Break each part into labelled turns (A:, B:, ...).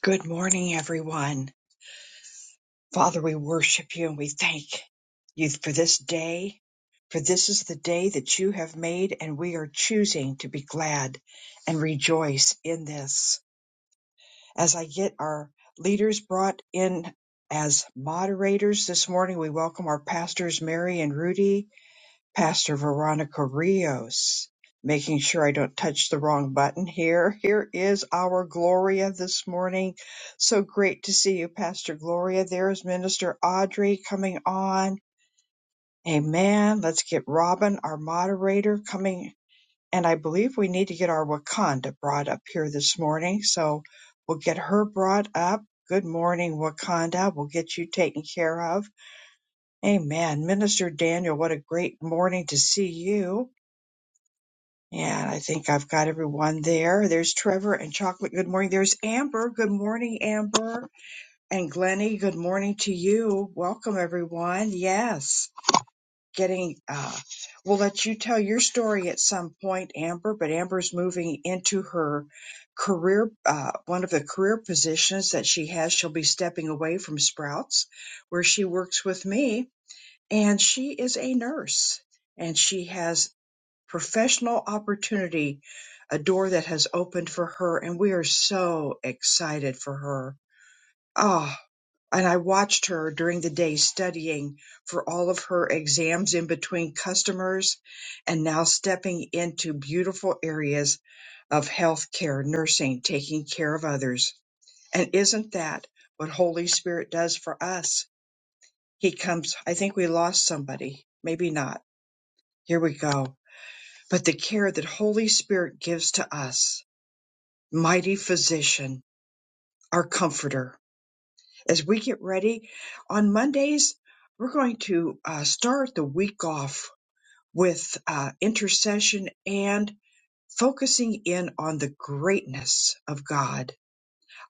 A: Good morning, everyone. Father, we worship you and we thank you for this day, for this is the day that you have made, and we are choosing to be glad and rejoice in this. As I get our leaders brought in as moderators this morning, we welcome our pastors, Mary and Rudy. Pastor Veronica Rios, making sure I don't touch the wrong button here. Here is our Gloria this morning. So great to see you, Pastor Gloria. There is Minister Audrey coming on. Amen. Let's get Robin, our moderator, coming. And I believe we need to get our Wakanda brought up here this morning. So we'll get her brought up. Good morning, Wakanda. We'll get you taken care of. Amen. Minister Daniel, what a great morning to see you. And I think I've got everyone there. There's Trevor and Chocolate. Good morning. There's Amber. Good morning, Amber. And Glennie, good morning to you. Welcome, everyone. Yes. Getting, uh, we'll let you tell your story at some point, Amber, but Amber's moving into her career, uh, one of the career positions that she has. She'll be stepping away from Sprouts, where she works with me, and she is a nurse. And she has professional opportunity, a door that has opened for her, and we are so excited for her. Ah, and I watched her during the day studying for all of her exams in between customers and now stepping into beautiful areas of healthcare, nursing, taking care of others. And isn't that what Holy Spirit does for us? He comes, I think we lost somebody, maybe not. Here we go. But the care that Holy Spirit gives to us mighty physician, our comforter. As we get ready on Mondays, we're going to uh, start the week off with uh, intercession and focusing in on the greatness of God.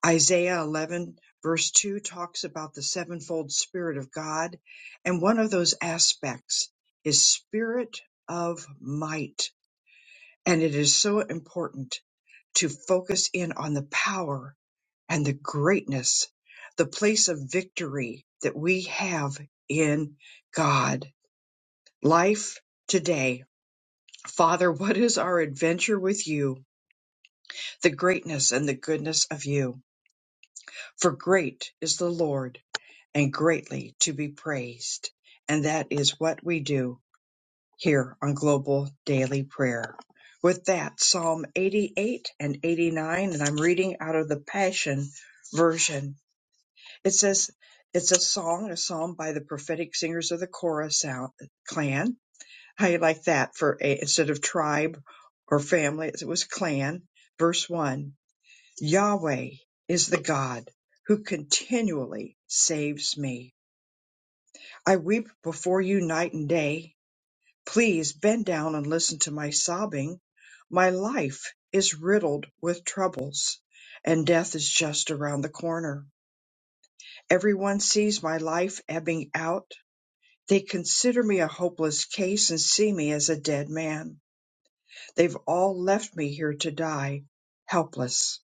A: Isaiah 11, verse 2, talks about the sevenfold Spirit of God, and one of those aspects is Spirit of might. And it is so important to focus in on the power and the greatness, the place of victory that we have in God. Life today. Father, what is our adventure with you? The greatness and the goodness of you. For great is the Lord and greatly to be praised. And that is what we do here on Global Daily Prayer. With that, Psalm 88 and 89, and I'm reading out of the Passion Version. It says it's a song, a psalm by the prophetic singers of the Korah sound, clan. How you like that for a, instead of tribe or family, it was clan. Verse one, Yahweh is the God who continually saves me. I weep before you night and day. Please bend down and listen to my sobbing. My life is riddled with troubles and death is just around the corner. Everyone sees my life ebbing out They consider me a hopeless case and see me as a dead man. They've all left me here to die, helpless,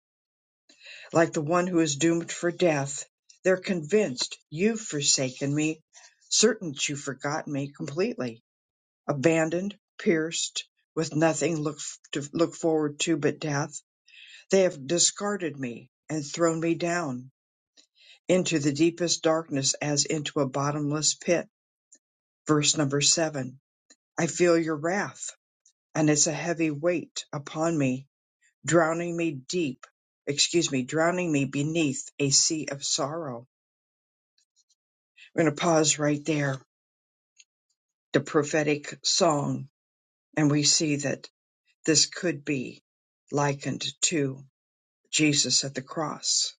A: like the one who is doomed for death. They're convinced you've forsaken me, certain that you've forgotten me completely, abandoned, pierced, with nothing look to look forward to but death. They have discarded me and thrown me down into the deepest darkness as into a bottomless pit. Verse number seven. I feel your wrath. and it's a heavy weight upon me, drowning me deep, excuse me, drowning me beneath a sea of sorrow. We're going to pause right there. The prophetic song, and we see that this could be likened to Jesus at the cross.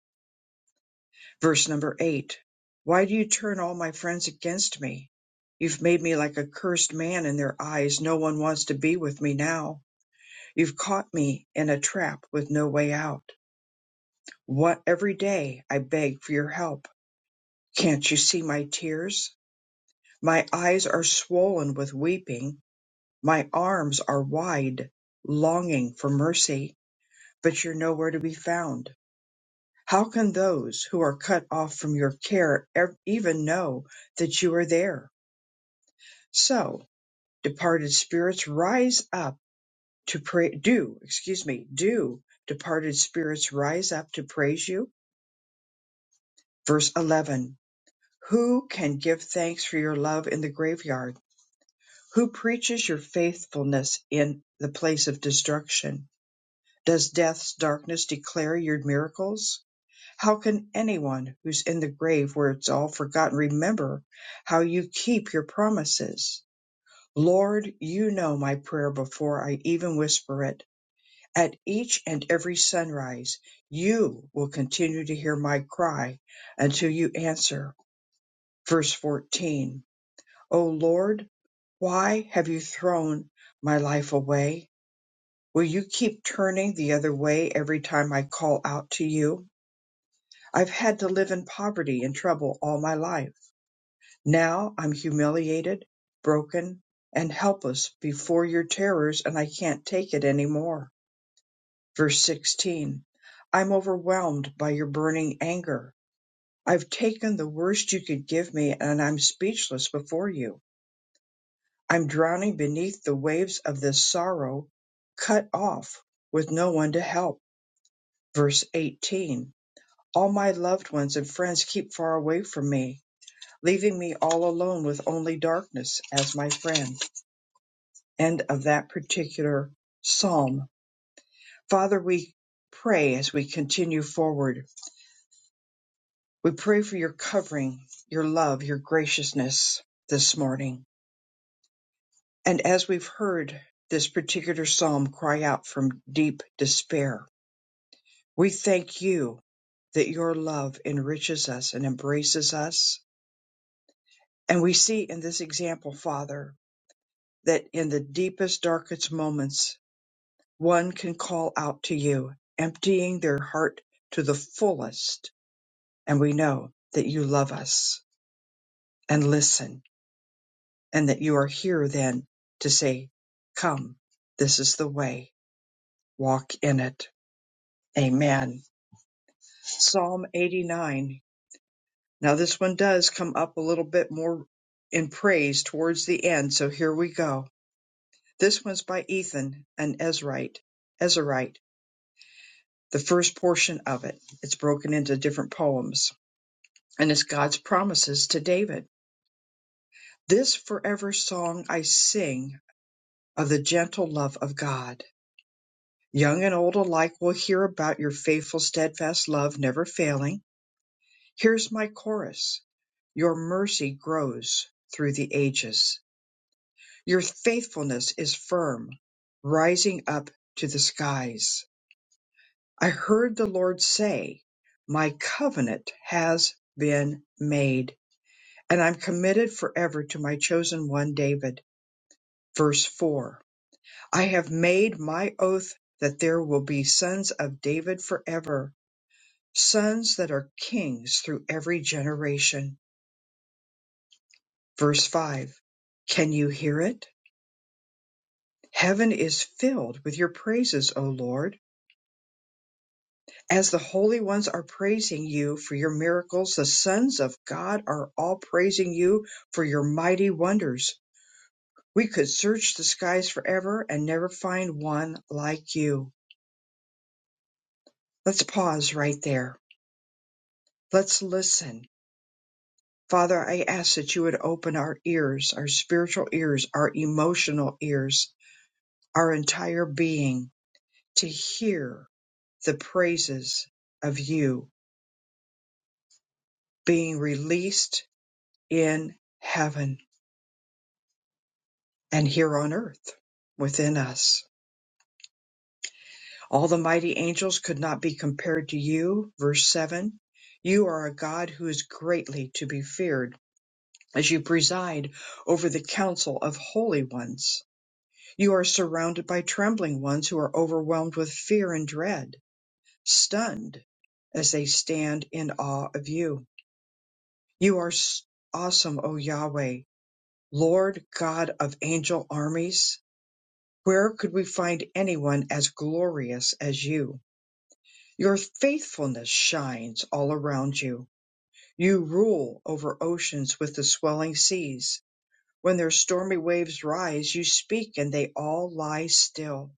A: Verse number eight Why do you turn all my friends against me? You've made me like a cursed man in their eyes. No one wants to be with me now. You've caught me in a trap with no way out. What every day I beg for your help. Can't you see my tears? My eyes are swollen with weeping. My arms are wide, longing for mercy, but you're nowhere to be found. How can those who are cut off from your care ev- even know that you are there? So, departed spirits, rise up to pray. Do, excuse me, do departed spirits rise up to praise you? Verse 11 Who can give thanks for your love in the graveyard? Who preaches your faithfulness in the place of destruction? Does death's darkness declare your miracles? How can anyone who's in the grave where it's all forgotten remember how you keep your promises? Lord, you know my prayer before I even whisper it. At each and every sunrise, you will continue to hear my cry until you answer. Verse 14. O Lord, why have you thrown my life away? Will you keep turning the other way every time I call out to you? I've had to live in poverty and trouble all my life. Now I'm humiliated, broken, and helpless before your terrors, and I can't take it any more. Verse 16 I'm overwhelmed by your burning anger. I've taken the worst you could give me, and I'm speechless before you. I'm drowning beneath the waves of this sorrow, cut off with no one to help. Verse 18 All my loved ones and friends keep far away from me, leaving me all alone with only darkness as my friend. End of that particular psalm. Father, we pray as we continue forward. We pray for your covering, your love, your graciousness this morning. And as we've heard this particular psalm cry out from deep despair, We thank you that your love enriches us and embraces us. And we see in this example, Father, that in the deepest, darkest moments, one can call out to you, emptying their heart to the fullest. And we know that you love us and listen, and that you are here then to say, Come, this is the way, walk in it. Amen. Psalm 89 Now this one does come up a little bit more in praise towards the end, so here we go. This one's by Ethan, and Ezrite, Ezraite, the first portion of it. It's broken into different poems, and it's God's promises to David. This forever song I sing of the gentle love of God. Young and old alike will hear about your faithful, steadfast love never failing. Here's my chorus. Your mercy grows through the ages Your faithfulness is firm, rising up to the skies. I heard the Lord say, My covenant has been made, and I'm committed forever to my chosen one David. Verse 4 I have made my oath that there will be sons of David forever, sons that are kings through every generation. Verse 5 Can you hear it? Heaven is filled with your praises, O Lord As the holy ones are praising you for your miracles, the sons of God are all praising you for your mighty wonders. We could search the skies forever and never find one like you. Let's pause right there. Let's listen. Father, I ask that you would open our ears, our spiritual ears, our emotional ears, our entire being to hear the praises of you being released in heaven. and here on earth within us. All the mighty angels could not be compared to you. Verse 7 You are a God who is greatly to be feared as you preside over the council of holy ones. You are surrounded by trembling ones who are overwhelmed with fear and dread, stunned as they stand in awe of you. You are s- awesome, O Yahweh, Lord God of angel armies Where could we find anyone as glorious as you? Your faithfulness shines all around you. You rule over oceans with the swelling seas. When their stormy waves rise, you speak and they all lie still.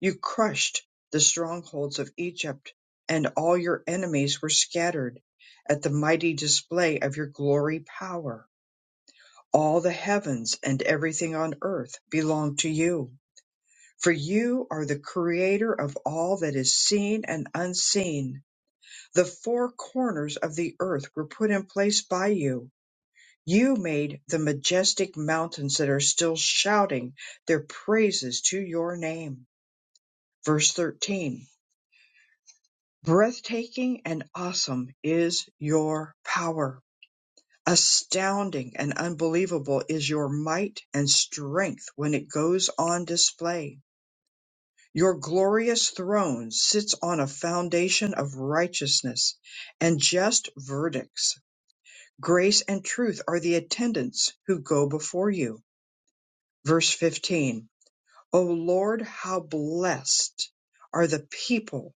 A: You crushed the strongholds of Egypt, and all your enemies were scattered at the mighty display of your glory power. All the heavens and everything on earth belong to you. for you are the creator of all that is seen and unseen. The four corners of the earth were put in place by you. You made the majestic mountains that are still shouting their praises to your name. Verse 13 Breathtaking and awesome is your power. Astounding and unbelievable is your might and strength when it goes on display Your glorious throne sits on a foundation of righteousness and just verdicts. Grace and truth are the attendants who go before you. Verse 15. O Lord, how blessed are the people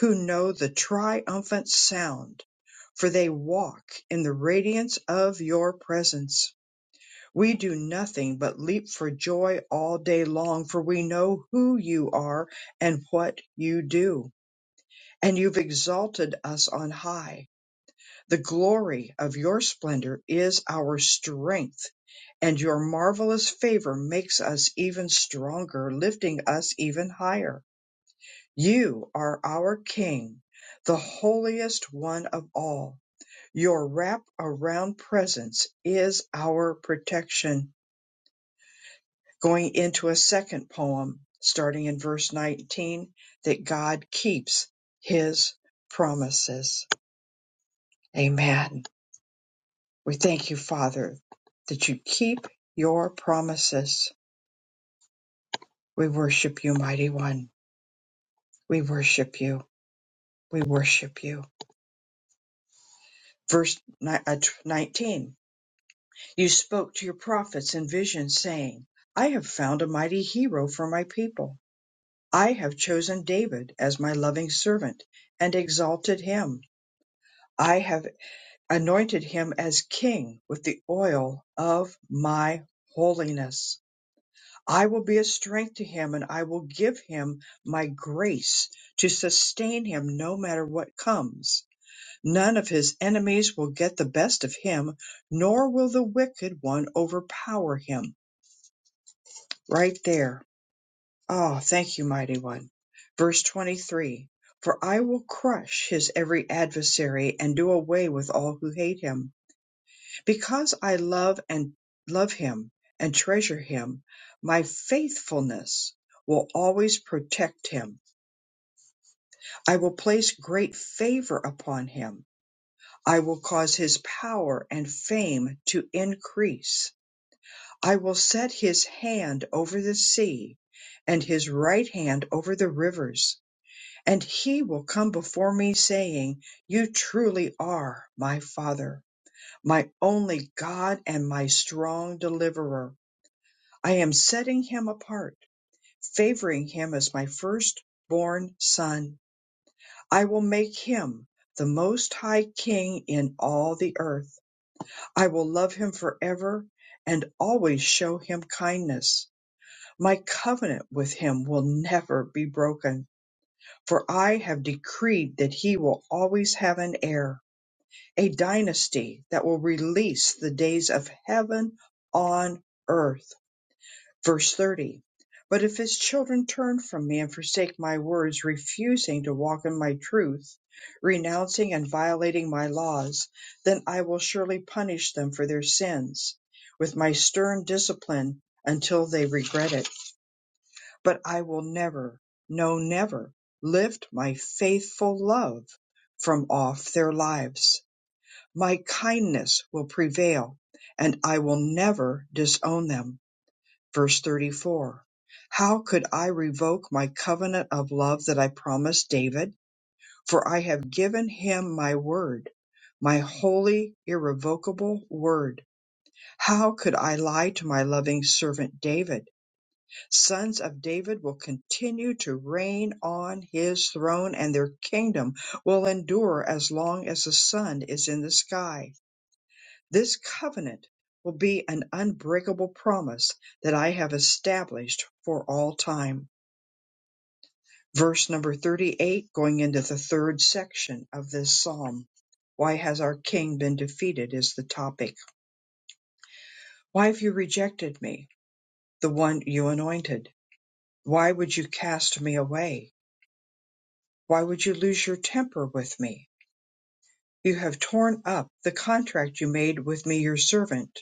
A: who know the triumphant sound, for they walk in the radiance of your presence. We do nothing but leap for joy all day long, for we know who you are and what you do. and you've exalted us on high. The glory of your splendor is our strength, and your marvelous favor makes us even stronger, lifting us even higher. You are our King, the holiest one of all. Your wrap around presence is our protection. Going into a second poem, starting in verse 19, that God keeps his promises. Amen. We thank you, Father, that you keep your promises. We worship you, Mighty One. We worship you. We worship you. Verse ni- uh, t- 19 You spoke to your prophets in visions, saying, I have found a mighty hero for my people. I have chosen David as my loving servant and exalted him. I have anointed him as king with the oil of my holiness. I will be a strength to him and I will give him my grace to sustain him no matter what comes. None of his enemies will get the best of him, nor will the wicked one overpower him. Right there. Oh, thank you, mighty one. Verse 23 For I will crush his every adversary and do away with all who hate him. Because I love and love him and treasure him, my faithfulness will always protect him. I will place great favor upon him. I will cause his power and fame to increase. I will set his hand over the sea and his right hand over the rivers. And he will come before me saying, You truly are my father, my only God and my strong deliverer. I am setting him apart, favoring him as my firstborn son. I will make him the most high king in all the earth. I will love him forever and always show him kindness. My covenant with him will never be broken, for I have decreed that he will always have an heir, a dynasty that will release the days of heaven on earth. Verse 30 But if his children turn from me and forsake my words, refusing to walk in my truth, renouncing and violating my laws, then I will surely punish them for their sins with my stern discipline until they regret it. But I will never, no, never lift my faithful love from off their lives. My kindness will prevail, and I will never disown them. Verse 34 How could I revoke my covenant of love that I promised David? For I have given him my word, my holy, irrevocable word. How could I lie to my loving servant David? Sons of David will continue to reign on his throne, and their kingdom will endure as long as the sun is in the sky. This covenant will be an unbreakable promise that I have established for all time. Verse number 38, going into the third section of this psalm. Why has our king been defeated? Is the topic. Why have you rejected me, the one you anointed? Why would you cast me away? Why would you lose your temper with me? You have torn up the contract you made with me, your servant.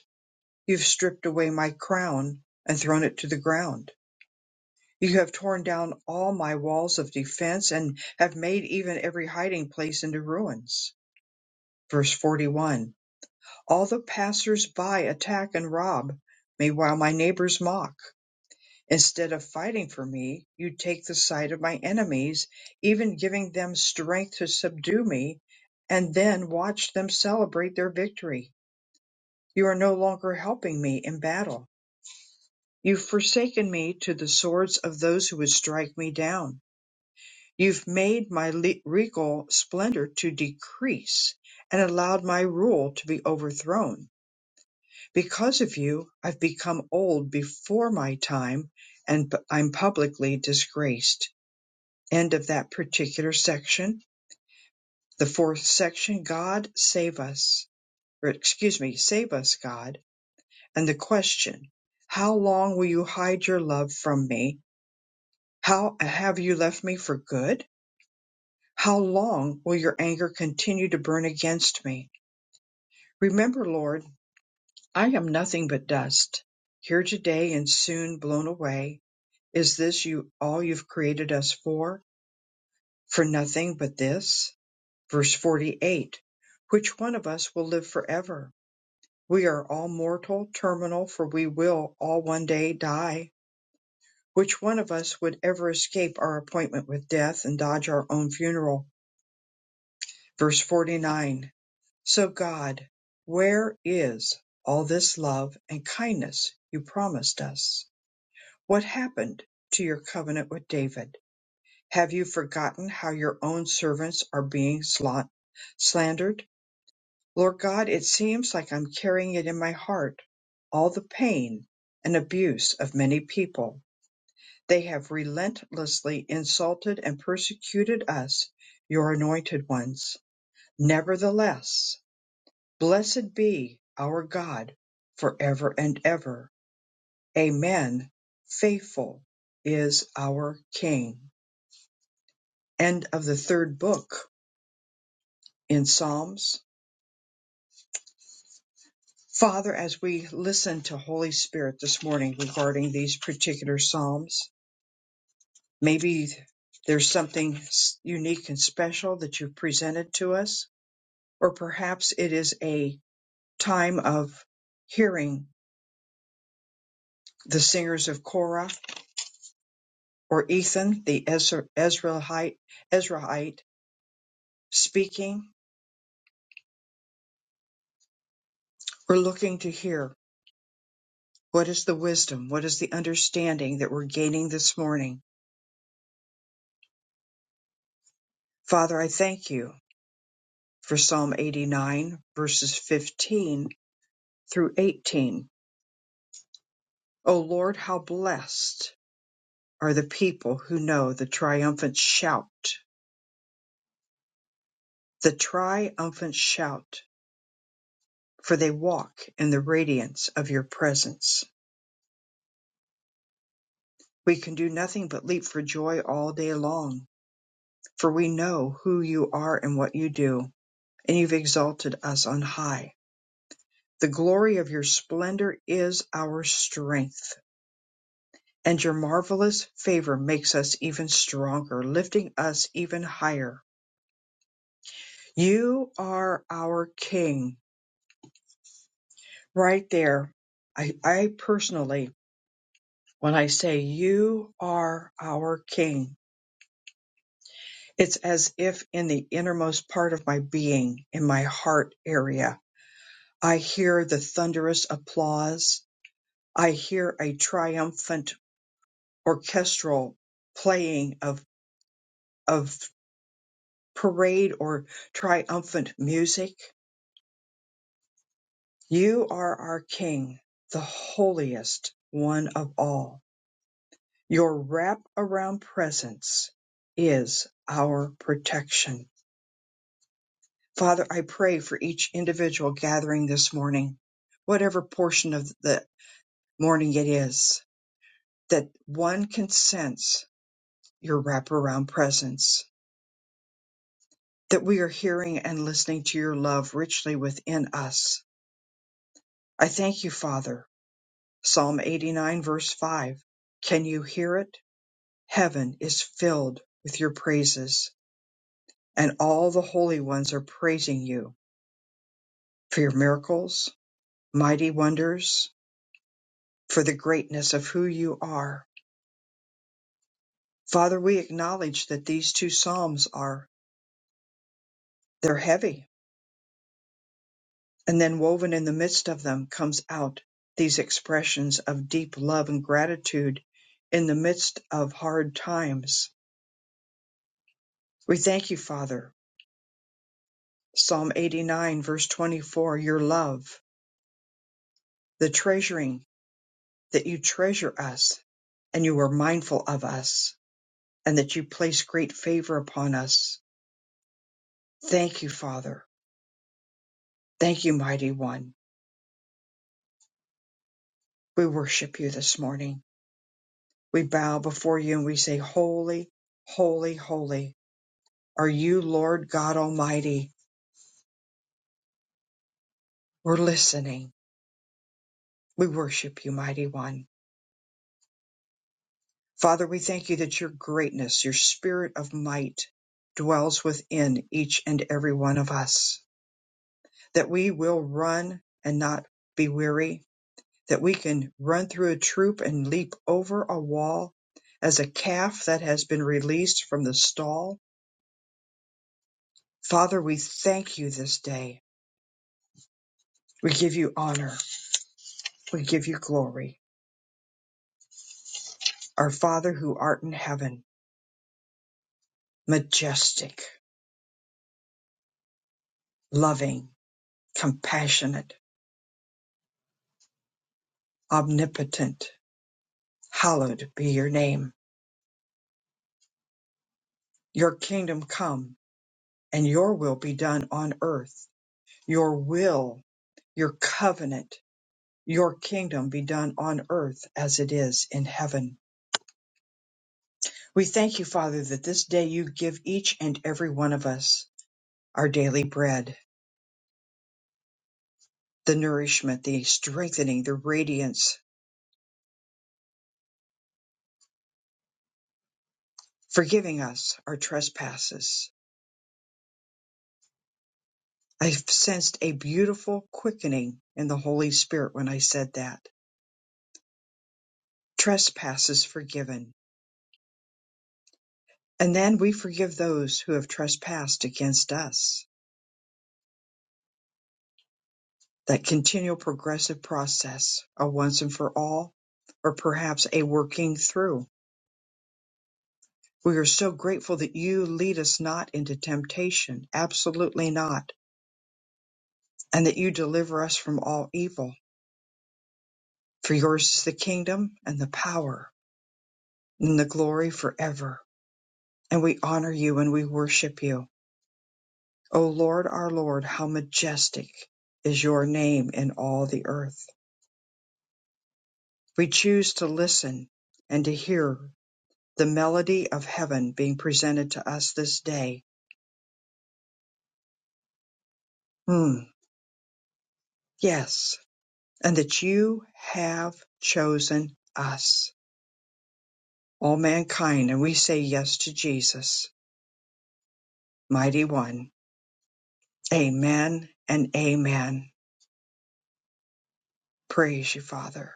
A: You've stripped away my crown and thrown it to the ground. You have torn down all my walls of defense and have made even every hiding place into ruins. Verse 41 All the passers by attack and rob me while my neighbors mock. Instead of fighting for me, you take the side of my enemies, even giving them strength to subdue me, and then watch them celebrate their victory. You are no longer helping me in battle. You've forsaken me to the swords of those who would strike me down You've made my le- regal splendor to decrease and allowed my rule to be overthrown. Because of you, I've become old before my time and p- I'm publicly disgraced. End of that particular section. The fourth section, God save us, or excuse me, save us, God. And the question, how long will you hide your love from me? How have you left me for good? How long will your anger continue to burn against me? Remember, Lord, I am nothing but dust, here today and soon blown away. Is this you all you've created us for? For nothing but this? Verse 48 Which one of us will live forever? We are all mortal, terminal, for we will all one day die. Which one of us would ever escape our appointment with death and dodge our own funeral? Verse 49 So, God, where is all this love and kindness you promised us? What happened to your covenant with David? Have you forgotten how your own servants are being slant- slandered? Lord God, it seems like I'm carrying it in my heart. All the pain and abuse of many people. They have relentlessly insulted and persecuted us, your anointed ones. Nevertheless, Blessed be our God forever and ever. Amen. Faithful is our King. End of the third book in Psalms. Father, as we listen to Holy Spirit this morning regarding these particular Psalms, maybe there's something s- unique and special that you've presented to us, or perhaps it is a time of hearing the singers of Korah or Ethan the Ezraite, Ezraite speaking, we're looking to hear what is the wisdom, what is the understanding that we're gaining this morning. Father, I thank you for Psalm 89, verses 15 through 18. O Lord, how blessed are the people who know the triumphant shout, the triumphant shout, for they walk in the radiance of your presence. We can do nothing but leap for joy all day long for we know who you are and what you do, and you've exalted us on high. The glory of your splendor is our strength, and your marvelous favor makes us even stronger, lifting us even higher. You are our King. Right there, I, I personally, when I say you are our King, it's as if in the innermost part of my being, in my heart area, I hear the thunderous applause I hear a triumphant orchestral playing of, of parade or triumphant music. You are our King, the holiest one of all. Your wrap around presence is our protection. Father, I pray for each individual gathering this morning, whatever portion of the morning it is, that one can sense your wraparound presence that we are hearing and listening to your love richly within us. I thank you, Father. Psalm 89, verse 5. Can you hear it? Heaven is filled with your praises, and all the holy ones are praising you for your miracles, mighty wonders, for the greatness of who you are. Father, we acknowledge that these two psalms are they're heavy And then woven in the midst of them comes out these expressions of deep love and gratitude in the midst of hard times. We thank you, Father. Psalm 89, verse 24, your love, the treasuring that you treasure us and you are mindful of us and that you place great favor upon us. Thank you, Father. Thank you, mighty one. We worship you this morning. We bow before you and we say, holy, holy, holy are you, Lord God Almighty. We're listening. We worship you, Mighty One. Father, we thank you that your greatness, your spirit of might dwells within each and every one of us, that we will run and not be weary, that we can run through a troop and leap over a wall as a calf that has been released from the stall. Father, we thank you this day. We give you honor. We give you glory. Our Father who art in heaven majestic, loving, compassionate, omnipotent. Hallowed be your name. Your kingdom come and your will be done on earth. Your will, your covenant, your kingdom be done on earth as it is in heaven. We thank you, Father, that this day you give each and every one of us our daily bread, the nourishment, the strengthening, the radiance, forgiving us our trespasses, I sensed a beautiful quickening in the Holy Spirit when I said that. Trespasses forgiven. And then we forgive those who have trespassed against us. That continual progressive process, a once and for all, or perhaps a working through. We are so grateful that you lead us not into temptation, absolutely not, and that you deliver us from all evil. For yours is the kingdom and the power and the glory forever. and we honor you and we worship you. O Lord, our Lord, how majestic is your name in all the earth. We choose to listen and to hear the melody of heaven being presented to us this day. Hmm, yes, and that you have chosen us, all mankind, and we say yes to Jesus, mighty one. Amen and amen. Praise you, Father.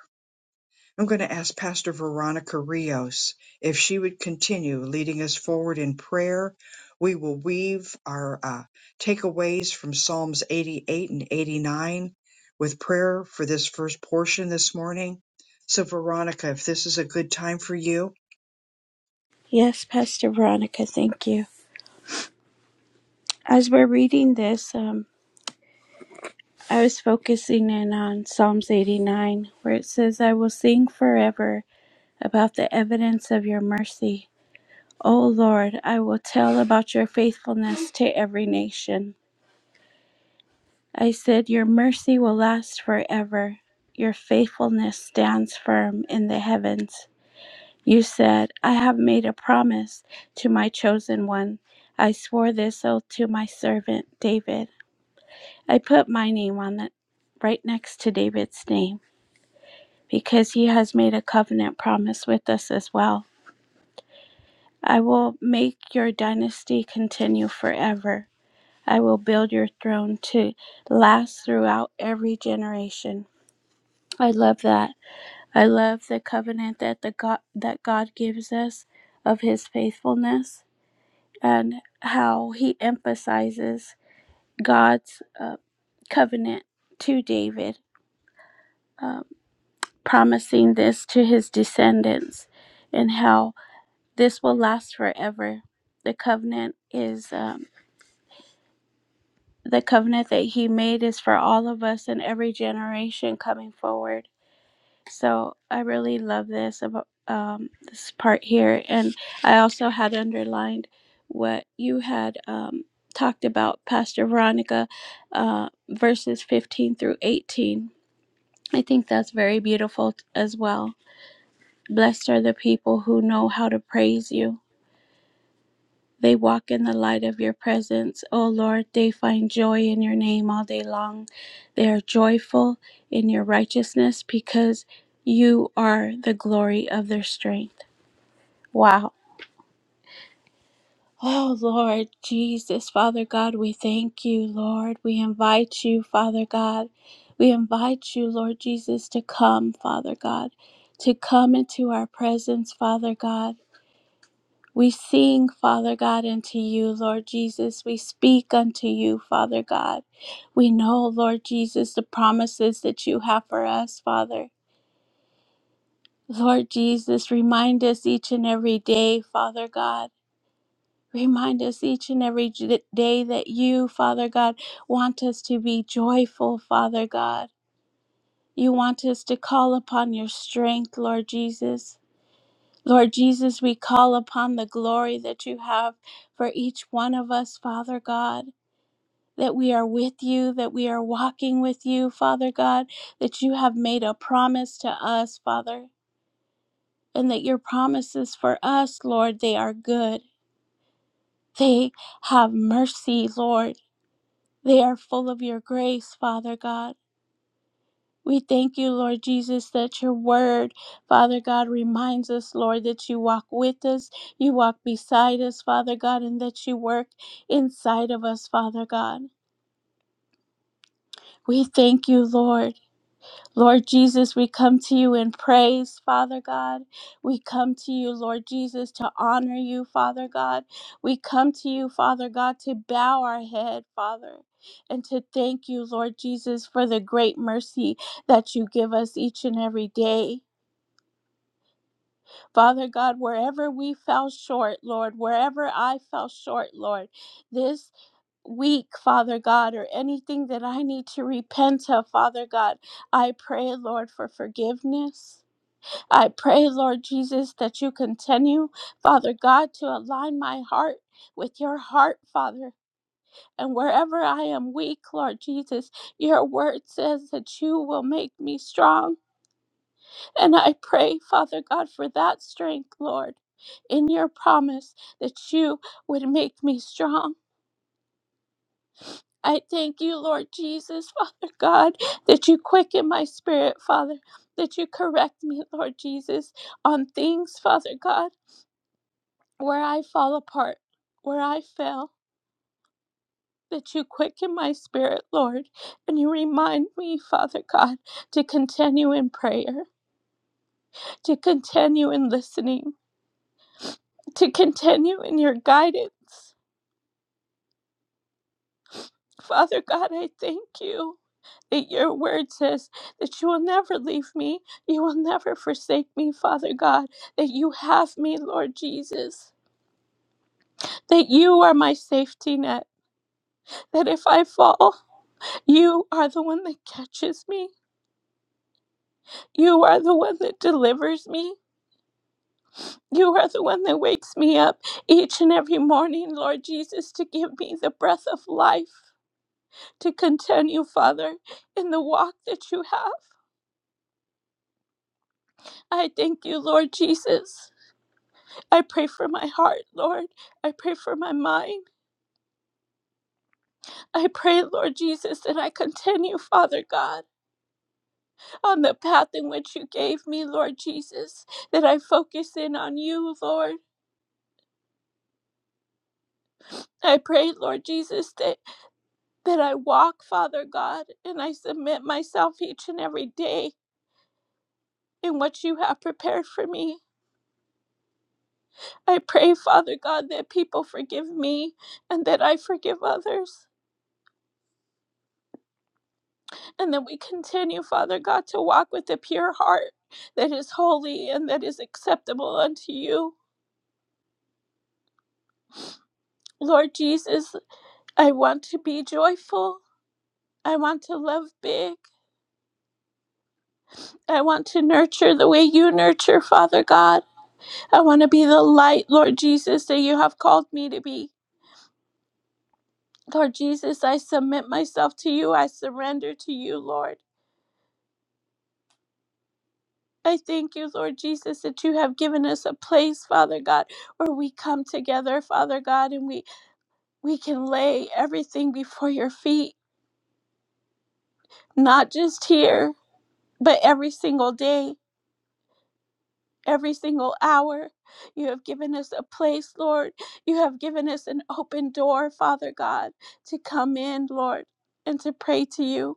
A: I'm going to ask Pastor Veronica Rios if she would continue leading us forward in prayer. We will weave our uh, takeaways from Psalms 88 and 89 with prayer for this first portion this morning. So, Veronica, if this is a good time for you,
B: Yes, Pastor Veronica, thank you. As we're reading this, um, I was focusing in on Psalms 89, where it says, I will sing forever about the evidence of your mercy. O Lord, I will tell about your faithfulness to every nation. I said, Your mercy will last forever. Your faithfulness stands firm in the heavens. You said, I have made a promise to my chosen one. I swore this oath to my servant David. I put my name on it right next to David's name because he has made a covenant promise with us as well. I will make your dynasty continue forever. I will build your throne to last throughout every generation. I love that. I love the covenant that the God that God gives us of his faithfulness and how he emphasizes God's uh, covenant to David. Um, promising this to his descendants and how this will last forever. The covenant is um, the covenant that he made is for all of us in every generation coming forward. So I really love this about um, this part here, and I also had underlined what you had um, talked about, Pastor Veronica, uh, verses fifteen through eighteen. I think that's very beautiful t- as well Blessed are the people who know how to praise you. They walk in the light of your presence. O Lord, they find joy in your name all day long. They are joyful in your righteousness because you are the glory of their strength. Wow. Oh Lord Jesus, Father God, we thank you, Lord. We invite you, Father God. We invite you, Lord Jesus, to come, Father God, to come into our presence, Father God. We sing, Father God, unto you, Lord Jesus. We speak unto you, Father God. We know, Lord Jesus, the promises that you have for us, Father. Lord Jesus, remind us each and every day, Father God. Remind us each and every j- day that you, Father God, want us to be joyful, Father God. You want us to call upon your strength, Lord Jesus. Lord Jesus, we call upon the glory that you have for each one of us, Father God. That we are with you, that we are walking with you, Father God, that you have made a promise to us, Father, and that your promises for us, Lord, they are good. They have mercy, Lord. They are full of your grace, Father God. We thank you, Lord Jesus, that your word, Father God, reminds us, Lord, that you walk with us, you walk beside us, Father God, and that you work inside of us, Father God. We thank you, Lord. Lord Jesus, we come to you in praise, Father God. We come to you, Lord Jesus, to honor you, Father God. We come to you, Father God, to bow our head, Father, and to thank you, Lord Jesus, for the great mercy that you give us each and every day. Father God, wherever we fell short, Lord, wherever I fell short, Lord, this week, Father God, or anything that I need to repent of, Father God, I pray, Lord, for forgiveness. I pray, Lord Jesus, that you continue, Father God, to align my heart with your heart, Father. And wherever I am weak, Lord Jesus, your word says that you will make me strong. And I pray, Father God, for that strength, Lord, in your promise that you would make me strong. I thank you, Lord Jesus, Father God, that you quicken my spirit, Father, that you correct me, Lord Jesus, on things, Father God, where I fall apart, where I fail. That you quicken my spirit, Lord, and you remind me, Father God, to continue in prayer, to continue in listening, to continue in your guidance Father God, I thank you that your word says that you will never leave me. You will never forsake me, Father God, that you have me, Lord Jesus, that you are my safety net, that if I fall, you are the one that catches me. You are the one that delivers me. You are the one that wakes me up each and every morning, Lord Jesus, to give me the breath of life, to continue, Father, in the walk that you have. I thank you, Lord Jesus. I pray for my heart, Lord. I pray for my mind. I pray, Lord Jesus, that I continue, Father God, on the path in which you gave me, Lord Jesus, that I focus in on you, Lord. I pray, Lord Jesus, that, that I walk, Father God, and I submit myself each and every day in what you have prepared for me. I pray, Father God, that people forgive me and that I forgive others. And that we continue, Father God, to walk with a pure heart that is holy and that is acceptable unto you. Lord Jesus, I want to be joyful. I want to love big. I want to nurture the way you nurture, Father God. I want to be the light, Lord Jesus, that you have called me to be. Lord Jesus, I submit myself to you. I surrender to you, Lord. I thank you, Lord Jesus, that you have given us a place, Father God, where we come together, Father God, and we we can lay everything before your feet, not just here, but every single day, every single hour. You have given us a place, Lord. You have given us an open door, Father God, to come in, Lord, and to pray to you.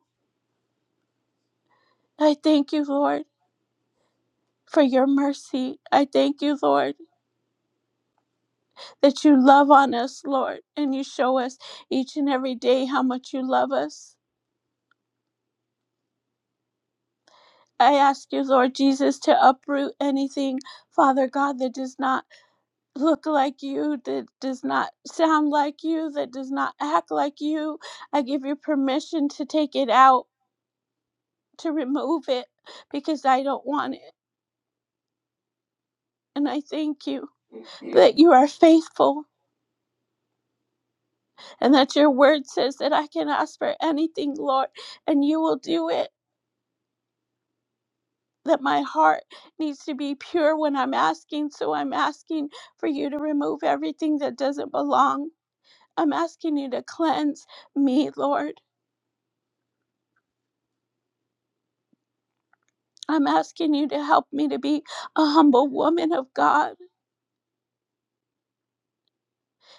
B: I thank you, Lord, for your mercy. I thank you, Lord, that you love on us, Lord, and you show us each and every day how much you love us. I ask you, Lord Jesus, to uproot anything, Father God, that does not look like you, that does not sound like you, that does not act like you. I give you permission to take it out, to remove it, because I don't want it. And I thank you that you are faithful and that your word says that I can ask for anything, Lord, and you will do it. That my heart needs to be pure when I'm asking. So I'm asking for you to remove everything that doesn't belong. I'm asking you to cleanse me, Lord. I'm asking you to help me to be a humble woman of God.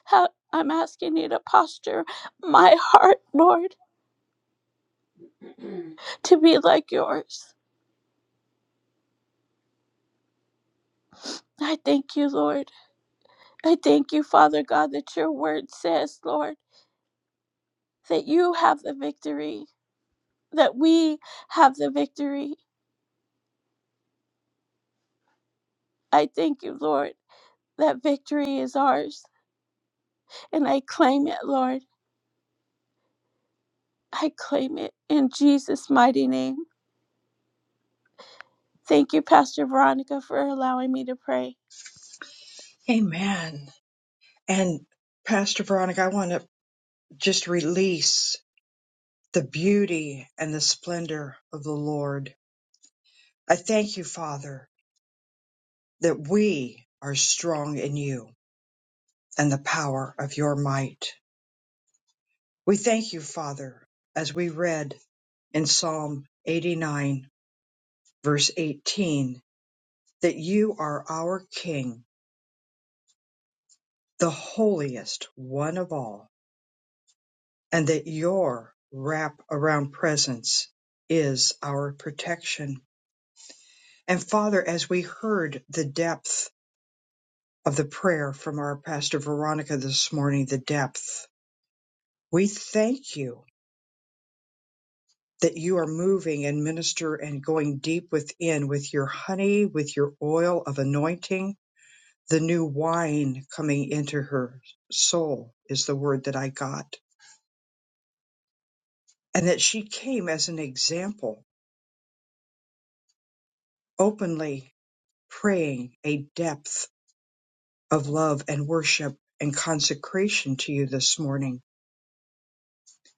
B: Help- I'm asking you to posture my heart, Lord, to be like yours. I thank you, Lord. I thank you, Father God, that your word says, Lord, that you have the victory, that we have the victory. I thank you, Lord, that victory is ours. And I claim it, Lord. I claim it in Jesus' mighty name. Thank you, Pastor Veronica, for allowing me to pray.
A: amen. And Pastor Veronica, I want to just release the beauty and the splendor of the Lord. I thank you, Father, that we are strong in you and the power of your might. We thank you, Father, as we read in Psalm 89, verse 18, that you are our King, the holiest one of all, and that your wrap around presence is our protection. And Father, as we heard the depth of the prayer from our Pastor Veronica this morning, the depth, we thank you that you are moving and minister and going deep within with your honey, with your oil of anointing, the new wine coming into her soul is the word that I got. And that she came as an example, openly praying a depth of love and worship and consecration to you this morning.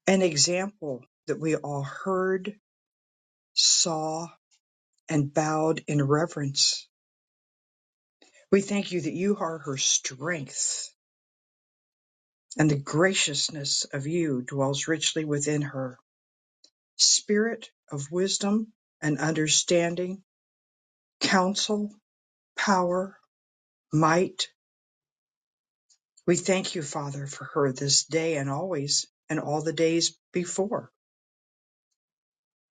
A: An example that we all heard, saw, and bowed in reverence. We thank you that you are her strength and the graciousness of you dwells richly within her. Spirit of wisdom and understanding, counsel, power, might. We thank you, Father, for her this day and always and all the days before.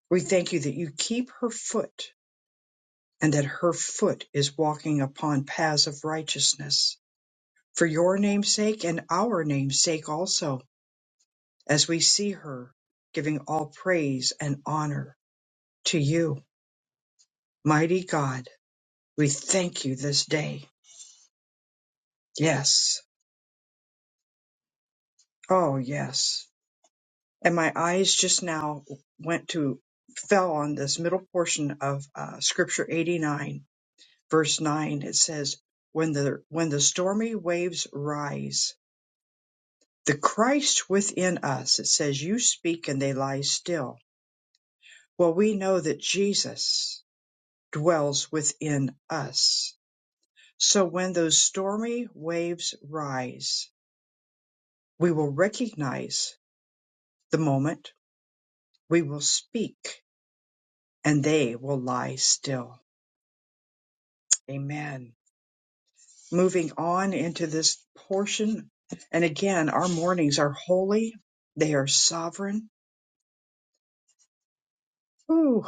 A: We thank you that you keep her foot and that her foot is walking upon paths of righteousness for your name's sake and our name's sake also, as we see her giving all praise and honor to you. Mighty God, we thank you this day. Yes. Oh, yes. And my eyes just now went to, fell on this middle portion of uh, scripture 89, verse 9. It says, when the, when the stormy waves rise, the Christ within us, it says, you speak and they lie still. Well, we know that Jesus dwells within us. So when those stormy waves rise, we will recognize the moment, we will speak and they will lie still. Amen. Moving on into this portion. And again, our mornings are holy. They are sovereign. Ooh,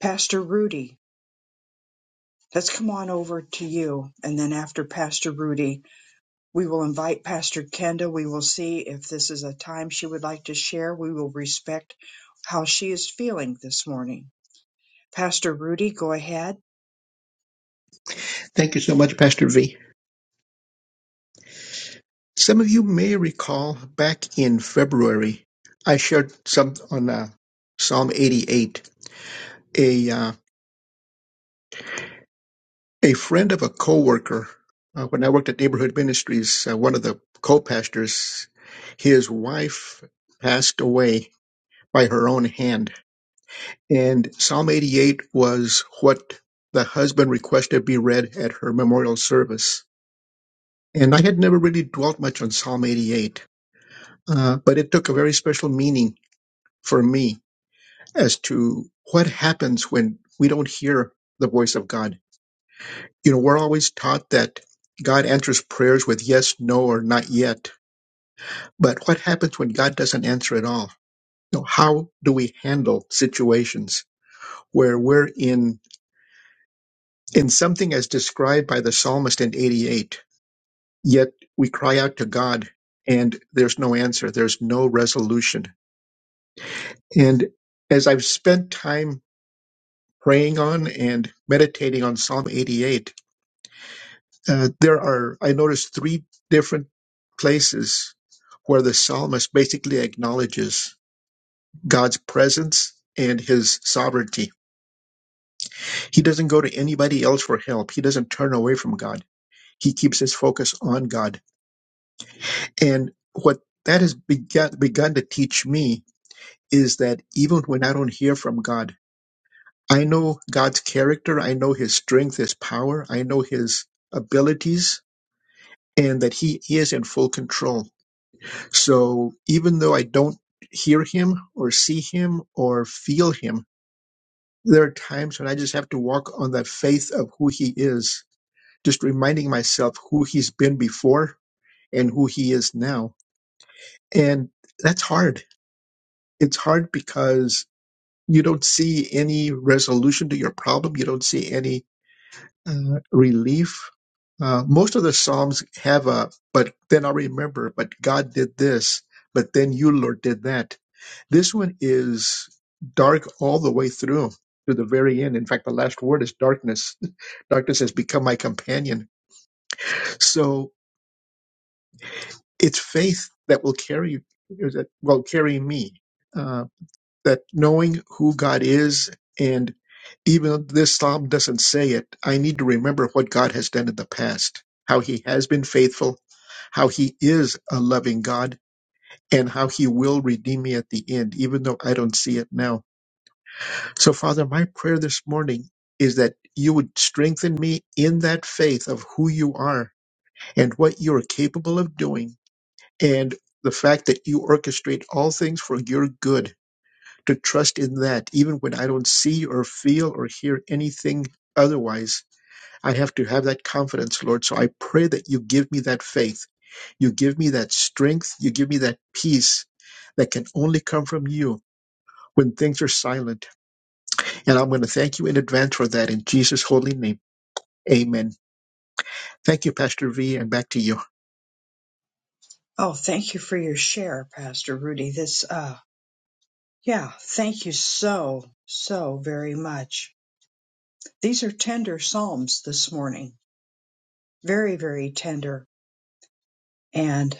A: Pastor Rudy, let's come on over to you. And then after Pastor Rudy, we will invite Pastor Kenda. We will see if this is a time she would like to share. We will respect how she is feeling this morning. Pastor Rudy, go ahead.
C: Thank you so much, Pastor V. Some of you may recall back in February, I shared some on uh, Psalm 88. A uh, a friend of a coworker, uh, when I worked at Neighborhood Ministries, uh, one of the co-pastors, his wife passed away by her own hand, and Psalm 88 was what the husband requested be read at her memorial service. And I had never really dwelt much on Psalm 88, uh, but it took a very special meaning for me as to what happens when we don't hear the voice of God. You know, we're always taught that God answers prayers with yes, no, or not yet. But what happens when God doesn't answer at all? You know, how do we handle situations where we're in in something as described by the psalmist in 88, yet we cry out to God and there's no answer, there's no resolution. And as I've spent time praying on and meditating on Psalm 88, Uh, there are, I noticed three different places where the psalmist basically acknowledges God's presence and his sovereignty. He doesn't go to anybody else for help. He doesn't turn away from God. He keeps his focus on God. And what that has begun, begun to teach me is that even when I don't hear from God, I know God's character. I know his strength, his power. I know his abilities and that he, he is in full control So even though I don't hear him or see him or feel him, there are times when I just have to walk on that faith of who he is, just reminding myself who he's been before and who he is now. And that's hard. It's hard because you don't see any resolution to your problem, you don't see any uh, relief. Uh, most of the Psalms have a, but then I'll remember, but God did this, but then you, Lord, did that This one is dark all the way through to the very end. In fact, the last word is darkness. darkness has become my companion. So it's faith that will carry that will carry me. Uh, that knowing who God is, and even though this psalm doesn't say it, I need to remember what God has done in the past, how He has been faithful, how He is a loving God, and how He will redeem me at the end, even though I don't see it now So, Father, my prayer this morning is that you would strengthen me in that faith of who you are and what you are capable of doing, and the fact that you orchestrate all things for your good, to trust in that, even when I don't see or feel or hear anything otherwise. I have to have that confidence, Lord. So I pray that you give me that faith. You give me that strength. You give me that peace that can only come from you when things are silent and I'm going to thank you in advance for that in Jesus' holy name. Amen. Thank you, Pastor V, and back to you.
A: Oh, thank you for your share, Pastor Rudy. This, uh, yeah, thank you so, so very much. These are tender Psalms this morning. Very, very tender. And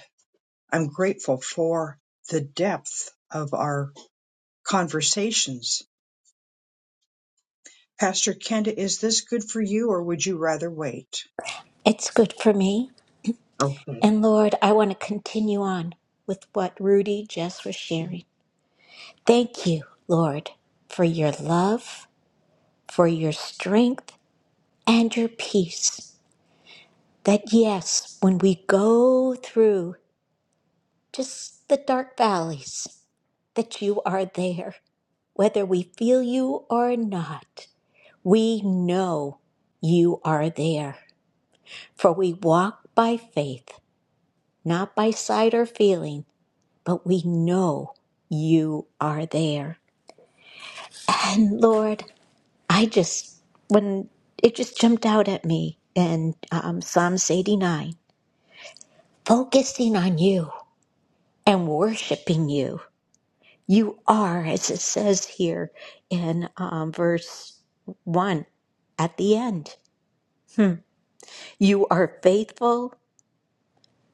A: I'm grateful for the depth of our conversations. Pastor Kenda, is this good for you or would you rather wait?
D: It's good for me.
A: Okay.
D: And Lord, I want to continue on with what Rudy just was sharing. Thank you, Lord, for your love, for your strength, and your peace. That, yes, when we go through just the dark valleys, that you are there. Whether we feel you or not, we know you are there. For we walk by faith, not by sight or feeling. but we know you are there. And Lord, I just, when it just jumped out at me in um, Psalms 89, focusing on you and worshiping you. You are, as it says here in um, verse 1 at the end, you are faithful,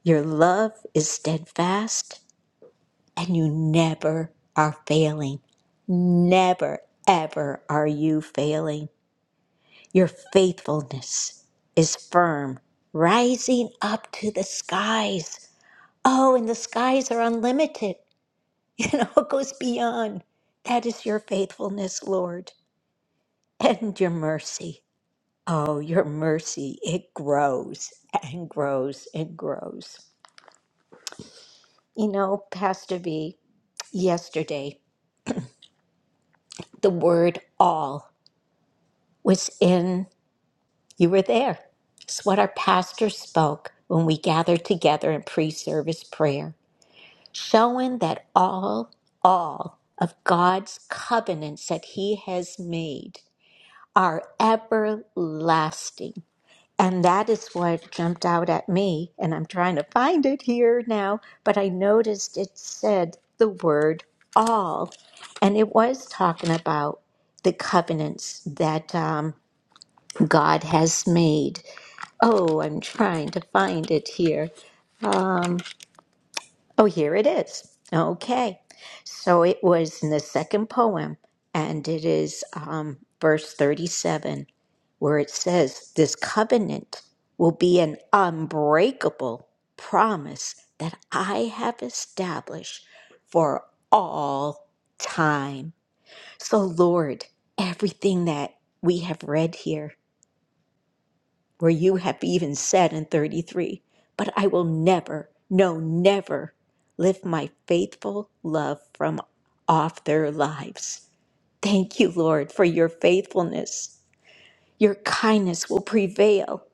D: your love is steadfast, and you never are failing. Never, ever are you failing. Your faithfulness is firm, rising up to the skies. Oh, and the skies are unlimited. You know, it goes beyond. That is your faithfulness, Lord, and your mercy. Oh, your mercy, it grows and grows and grows. You know, Pastor V, yesterday, the word all was in, you were there. It's what our pastor spoke when we gathered together in pre service prayer. showing that all, all of God's covenants that He has made are everlasting. And that is what jumped out at me. And I'm trying to find it here now, but I noticed it said the word all. And it was talking about the covenants that um, God has made. Oh, I'm trying to find it here. Oh, here it is. Okay. So it was in the second poem, and it is um, verse 37, where it says, This covenant will be an unbreakable promise that I have established for all time. So, Lord, everything that we have read here, where you have even said in 33, But I will never, no, never lift my faithful love from off their lives. Thank you, Lord, for your faithfulness. Your kindness will prevail.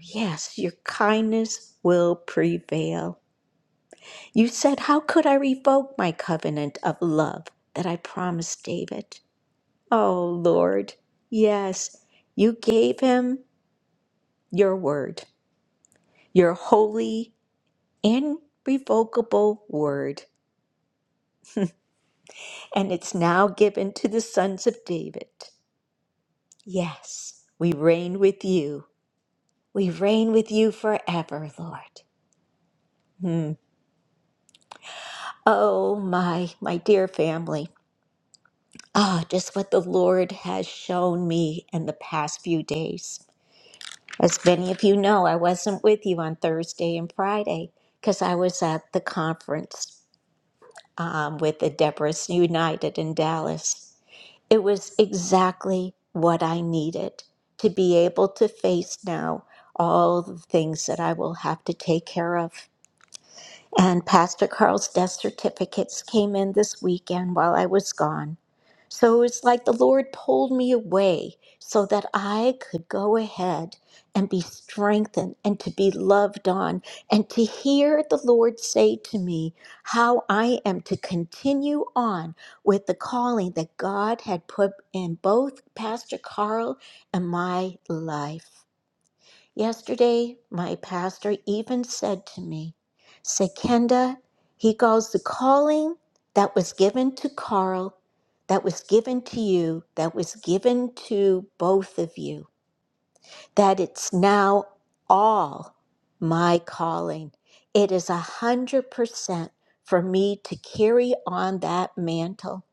D: Yes, your kindness will prevail. You said, How could I revoke my covenant of love that I promised David? Oh, Lord, yes, you gave him your word, your holy irrevocable word, and it's now given to the sons of David. Yes, we reign with you. We reign with you forever, Lord. Hmm. Oh, my, my dear family. Ah, just what the Lord has shown me in the past few days. As many of you know, I wasn't with you on Thursday and Friday because I was at the conference um, with the Deborahs United in Dallas. It was exactly what I needed to be able to face now all the things that I will have to take care of. And Pastor Carl's death certificates came in this weekend while I was gone. So it was like the Lord pulled me away so that I could go ahead and be strengthened and to be loved on and to hear the Lord say to me how I am to continue on with the calling that God had put in both Pastor Carl and my life. Yesterday, my pastor even said to me, Sekenda, he goes, the calling that was given to Carl, that was given to you, that was given to both of you, that it's now all my calling. It is a hundred percent for me to carry on that mantle.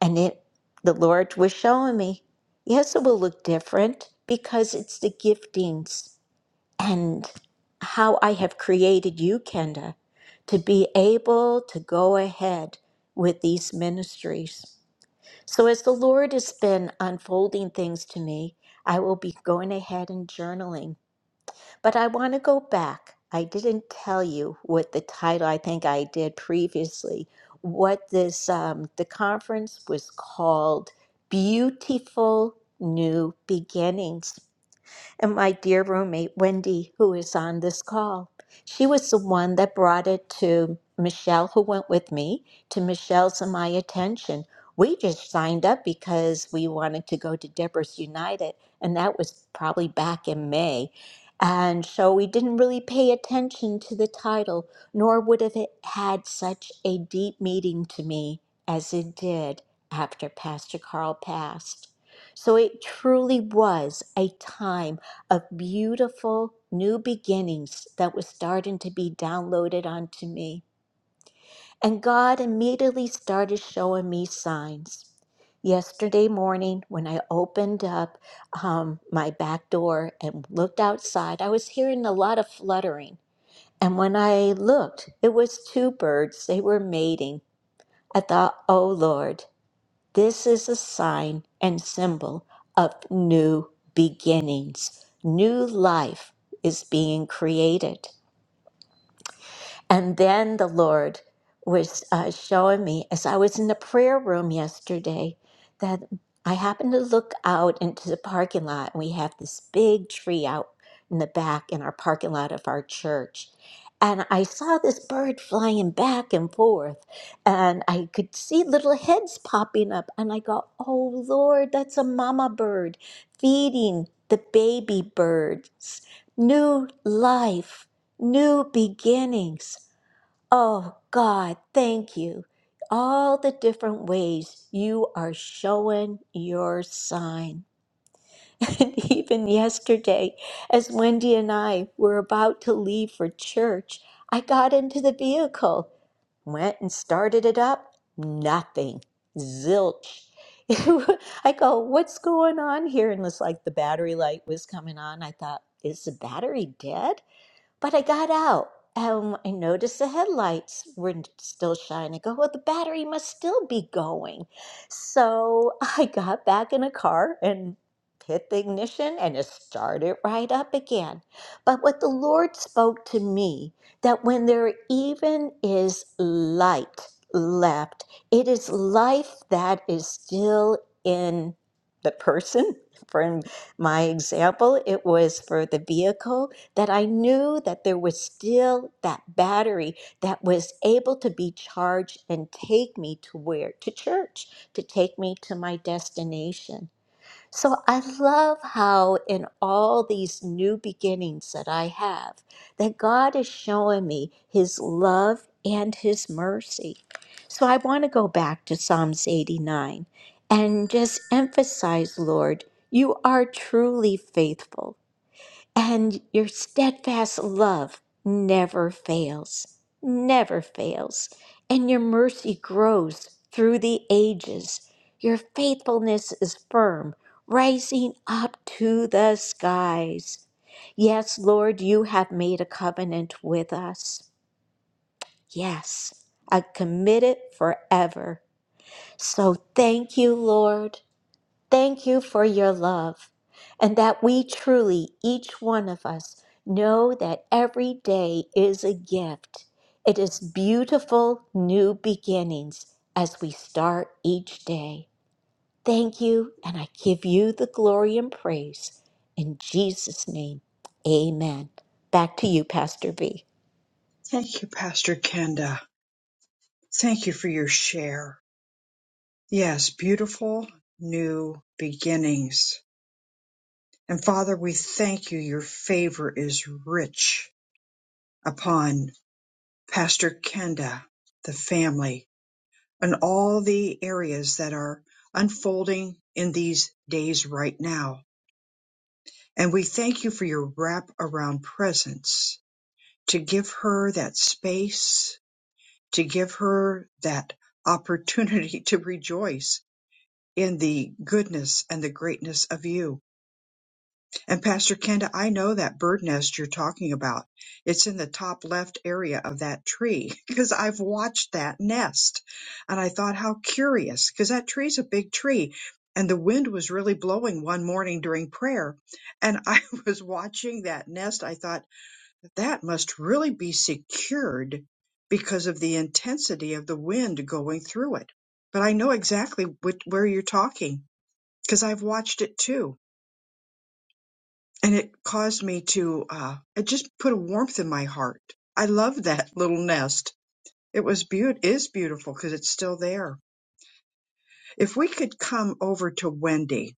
D: And it the Lord was showing me, yes, it will look different because it's the giftings and how I have created you, Kenda, to be able to go ahead with these ministries. So, as the Lord has been unfolding things to me, I will be going ahead and journaling. But I want to go back. I didn't tell you what the title, I think I did previously, what this, um, the conference was called Beautiful New Beginnings and my dear roommate Wendy, who is on this call. She was the one that brought it to Michelle, who went with me, to Michelle's and my attention. We just signed up because we wanted to go to Deborah's United, and that was probably back in May. And so we didn't really pay attention to the title, nor would have it had such a deep meaning to me as it did after Pastor Carl passed. So it truly was a time of beautiful new beginnings that was starting to be downloaded onto me. And God immediately started showing me signs. Yesterday morning, when I opened up um, my back door and looked outside, I was hearing a lot of fluttering. And when I looked, it was two birds. They were mating. I thought, oh Lord. This is a sign and symbol of new beginnings. New life is being created. And then the Lord was uh, showing me as I was in the prayer room yesterday that I happened to look out into the parking lot, and we have this big tree out in the back in our parking lot of our church. And I saw this bird flying back and forth, and I could see little heads popping up. And I go, Oh Lord, that's a mama bird feeding the baby birds new life new beginnings. Oh God, thank you. All the different ways you are showing your sign. And even yesterday, as Wendy and I were about to leave for church, I got into the vehicle, went and started it up. Nothing. Zilch. I go, what's going on here? And it's like the battery light was coming on. I thought, is the battery dead? But I got out and I noticed the headlights were still shining. I Go, well, the battery must still be going. So I got back in the car and hit the ignition and it started right up again. But what the Lord spoke to me that when there even is light left, it is life that is still in the person. For my example, it was for the vehicle that I knew that there was still that battery that was able to be charged and take me to where? To church, to take me to my destination. So I love how in all these new beginnings that I have, that God is showing me his love and his mercy. So I want to go back to Psalms 89 and just emphasize, Lord, you are truly faithful. And your steadfast love never fails, never fails. And your mercy grows through the ages. Your faithfulness is firm, rising up to the skies. Yes, Lord, you have made a covenant with us. Yes, a committed forever. So thank you, Lord. Thank you for your love, and that we truly, each one of us, know that every day is a gift. It is beautiful new beginnings as we start each day. Thank you, and I give you the glory and praise. In Jesus' name, amen. Back to you, Pastor B.
A: Thank you, Pastor Kenda. Thank you for your share. Yes, beautiful new beginnings And Father, we thank you. Your favor is rich upon Pastor Kenda, the family, and all the areas that are unfolding in these days right now. And we thank you for your wrap around presence to give her that space, to give her that opportunity to rejoice in the goodness and the greatness of you And Pastor Kenda, I know that bird nest you're talking about. It's in the top left area of that tree because I've watched that nest. And I thought, how curious, because that tree's a big tree. And the wind was really blowing one morning during prayer. And I was watching that nest. I thought, that must really be secured because of the intensity of the wind going through it. But I know exactly which, where you're talking because I've watched it too and it caused me to uh it just put a warmth in my heart i love that little nest it was beaut is beautiful because it's still there if we could come over to wendy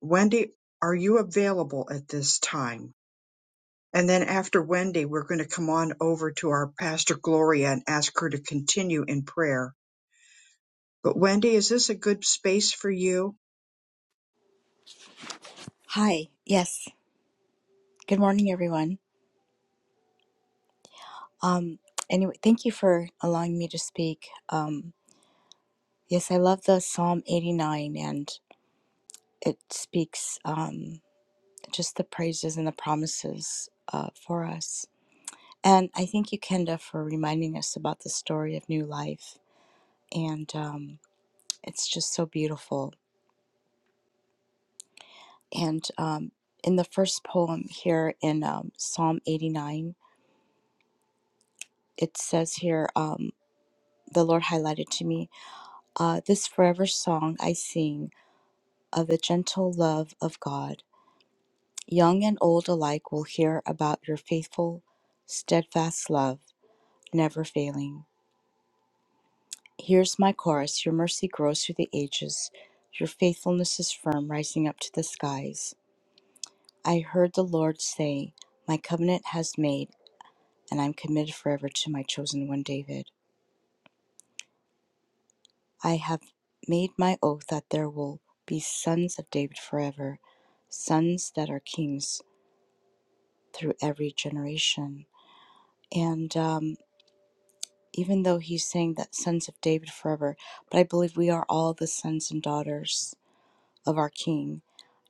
A: wendy are you available at this time and then after wendy we're going to come on over to our pastor gloria and ask her to continue in prayer but wendy is this a good space for you
E: Hi. Yes. Good morning, everyone. Um, anyway, thank you for allowing me to speak. Um, yes, I love the Psalm 89 and it speaks um, just the praises and the promises uh, for us. And I thank you, Kenda, for reminding us about the story of new life. And um, it's just so beautiful. And um, in the first poem here in um, Psalm 89, it says here, um, the Lord highlighted to me. Ah, this forever song I sing of the gentle love of God. Young and old alike will hear about your faithful, steadfast love, never failing. Here's my chorus Your mercy grows through the ages, your faithfulness is firm, rising up to the skies. I heard the Lord say, My covenant has made, and I'm committed forever to my chosen one, David. I have made my oath that there will be sons of David forever, sons that are kings through every generation. And um, even though he's saying that sons of David forever, but I believe we are all the sons and daughters of our King.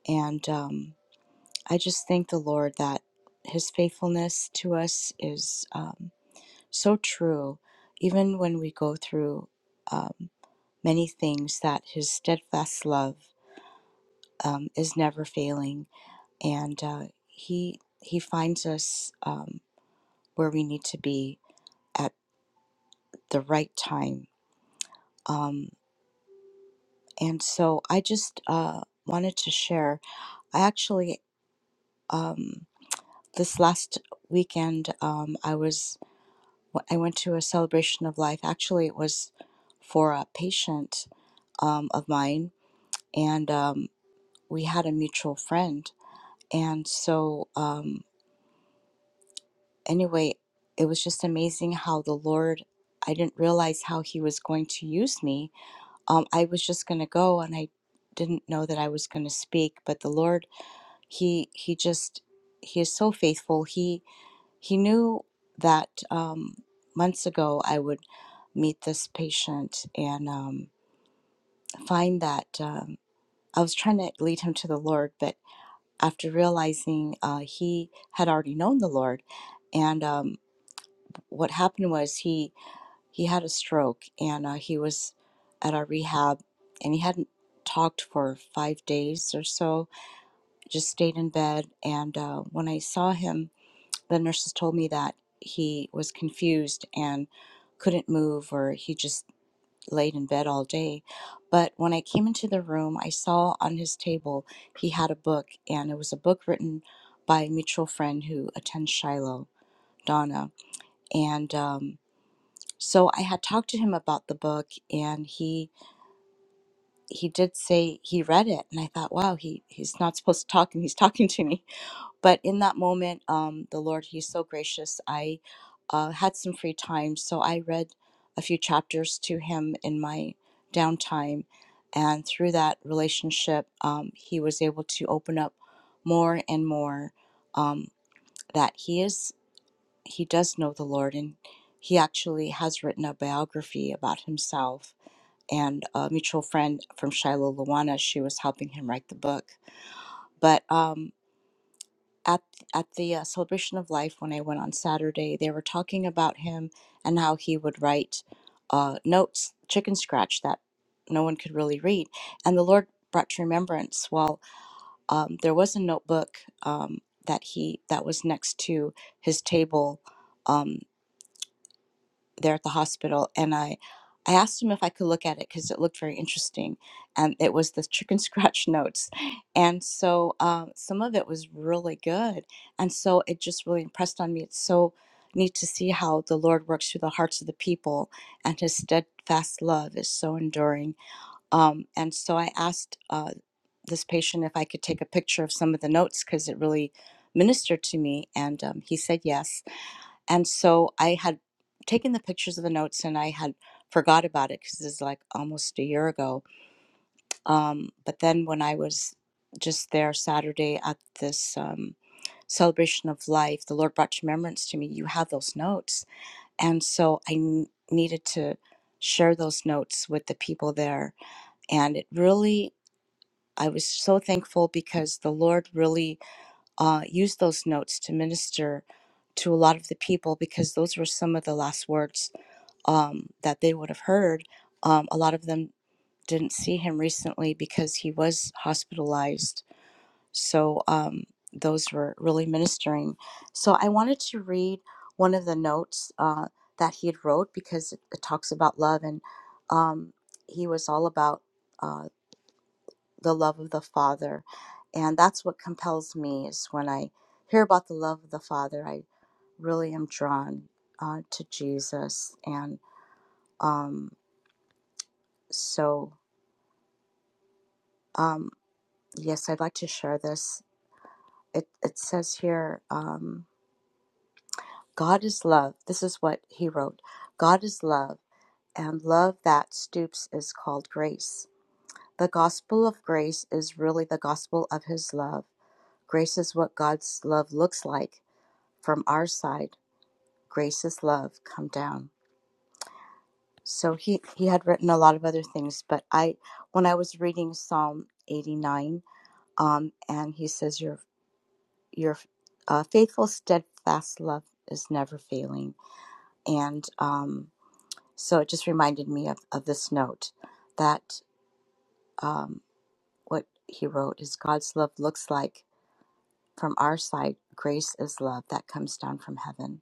E: And um, I just thank the Lord that his faithfulness to us is um, so true, even when we go through um, many things, that his steadfast love um, is never failing. And uh, he, he finds us um, where we need to be at the right time Um, and so I just uh, wanted to share. I actually, um, this last weekend, um, I was I went to a celebration of life. Actually, it was for a patient um, of mine, and um, we had a mutual friend. And so, um, anyway, it was just amazing how the Lord. I didn't realize how He was going to use me um, I was just going to go and I didn't know that I was going to speak, but the Lord, he he just he is so faithful. He he knew that um, months ago I would meet this patient and um, find that um, I was trying to lead him to the Lord, but after realizing uh, he had already known the Lord, and um, what happened was he he had a stroke and uh, he was at our rehab and he hadn't talked for five days or so just stayed in bed and uh, when i saw him the nurses told me that he was confused and couldn't move or he just laid in bed all day but when i came into the room i saw on his table he had a book and it was a book written by a mutual friend who attends shiloh donna and um, so I had talked to him about the book and he he did say he read it and I thought, wow, he he's not supposed to talk and he's talking to me. But in that moment, um, the Lord, he's so gracious. I uh, had some free time, so I read a few chapters to him in my downtime. And through that relationship, um, he was able to open up more and more um, that he is he does know the Lord, and he actually has written a biography about himself. And a mutual friend from Shiloh, Luana, she was helping him write the book. But um, at at the uh, celebration of life, when I went on Saturday, they were talking about him and how he would write uh, notes, chicken scratch that no one could really read. And the Lord brought to remembrance. Well, um, there was a notebook um, that he that was next to his table. Um, there at the hospital and I I asked him if I could look at it because it looked very interesting, and it was the chicken scratch notes, and so um, some of it was really good, and so it just really impressed on me. It's so neat to see how the Lord works through the hearts of the people, and His steadfast love is so enduring. Um, and so I asked uh, this patient if I could take a picture of some of the notes because it really ministered to me, and um, he said yes and so I had taken the pictures of the notes and I had forgot about it because it's like almost a year ago. Um, but then when I was just there Saturday at this um, celebration of life, the Lord brought remembrance to me. You have those notes. And so I n- needed to share those notes with the people there. And it really, I was so thankful because the Lord really uh, used those notes to minister to a lot of the people because those were some of the last words um, that they would have heard. Um, a lot of them didn't see him recently because he was hospitalized. So um, those were really ministering. So I wanted to read one of the notes uh, that he had wrote because it, it talks about love and um, he was all about uh, the love of the Father. And that's what compels me is when I hear about the love of the Father, I really am drawn uh, to Jesus and um, So, um, yes, I'd like to share this. It, it says here, um, God is love. This is what he wrote God is love, and love that stoops is called grace. The gospel of grace is really the gospel of his love. Grace is what God's love looks like from our side. Grace is love come down. So he, he had written a lot of other things, but I when I was reading Psalm 89, um, and he says, "Your your uh, faithful, steadfast love is never failing. And um, so it just reminded me of, of this note that um, what he wrote is God's love looks like from our side, grace is love that comes down from heaven.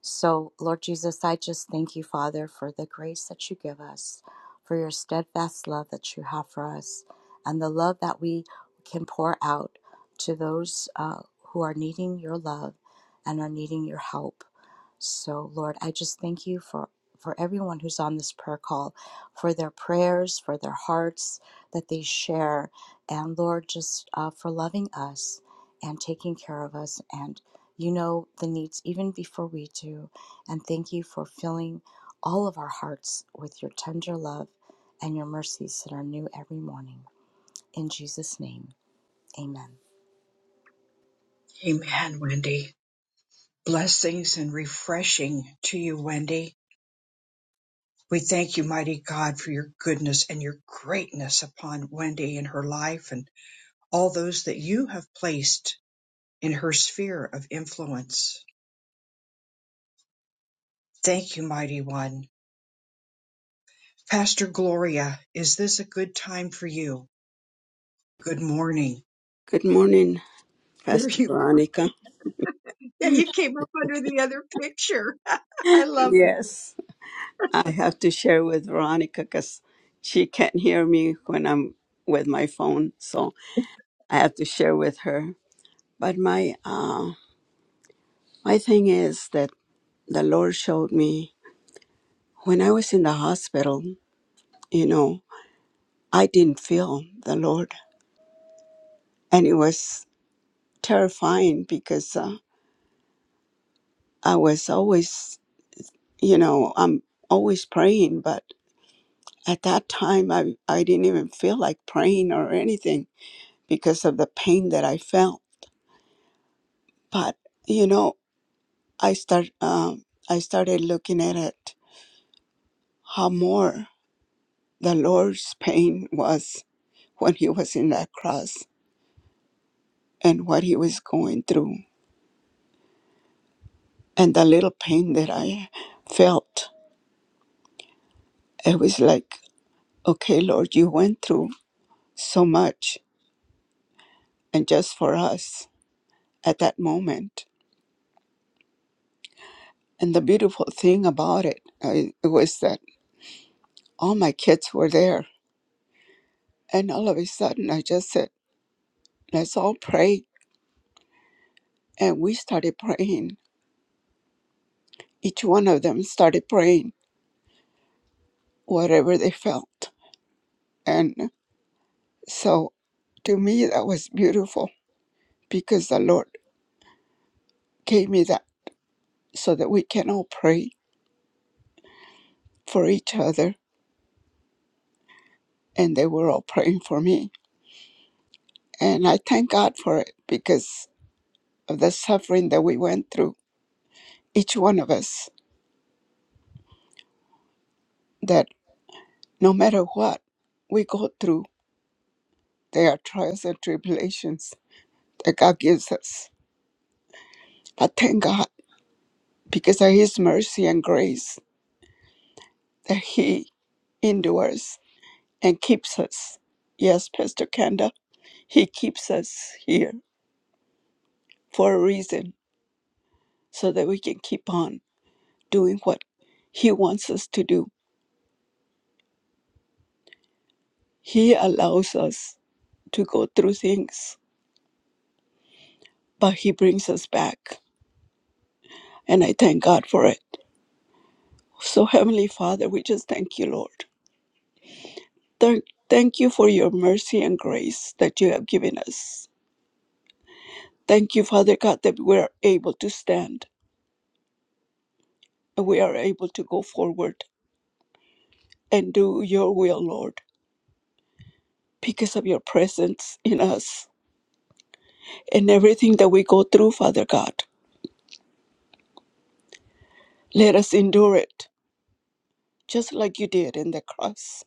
E: So, Lord Jesus, I just thank you, Father, for the grace that you give us, for your steadfast love that you have for us, and the love that we can pour out to those uh, who are needing your love and are needing your help. So, Lord, I just thank you for, for everyone who's on this prayer call, for their prayers, for their hearts that they share, and Lord, just uh, for loving us and taking care of us. And you know the needs even before we do. And thank you for filling all of our hearts with your tender love and your mercies that are new every morning. In Jesus' name, amen.
A: amen wendy blessings and refreshing to you wendy We thank you, mighty God, for your goodness and your greatness upon Wendy and her life and all those that you have placed in her sphere of influence. Thank you, mighty one. Pastor Gloria, is this a good time for you? Good morning.
B: Good morning.
A: There
B: Pastor
A: you are.
B: Veronica.
A: Yeah, you came up under the other picture. I love it.
B: Yes. I have to share with Veronica because she can't hear me when I'm with my phone, so I have to share with her. But my uh, my thing is that the Lord showed me when I was in the hospital. You know, I didn't feel the Lord, and it was terrifying because uh, I was always, you know, I'm always praying, but at that time I I didn't even feel like praying or anything because of the pain that I felt. But you know, I start um, I started looking at it how more the Lord's pain was when He was in that cross and what He was going through, and the little pain that I felt. It was like, okay, Lord, you went through so much, and just for us at that moment. And the beautiful thing about it uh, it was that all my kids were there, and all of a sudden, I just said. Let's all pray. And we started praying. Each one of them started praying whatever they felt. And so to me, that was beautiful because the Lord gave me that so that we can all pray for each other. And they were all praying for me. And I thank God for it because of the suffering that we went through, each one of us, that no matter what we go through, there are trials and tribulations that God gives us. I thank God. because of his mercy and grace that he endures and keeps us. Yes, Pastor Kanda, he keeps us here for a reason so that we can keep on doing what he wants us to do. He allows us to go through things, but he brings us back. And I thank God for it. So, Heavenly Father, we just thank you, Lord. Thank, thank you for your mercy and grace that you have given us. Thank you, Father God, that we're able to stand we are able to go forward and do your will, Lord, because of your presence in us and everything that we go through, Father God. Let us endure it just like you did in the cross.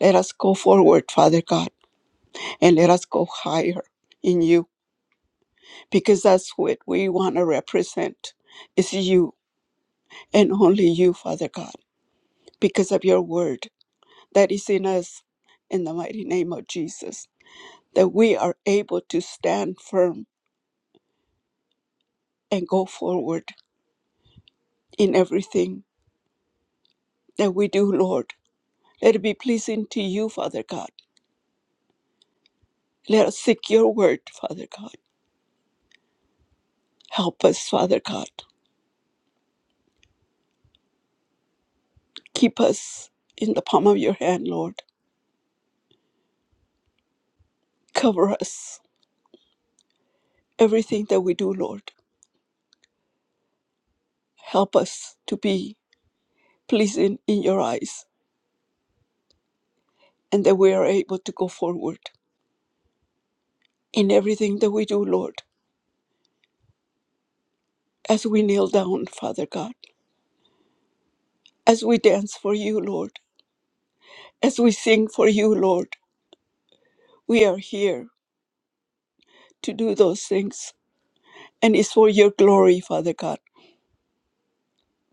B: Let us go forward, Father God, and let us go higher in you because that's what we want to represent is you and only you, Father God, because of your word that is in us in the mighty name of Jesus, that we are able to stand firm and go forward in everything that we do, Lord. Let it be pleasing to you, Father God. Let us seek your word, Father God. Help us, Father God. Keep us in the palm of your hand, Lord. Cover us, everything that we do, Lord. Help us to be pleasing in your eyes and that we are able to go forward in everything that we do, Lord. As we kneel down, Father God, as we dance for you, Lord, as we sing for you, Lord, we are here to do those things. And it's for your glory, Father God,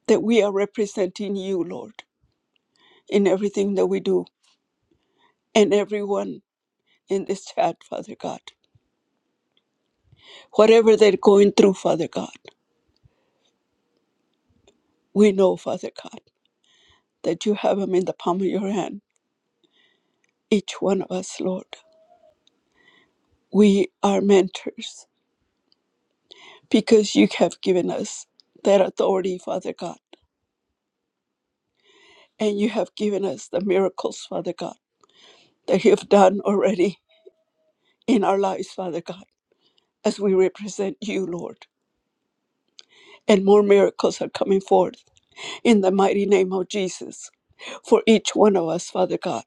B: that we are representing you, Lord, in everything that we do and everyone in this chat, Father God. Whatever they're going through, Father God, we know, Father God, that you have them in the palm of your hand, each one of us, Lord. We are mentors because you have given us that authority, Father God, and you have given us the miracles, Father God, that you have done already in our lives, Father God. as we represent you, Lord. And more miracles are coming forth in the mighty name of Jesus. For each one of us, Father God,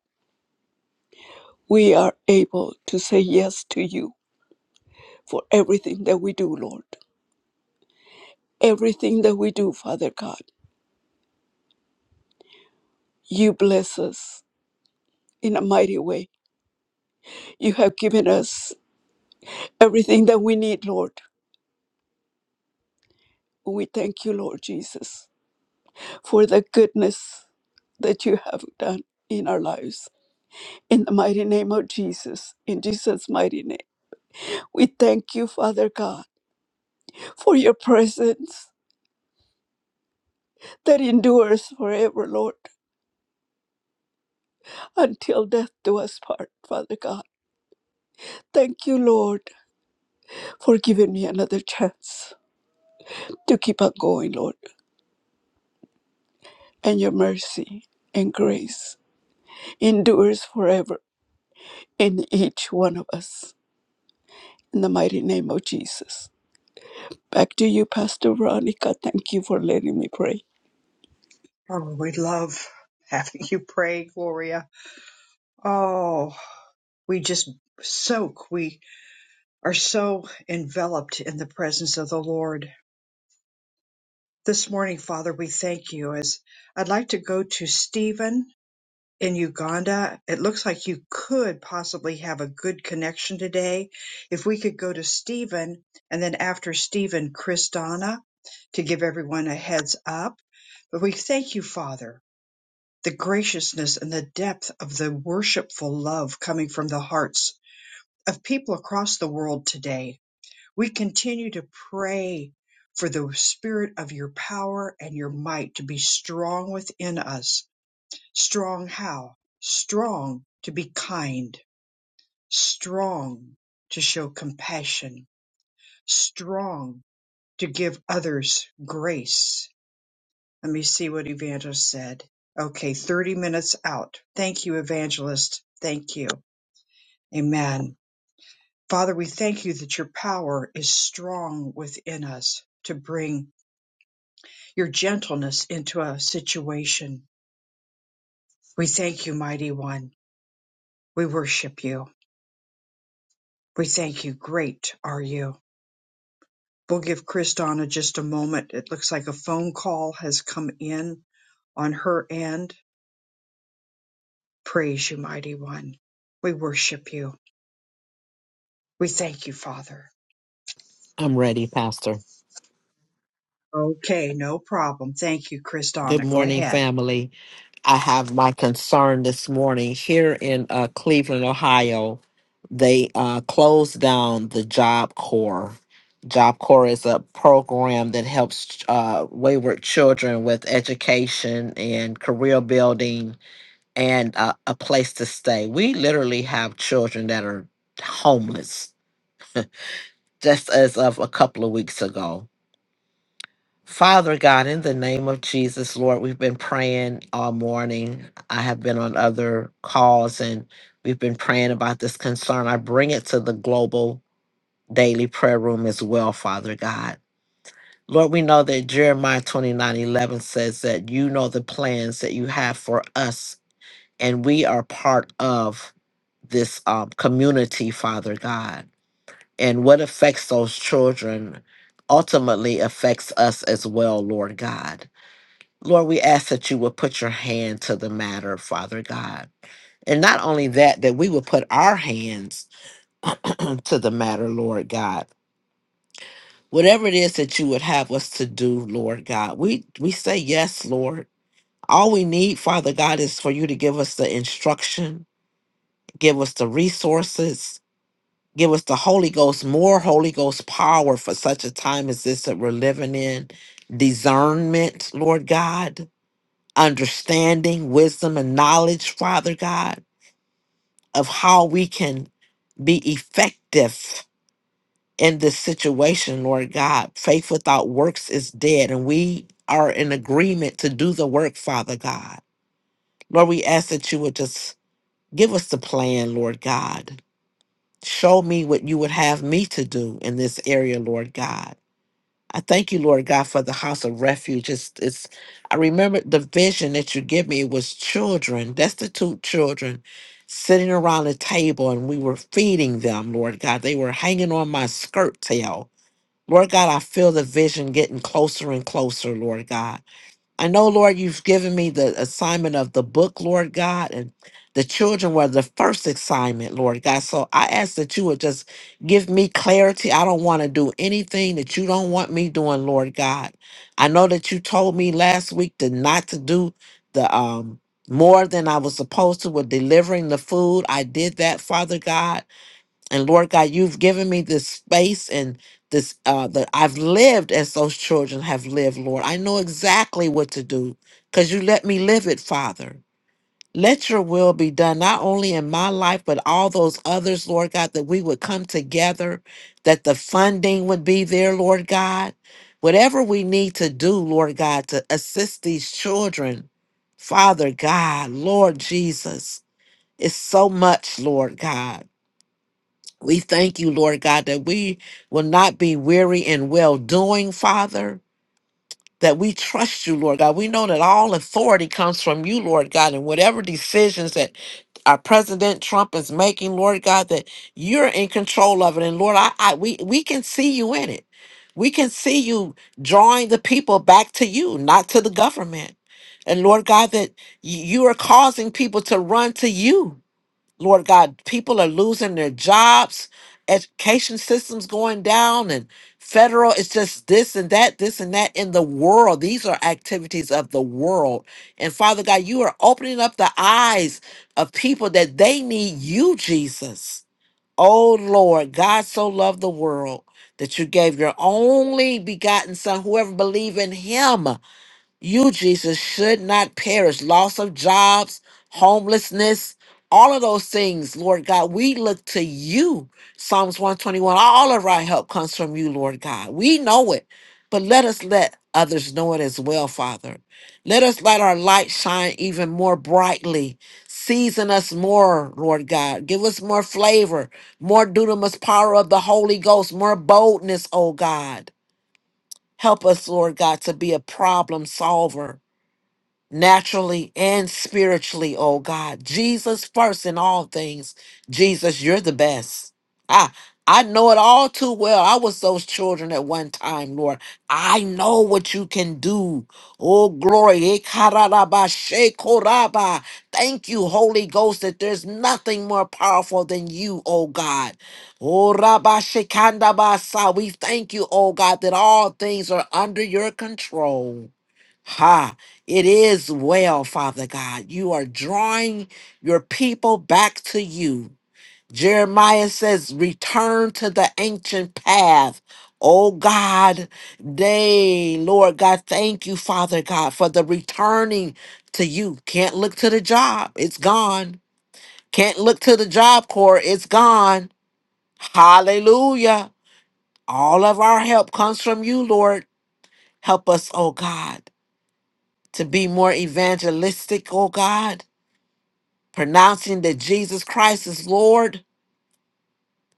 B: we are able to say yes to you for everything that we do, Lord. Everything that we do, Father God, you bless us in a mighty way. You have given us everything that we need, Lord. We thank you, Lord Jesus, for the goodness that you have done in our lives. In the mighty name of Jesus, in Jesus' mighty name. We thank you, Father God, for your presence that endures forever, Lord, until death do us part, Father God. Thank you, Lord, for giving me another chance to keep on going, Lord, and your mercy and grace endures forever in each one of us. In the mighty name of Jesus. Back to you, Pastor Veronica. Thank you for letting me pray.
A: Oh, we love having you pray, Gloria. Oh, we just soak. We are so enveloped in the presence of the Lord. This morning, Father, we thank you as I'd like to go to Stephen in Uganda. It looks like you could possibly have a good connection today. If we could go to Stephen and then after Stephen, Kristana to give everyone a heads up. But we thank you, Father, the graciousness and the depth of the worshipful love coming from the hearts of people across the world today we continue to pray for the spirit of your power and your might to be strong within us. Strong how? Strong to be kind, strong to show compassion, strong to give others grace. Let me see what Evangelist said. Okay, 30 minutes out. Thank you, Evangelist. Thank you. Amen. Father, we thank you that your power is strong within us to bring your gentleness into a situation. We thank you, mighty one. We worship you. We thank you. Great are you. We'll give Kristana just a moment. It looks like a phone call has come in on her end. Praise you, mighty one. We worship you. We thank you, Father.
F: I'm ready, Pastor.
A: Okay, no problem. Thank you, Kristana.
F: Good
A: Go
F: morning,
A: ahead.
F: family. I have my concern this morning here in uh, Cleveland, Ohio. They uh, closed down the Job Corps. Job Corps is a program that helps uh, wayward children with education and career building and uh, a place to stay. We literally have children that are homeless just as of a couple of weeks ago Father God, in the name of Jesus, Lord, we've been praying all morning. I have been on other calls and we've been praying about this concern. I bring it to the global daily prayer room as well, Father God. Lord, we know that Jeremiah 29 11 says that you know the plans that you have for us, and we are part of this um, community, Father God. And what affects those children ultimately affects us as well, Lord God. Lord, we ask that you will put your hand to the matter, Father God. And not only that, that we will put our hands to the matter, Lord God. Whatever it is that you would have us to do, Lord God, we, we say yes, Lord. All we need, Father God, is for you to give us the instruction, give us the resources, give us the Holy Ghost, more Holy Ghost power for such a time as this that we're living in, discernment, Lord God understanding, wisdom, and knowledge, Father God, of how we can be effective in this situation, Lord God. Faith without works is dead, and we are in agreement to do the work, Father God. Lord, we ask that you would just give us the plan, Lord God. Show me what you would have me to do in this area, Lord God. I thank you, Lord God, for the house of refuge. It's, it's I remember the vision that you give me was children, destitute children, sitting around a table and we were feeding them, Lord God. They were hanging on my skirt tail. Lord God, I feel the vision getting closer and closer, Lord God. I know, Lord, you've given me the assignment of the book, Lord God, and the children were the first assignment, Lord God. So I ask that you would just give me clarity. I don't want to do anything that you don't want me doing, Lord God. I know that you told me last week to not to do the um more than I was supposed to with delivering the food. I did that, Father God and Lord God, you've given me this space and this uh that I've lived as those children have lived, Lord. I know exactly what to do because you let me live it, Father. Let your will be done, not only in my life, but all those others, Lord God, that we would come together, that the funding would be there, Lord God. Whatever we need to do, Lord God, to assist these children, Father God, Lord Jesus, it's so much, Lord God. We thank you, Lord God, that we will not be weary in well doing, Father. That we trust you, Lord God. We know that all authority comes from you, Lord God, and whatever decisions that our President Trump is making, Lord God, that you're in control of it. And Lord, I, I we we can see you in it. We can see you drawing the people back to you, not to the government. And Lord God, that y- you are causing people to run to you Lord God, people are losing their jobs, education systems going down, and federal, it's just this and that, this and that in the world. These are activities of the world. And Father God, you are opening up the eyes of people that they need you, Jesus. Oh Lord, God so loved the world that you gave your only begotten Son, whoever believe in him. You, Jesus, should not perish. Loss of jobs, homelessness, all of those things, Lord God. We look to you. Psalms 121. All of our help comes from you, Lord God. We know it, but let us let others know it as well, Father. Let us let our light shine even more brightly. Season us more, Lord God. Give us more flavor, more dunamis power of the Holy Ghost, more boldness, oh God. Help us, Lord God, to be a problem solver naturally and spiritually, oh God. Jesus first in all things. Jesus, you're the best. Ah, I know it all too well. I was those children at one time, Lord. I know what you can do. Oh, glory. Ekararaba, shekoraba. Thank you, Holy Ghost, that there's nothing more powerful than you, oh God. Oh, Rabba Shekandabasa. We thank you, oh God, that all things are under your control. Ha. It is well, Father God. You are drawing your people back to you. Jeremiah says, Return to the ancient path. Oh God, day, Lord God, thank you, Father God, for the returning to you. Can't look to the job, it's gone. Can't look to the job corps, it's gone. Hallelujah. All of our help comes from you, Lord. Help us, oh God, to be more evangelistic, oh God pronouncing that Jesus Christ is Lord,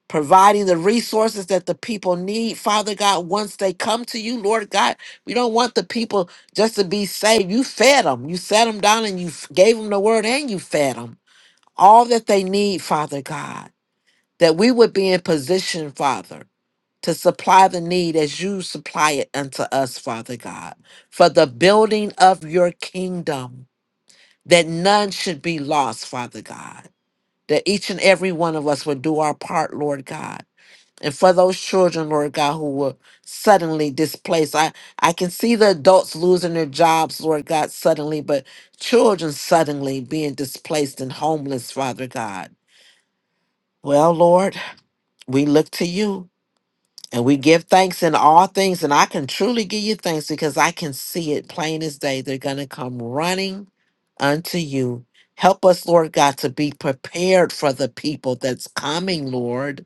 F: providing the resources that the people need, Father God, once they come to you, Lord God. We don't want the people just to be saved. You fed them, you sat them down, and you f- gave them the word, and you fed them all that they need, Father God, that we would be in position, Father. To supply the need as you supply it unto us, Father God, for the building of your kingdom, that none should be lost, Father God that each and every one of us would do our part, Lord God. And for those children, Lord God, who were suddenly displaced, I, I can see the adults losing their jobs, Lord God, suddenly, but children suddenly being displaced and homeless, Father God. Well, Lord, we look to you. And we give thanks in all things. And I can truly give you thanks because I can see it plain as day. They're going to come running unto you. Help us, Lord God, to be prepared for the people that's coming, Lord.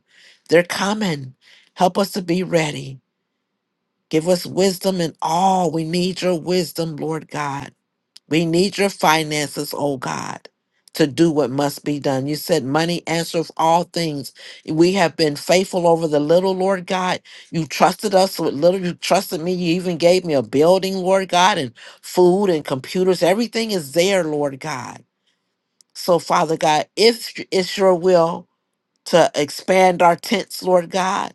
F: They're coming. Help us to be ready. Give us wisdom in all. We need your wisdom, Lord God. We need your finances, oh God, to do what must be done. You said money answers all things. We have been faithful over the little, Lord God. You trusted us with little. You trusted me. You even gave me a building, Lord God, and food and computers. Everything is there, Lord God. So, Father God, if it's your will, to expand our tents, Lord God.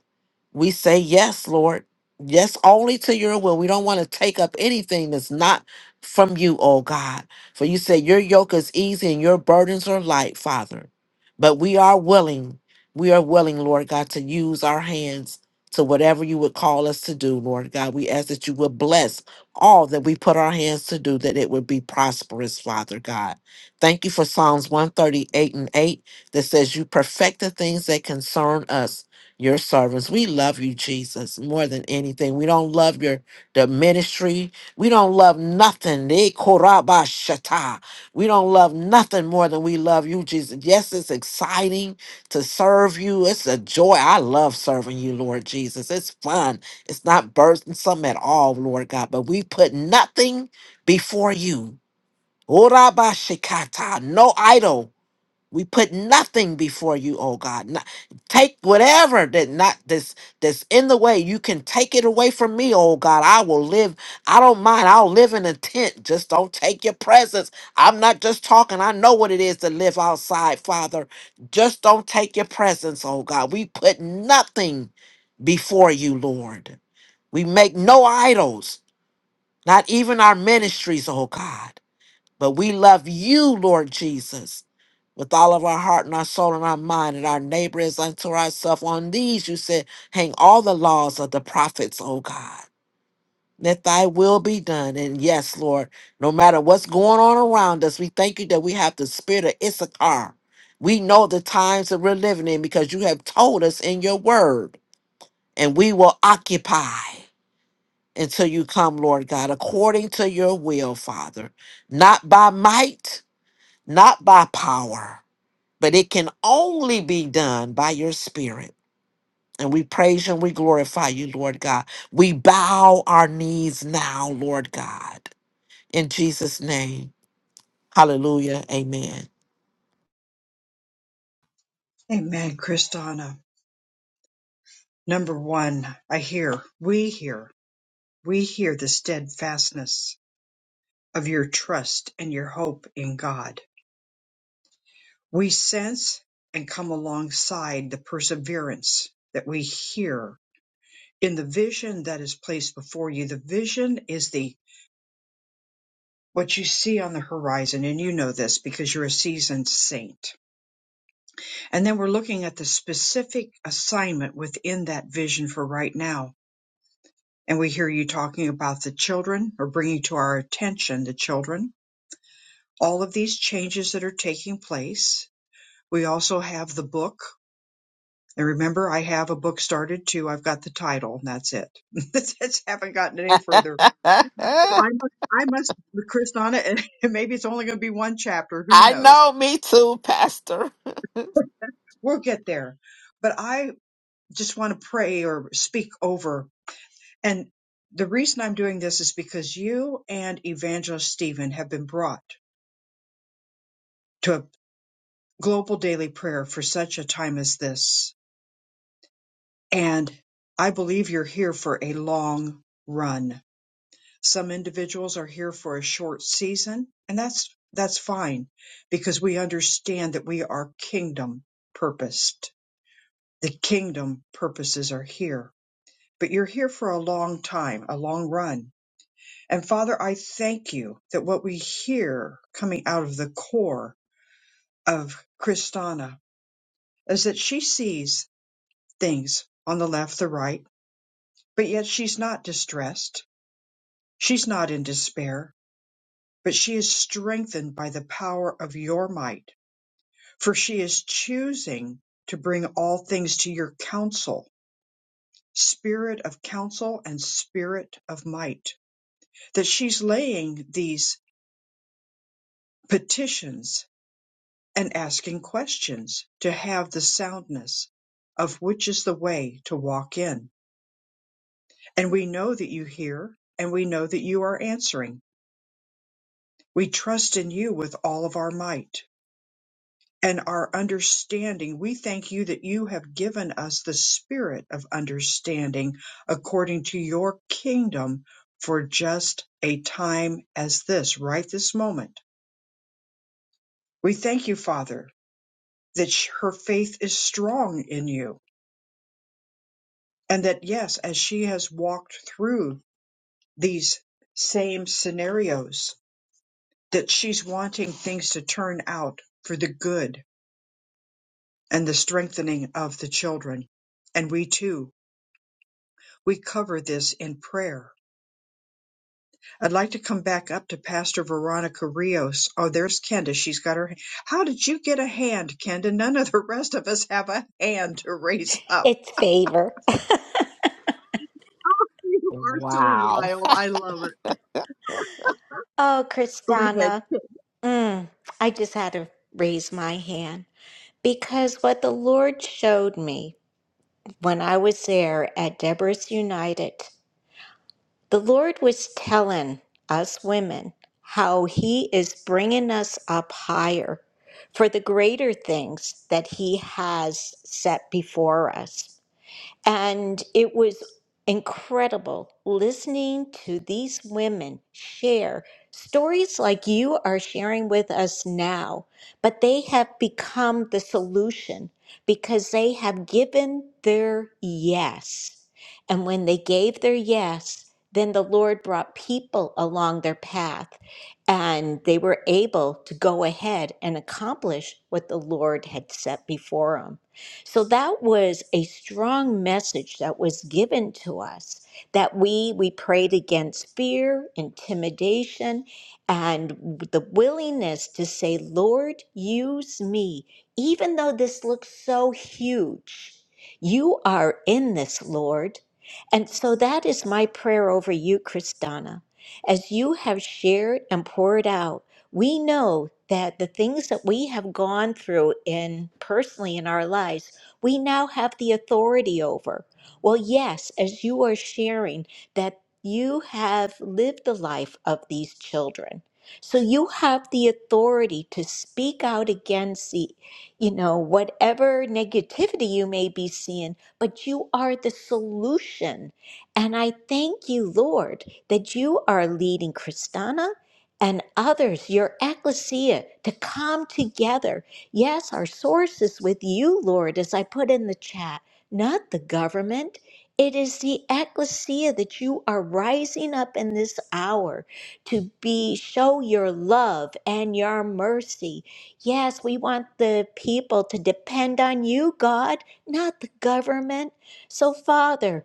F: We say yes, Lord. Yes, only to your will. We don't want to take up anything that's not from you, oh God. For you say your yoke is easy and your burdens are light, Father. But we are willing, we are willing, Lord God, to use our hands to whatever you would call us to do, Lord God. We ask that you would bless all that we put our hands to do, that it would be prosperous, Father God. Thank you for Psalms 138 and 8 that says, You perfect the things that concern us, your servants. We love you, Jesus, more than anything. We don't love your the ministry. We don't love nothing. Eh, korabashata. We don't love nothing more than we love you, Jesus. Yes, it's exciting to serve you. It's a joy. I love serving you, Lord Jesus. It's fun. It's not burdensome at all, Lord God. But we put nothing before you. Orabashikata. No idol we put nothing before you, oh God. Not, take whatever that not this that's that's in the way. You can take it away from me, oh God. I will live. I don't mind. I'll live in a tent. Just don't take your presence. I'm not just talking. I know what it is to live outside, Father. Just don't take your presence, oh God. We put nothing before you, Lord. We make no idols, not even our ministries, oh God. But we love you, Lord Jesus, with all of our heart and our soul and our mind and our neighbor is unto ourselves. On these, you said, hang all the laws of the prophets, O God. Let thy will be done. And yes, Lord, no matter what's going on around us, we thank you that we have the spirit of Issachar. We know the times that we're living in because you have told us in your word, and we will occupy until you come, Lord God, according to your will, Father, not by might not by power, but it can only be done by your spirit. And we praise you and we glorify you, Lord God. We bow our knees now, Lord God, in Jesus' name. Hallelujah. Amen.
A: Amen, Kristana. Number one, I hear, we hear, we hear the steadfastness of your trust and your hope in God. We sense and come alongside the perseverance that we hear in the vision that is placed before you. The vision is the what you see on the horizon, and you know this because you're a seasoned saint. And then we're looking at the specific assignment within that vision for right now. And we hear you talking about the children or bringing to our attention the children, all of these changes that are taking place. We also have the book And remember, I have a book started too. I've got the title, and that's it. that's haven't gotten any further. I must, I must, Chris Donna, and maybe it's only going to be one chapter. Who
F: I
A: knows?
F: know, me too, Pastor.
A: We'll get there. But I just want to pray or speak over. And the reason I'm doing this is because you and Evangelist Stephen have been brought to a global daily prayer for such a time as this. And I believe you're here for a long run Some individuals are here for a short season, and that's that's fine because we understand that we are kingdom purposed. The kingdom purposes are here, but you're here for a long time, a long run. And Father, I thank you that what we hear coming out of the core of Kristana is that she sees things on the left, the right, but yet she's not distressed. She's not in despair. but she is strengthened by the power of your might, for she is choosing to bring all things to your counsel, spirit of counsel and spirit of might, that she's laying these petitions and asking questions to have the soundness of which is the way to walk in. And we know that you hear and we know that you are answering. We trust in you with all of our might. and our understanding. We thank you that you have given us the spirit of understanding according to your kingdom for just a time as this, right this moment. We thank you, Father, that sh- her faith is strong in you and that, yes, as she has walked through these same scenarios, that she's wanting things to turn out for the good and the strengthening of the children. And we too We cover this in prayer. I'd like to come back up to Pastor Veronica Rios. Oh, there's Kenda. She's got her. How did you get a hand, Kenda? None of the rest of us have a hand to raise up.
D: It's favor.
A: You are so
F: Wow.
A: wild. I love it.
D: Oh,
A: Go ahead.
D: Kristana, mm, I just had to raise my hand because what the Lord showed me when I was there at Deborah's United, the Lord was telling us women how He is bringing us up higher for the greater things that He has set before us. And it was incredible listening to these women share stories like you are sharing with us now, but they have become the solution because they have given their yes. And when they gave their yes, then the Lord brought people along their path and they were able to go ahead and accomplish what the Lord had set before them. So that was a strong message that was given to us that we we prayed against fear, intimidation, and the willingness to say, "Lord, use me, even though this looks so huge. You are in this, Lord." And so that is my prayer over you, Kristana. As you have shared and poured out, we know that the things that we have gone through in personally in our lives we now have the authority over. Well, yes, as you are sharing that you have lived the life of these children. So you have the authority to speak out against the, you know, whatever negativity you may be seeing, but you are the solution. And I thank you, Lord, that you are leading Kristana and others, your ecclesia, to come together Yes, our source is with you, Lord, as I put in the chat, not the government. It is the ecclesia that you are rising up in this hour to be show your love and your mercy. Yes, we want the people to depend on you, God, not the government. So, Father,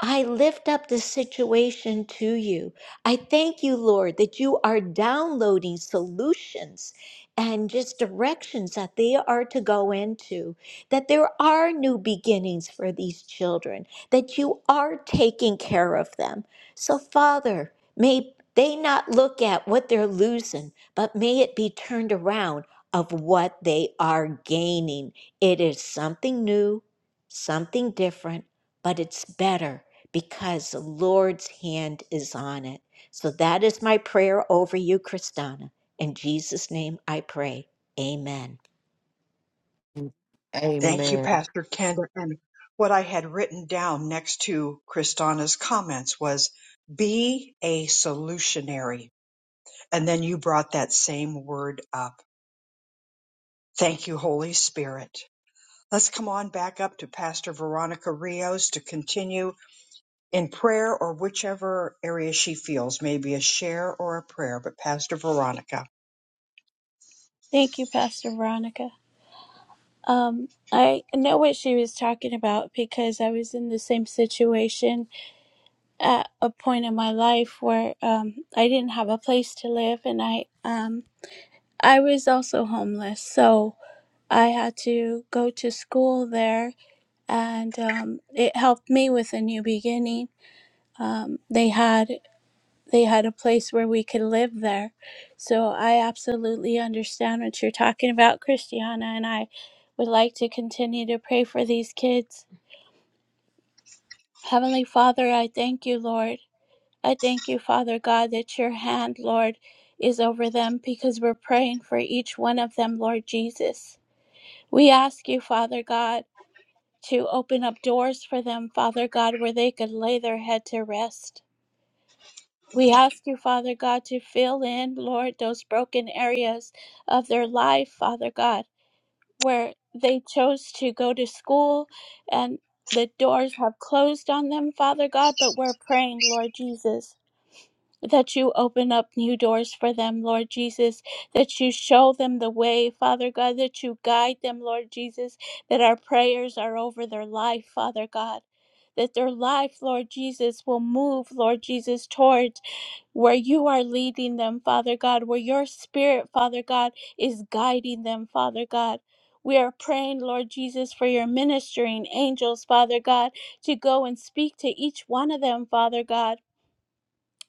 D: I lift up the situation to you. I thank you, Lord, that you are downloading solutions and just directions that they are to go into, that there are new beginnings for these children, that you are taking care of them. So, Father, may they not look at what they're losing, but may it be turned around of what they are gaining. It is something new, something different, but it's better because the Lord's hand is on it. So that is my prayer over you, Kristana. In Jesus' name I pray. Amen.
A: Thank you,
F: Amen.
A: Pastor Kenda. And what I had written down next to Kristana's comments was be a solutionary. And then you brought that same word up. Thank you, Holy Spirit. Let's come on back up to Pastor Veronica Rios to continue in prayer or whichever area she feels, maybe a share or a prayer. But Pastor Veronica.
B: Thank you, Pastor Veronica. Um, I know what she was talking about because I was in the same situation at a point in my life where um, I didn't have a place to live, and I um, I was also homeless, so I had to go to school there, and um, it helped me with a new beginning. Um, they had they had a place where we could live there, so I absolutely understand what you're talking about, Christiana, and I would like to continue to pray for these kids Heavenly Father, I thank you, Lord. I thank you, Father God, that your hand, Lord, is over them because we're praying for each one of them, Lord Jesus. We ask you, Father God, to open up doors for them, Father God, where they could lay their head to rest. We ask you, Father God, to fill in, Lord, those broken areas of their life, Father God where they chose to go to school and the doors have closed on them, Father God, but we're praying, Lord Jesus. That you open up new doors for them, Lord Jesus. That you show them the way, Father God. That you guide them, Lord Jesus. That our prayers are over their life, Father God. That their life, Lord Jesus, will move, Lord Jesus, toward where you are leading them, Father God, where your spirit, Father God, is guiding them, Father God. We are praying, Lord Jesus, for your ministering angels, Father God, to go and speak to each one of them, Father God.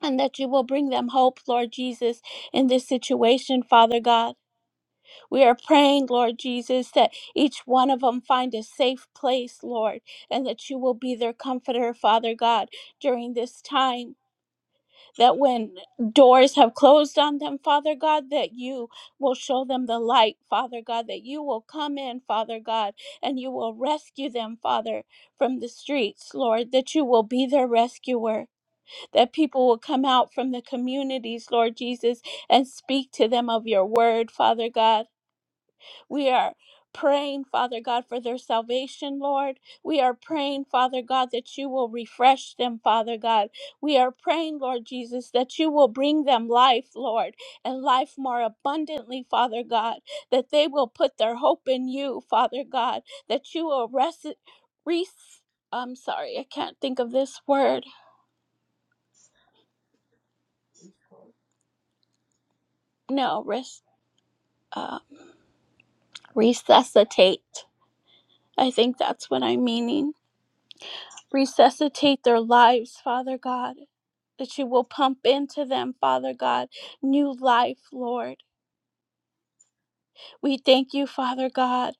B: And that you will bring them hope, Lord Jesus, in this situation, Father God. We are praying, Lord Jesus, that each one of them find a safe place, Lord, and that you will be their comforter, Father God, during this time that when doors have closed on them, Father God, that you will show them the light, Father God, that you will come in, Father God, and you will rescue them, Father, from the streets, Lord, that you will be their rescuer, that people will come out from the communities, Lord Jesus, and speak to them of your word, Father God. We are praying, Father God, for their salvation, Lord. We are praying, Father God, that you will refresh them, Father God. We are praying, Lord Jesus, that you will bring them life, Lord, and life more abundantly, Father God, that they will put their hope in you, Father God, that you will rest. Res- I'm sorry, I can't think of this word. No, res- uh, resuscitate. I think that's what I'm meaning resuscitate their lives, Father God. That you will pump into them, Father God, new life, Lord. We thank you, Father God.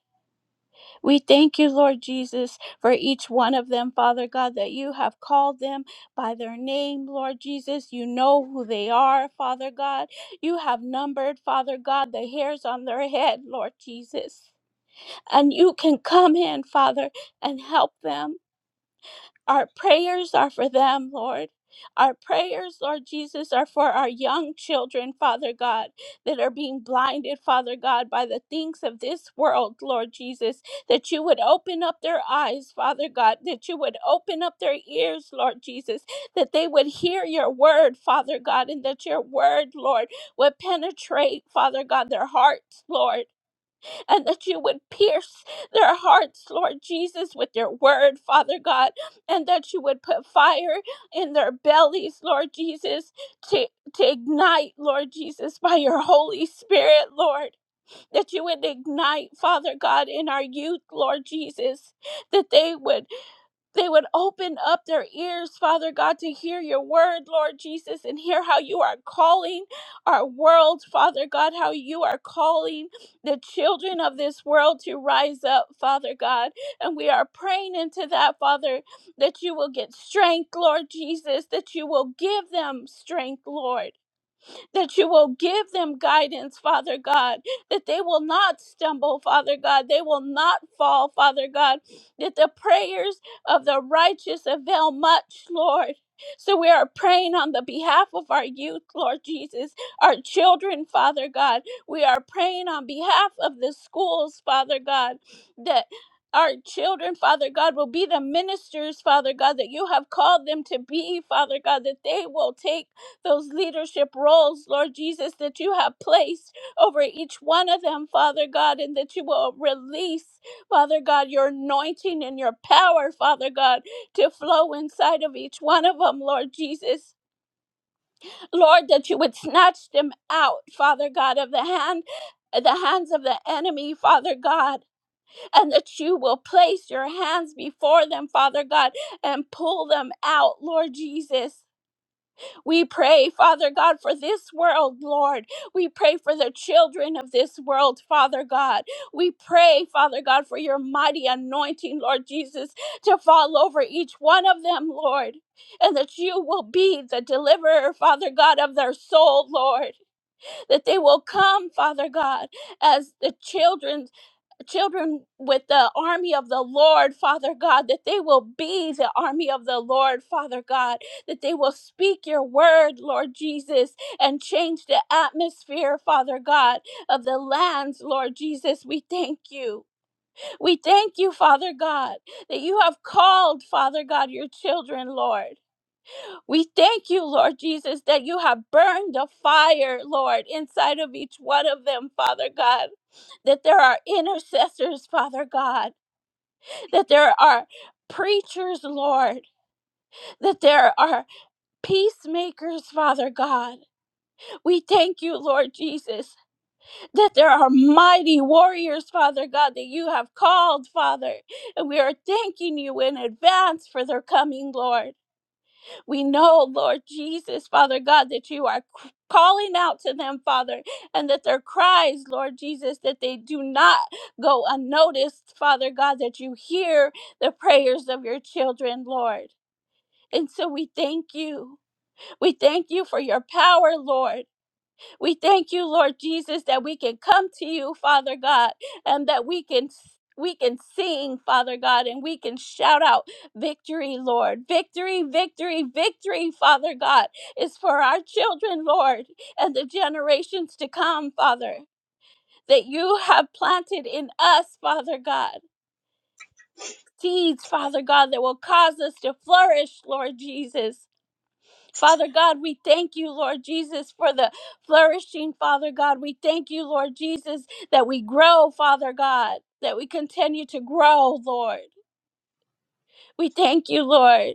B: We thank you, Lord Jesus, for each one of them, Father God, that you have called them by their name, Lord Jesus. You know who they are, Father God. You have numbered, Father God, the hairs on their head, Lord Jesus. And you can come in, Father, and help them. Our prayers are for them, Lord. Our prayers, Lord Jesus, are for our young children, Father God, that are being blinded, Father God, by the things of this world, Lord Jesus, that you would open up their eyes, Father God, that you would open up their ears, Lord Jesus, that they would hear your word, Father God, and that your word, Lord, would penetrate, Father God, their hearts, Lord and that you would pierce their hearts, Lord Jesus, with your word, Father God, and that you would put fire in their bellies, Lord Jesus, to, to ignite, Lord Jesus, by your Holy Spirit, Lord, that you would ignite, Father God, in our youth, Lord Jesus, that they would they would open up their ears, Father God, to hear your word, Lord Jesus, and hear how you are calling our world, Father God, how you are calling the children of this world to rise up, Father God. And we are praying into that, Father, that you will get strength, Lord Jesus, that you will give them strength, Lord that you will give them guidance, Father God, that they will not stumble, Father God, they will not fall, Father God, that the prayers of the righteous avail much, Lord. So we are praying on the behalf of our youth, Lord Jesus, our children, Father God. We are praying on behalf of the schools, Father God, that our children, Father God, will be the ministers, Father God, that you have called them to be, Father God, that they will take those leadership roles, Lord Jesus, that you have placed over each one of them, Father God, and that you will release, Father God, your anointing and your power, Father God, to flow inside of each one of them, Lord Jesus. Lord, that you would snatch them out, Father God, of the hand. The hands of the enemy, Father God, and that you will place your hands before them, Father God, and pull them out, Lord Jesus. We pray, Father God, for this world, Lord. We pray for the children of this world, Father God. We pray, Father God, for your mighty anointing, Lord Jesus, to fall over each one of them, Lord. And that you will be the deliverer, Father God, of their soul, Lord. That they will come, Father God, as the children children with the army of the Lord, Father God, that they will be the army of the Lord, Father God, that they will speak your word, Lord Jesus, and change the atmosphere, Father God, of the lands, Lord Jesus. We thank you. We thank you, Father God, that you have called, Father God, your children, Lord. We thank you, Lord Jesus, that you have burned a fire, Lord, inside of each one of them, Father God. That there are intercessors, Father God. That there are preachers, Lord. That there are peacemakers, Father God. We thank you, Lord Jesus, that there are mighty warriors, Father God, that you have called, Father. And we are thanking you in advance for their coming, Lord. We know, Lord Jesus, Father God, that you are c- calling out to them, Father, and that their cries, Lord Jesus, that they do not go unnoticed, Father God, that you hear the prayers of your children, Lord. And so we thank you. We thank you for your power, Lord. We thank you, Lord Jesus, that we can come to you, Father God, and that we can we can sing, Father God, and we can shout out victory, Lord. Victory, victory, victory, Father God, is for our children, Lord, and the generations to come, Father, that you have planted in us, Father God. Seeds, Father God, that will cause us to flourish, Lord Jesus. Father God, we thank you, Lord Jesus, for the flourishing, Father God. We thank you, Lord Jesus, that we grow, Father God, that we continue to grow, Lord. We thank you, Lord,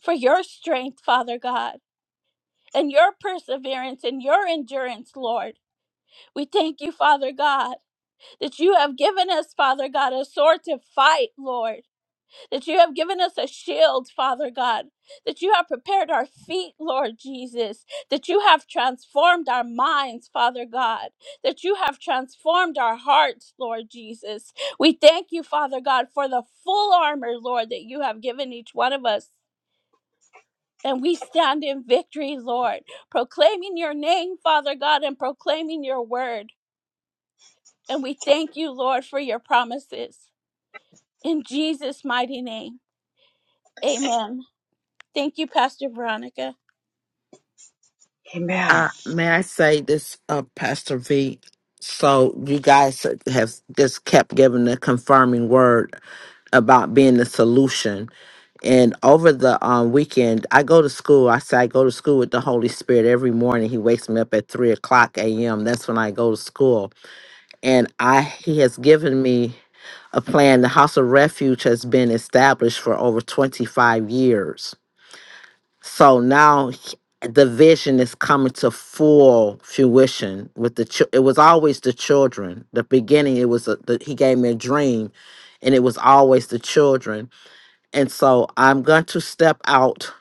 B: for your strength, Father God, and your perseverance and your endurance, Lord. We thank you, Father God, that you have given us, Father God, a sword to fight, Lord. that you have given us a shield, Father God, that you have prepared our feet, Lord Jesus, that you have transformed our minds, Father God, that you have transformed our hearts, Lord Jesus. We thank you, Father God, for the full armor, Lord, that you have given each one of us. And we stand in victory, Lord, proclaiming your name, Father God, and proclaiming your word. And we thank you, Lord, for your promises. In Jesus' mighty name, amen. Thank you, Pastor Veronica.
A: Amen.
F: Uh, may I say this, uh, Pastor V? So you guys have just kept giving the confirming word about being the solution. And over the um, weekend, I go to school. I say I go to school with the Holy Spirit every morning. He wakes me up at three o'clock a.m. That's when I go to school, and I he has given me a plan. The House of Refuge has been established for over twenty five years so now h- the vision is coming to full fruition with the chil- it was always the children. The beginning it was a, the, he gave me a dream and it was always the children. And so I'm going to step out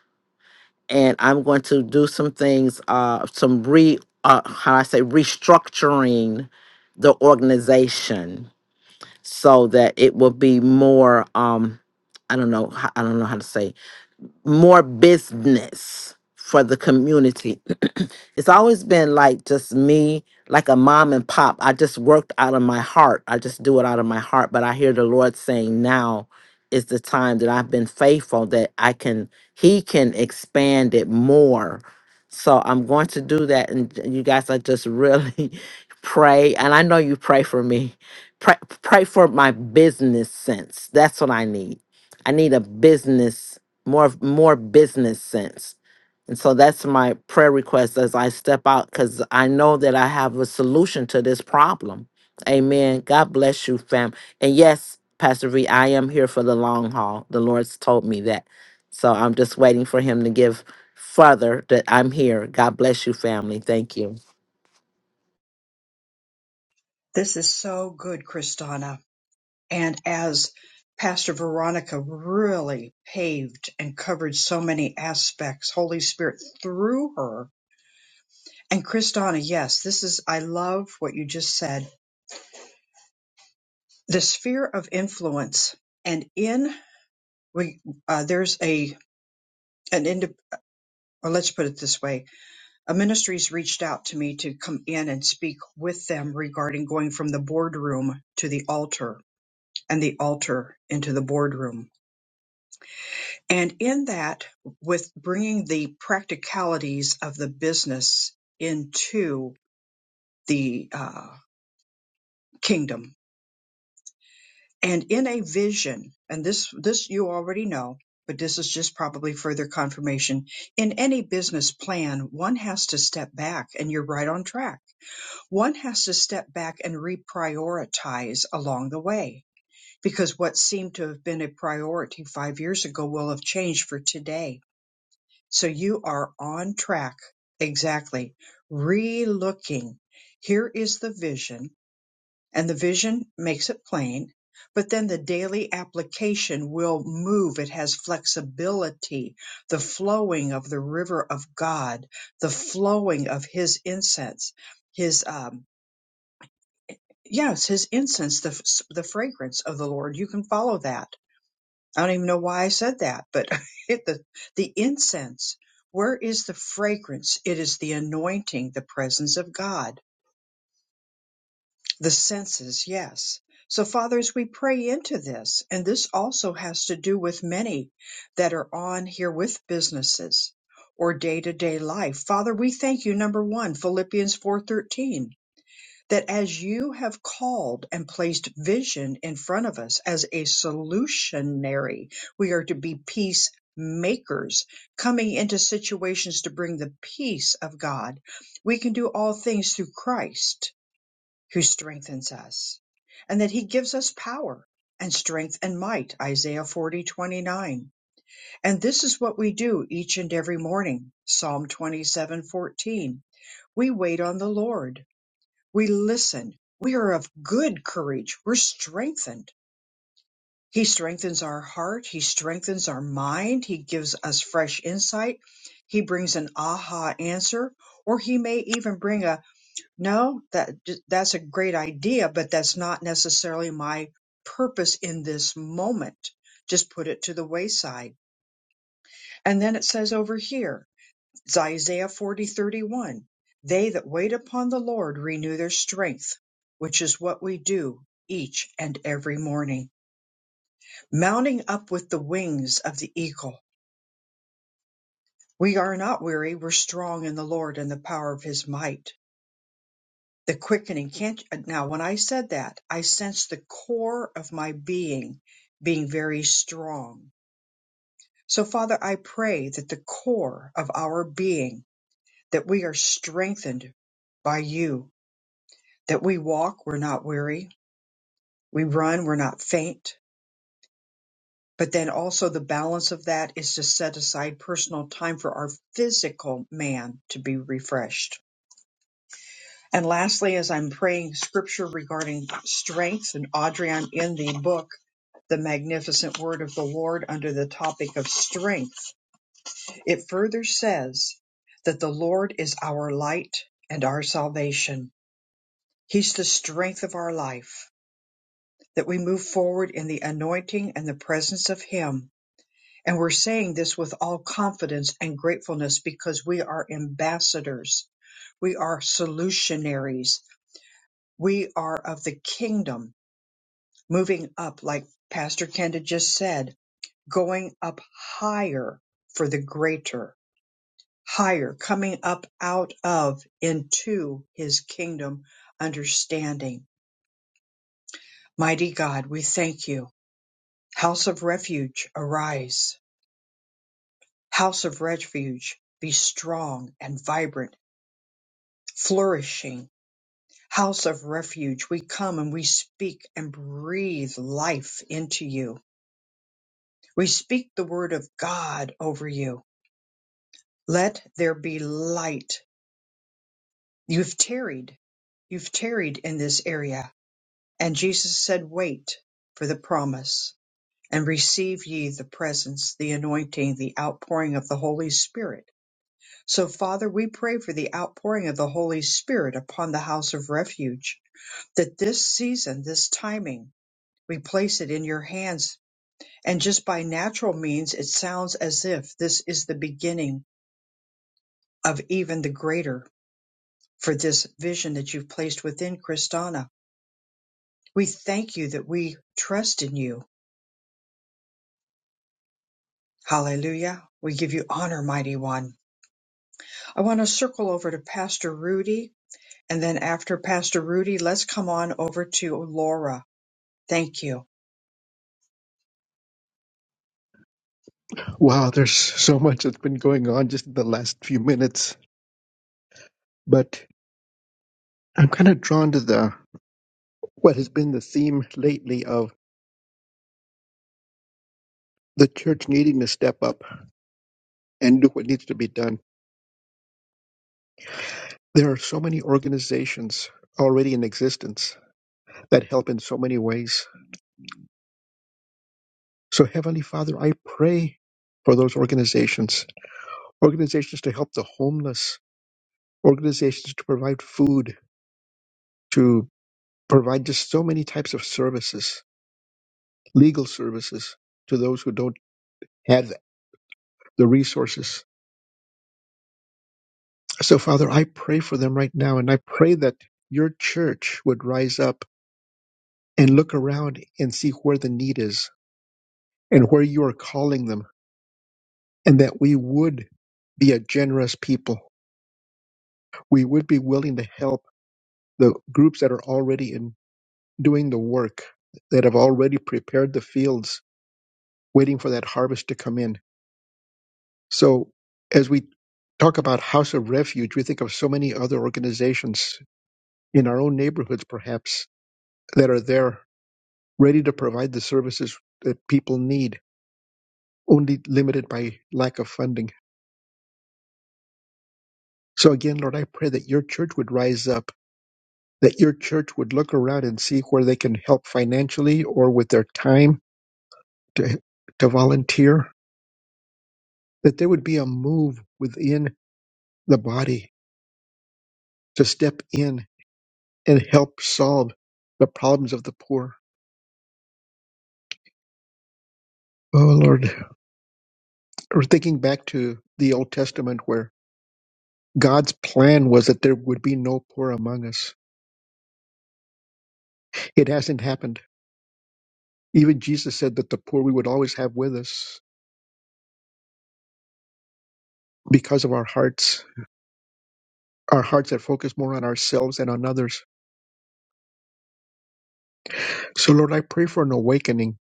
F: and I'm going to do some things uh some re uh, how I say restructuring the organization so that it will be more um I don't know h- I don't know how to say more business for the community it's always been like just me, like a mom and pop. I just worked out of my heart. I just do it out of my heart. But I hear the Lord saying now is the time that I've been faithful that I can, He can expand it more. So I'm going to do that. And you guys, I just really pray. And I know you pray for me. Pray, pray for my business sense. That's what I need. I need a business, more more business sense and so that's my prayer request as I step out because I know that I have a solution to this problem. Amen. God bless you, fam. And yes, Pastor V, I am here for the long haul. The Lord's told me that. So I'm just waiting for him to give further that I'm here. God bless you, family. Thank you.
A: This is so good, Kristana. And as Pastor Veronica really paved and covered so many aspects, Holy Spirit through her And Kristana, yes, this is, I love what you just said. The sphere of influence and in, we, uh, there's a, an ind, or let's put it this way, a ministry's reached out to me to come in and speak with them regarding going from the boardroom to the altar and the altar into the boardroom. And in that, with bringing the practicalities of the business into the, uh, kingdom and in a vision and this this you already know but this is just probably further confirmation in any business plan one has to step back and you're right on track one has to step back and reprioritize along the way because what seemed to have been a priority 5 years ago will have changed for today so you are on track exactly relooking here is the vision and the vision makes it plain, but then the daily application will move. It has flexibility, the flowing of the river of God, the flowing of His incense, His um, yes, His incense, the f- the fragrance of the Lord. You can follow that. I don't even know why I said that, but it, the the incense. Where is the fragrance? It is the anointing, the presence of God The senses, yes. So, fathers, we pray into this. And this also has to do with many that are on here with businesses or day to day life. Father, we thank you, number one, Philippians 4.13, that as you have called and placed vision in front of us as a solutionary, we are to be peace makers coming into situations to bring the peace of God. We can do all things through Christ who strengthens us, and that he gives us power and strength and might, Isaiah 40:29. And this is what we do each and every morning, Psalm 27:14. We wait on the Lord. We listen. We are of good courage. We're strengthened. He strengthens our heart. He strengthens our mind. He gives us fresh insight. He brings an aha answer, or he may even bring a. No, that that's a great idea, but that's not necessarily my purpose in this moment. Just put it to the wayside. And then it says over here, it's Isaiah 40:31. They that wait upon the Lord renew their strength, which is what we do each and every morning. Mounting up with the wings of the eagle. We are not weary, we're strong in the Lord and the power of his might the quickening can't now when i said that i sensed the core of my being being very strong so father i pray that the core of our being that we are strengthened by you that we walk we're not weary we run we're not faint but then also the balance of that is to set aside personal time for our physical man to be refreshed And lastly, as I'm praying scripture regarding strength, and Audrey, I'm in the book, The Magnificent Word of the Lord, under the topic of strength. It further says that the Lord is our light and our salvation. He's the strength of our life, that we move forward in the anointing and the presence of Him. And we're saying this with all confidence and gratefulness because we are ambassadors. We are solutionaries We are of the kingdom, moving up, like Pastor Kenda just said, going up higher for the greater, higher, coming up out of into his kingdom understanding. Mighty God, we thank you. House of refuge, arise. House of refuge, be strong and vibrant, flourishing. House of refuge, we come and we speak and breathe life into you We speak the word of God over you. Let there be light. You've tarried. You've tarried in this area. And Jesus said, Wait for the promise and receive ye the presence, the anointing, the outpouring of the Holy Spirit. So, Father, we pray for the outpouring of the Holy Spirit upon the house of refuge, that this season, this timing, we place it in your hands. And just by natural means, it sounds as if this is the beginning of even the greater for this vision that you've placed within Christana. We thank you that we trust in you. Hallelujah. We give you honor, mighty one. I want to circle over to Pastor Rudy. And then after Pastor Rudy, let's come on over to Laura. Thank you.
C: Wow, there's so much that's been going on just in the last few minutes. But I'm kind of drawn to the what has been the theme lately of the church needing to step up and do what needs to be done. There are so many organizations already in existence that help in so many ways. So, Heavenly Father, I pray for those organizations, organizations to help the homeless, organizations to provide food, to provide just so many types of services, legal services to those who don't have the resources. So, Father, I pray for them right now, and I pray that your church would rise up and look around and see where the need is and where you are calling them, and that we would be a generous people. We would be willing to help the groups that are already in doing the work, that have already prepared the fields, waiting for that harvest to come in So as we talk about House of Refuge, we think of so many other organizations in our own neighborhoods, perhaps, that are there ready to provide the services that people need, only limited by lack of funding. So again, Lord, I pray that your church would rise up, that your church would look around and see where they can help financially or with their time to, to volunteer, that there would be a move within the body to step in and help solve the problems of the poor Oh Lord, we're thinking back to the Old Testament where God's plan was that there would be no poor among us. It hasn't happened. Even Jesus said that the poor we would always have with us because of our hearts, our hearts that focus more on ourselves and on others. So Lord, I pray for an awakening.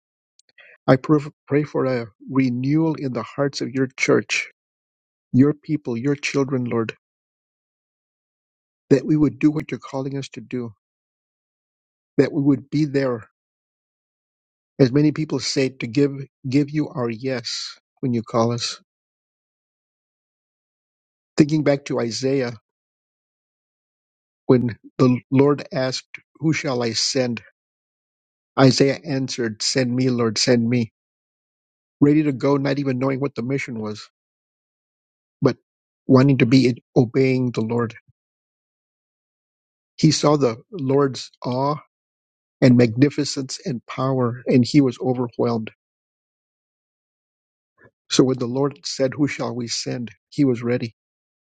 C: I pray pray for a renewal in the hearts of your church, your people, your children, Lord, that we would do what you're calling us to do, that we would be there As many people say, to give give you our yes when you call us. Thinking back to Isaiah, when the Lord asked, Who shall I send? Isaiah answered, Send me, Lord, send me. Ready to go, not even knowing what the mission was, but wanting to be obeying the Lord. He saw the Lord's awe and magnificence and power, and he was overwhelmed. So when the Lord said, Who shall we send? He was ready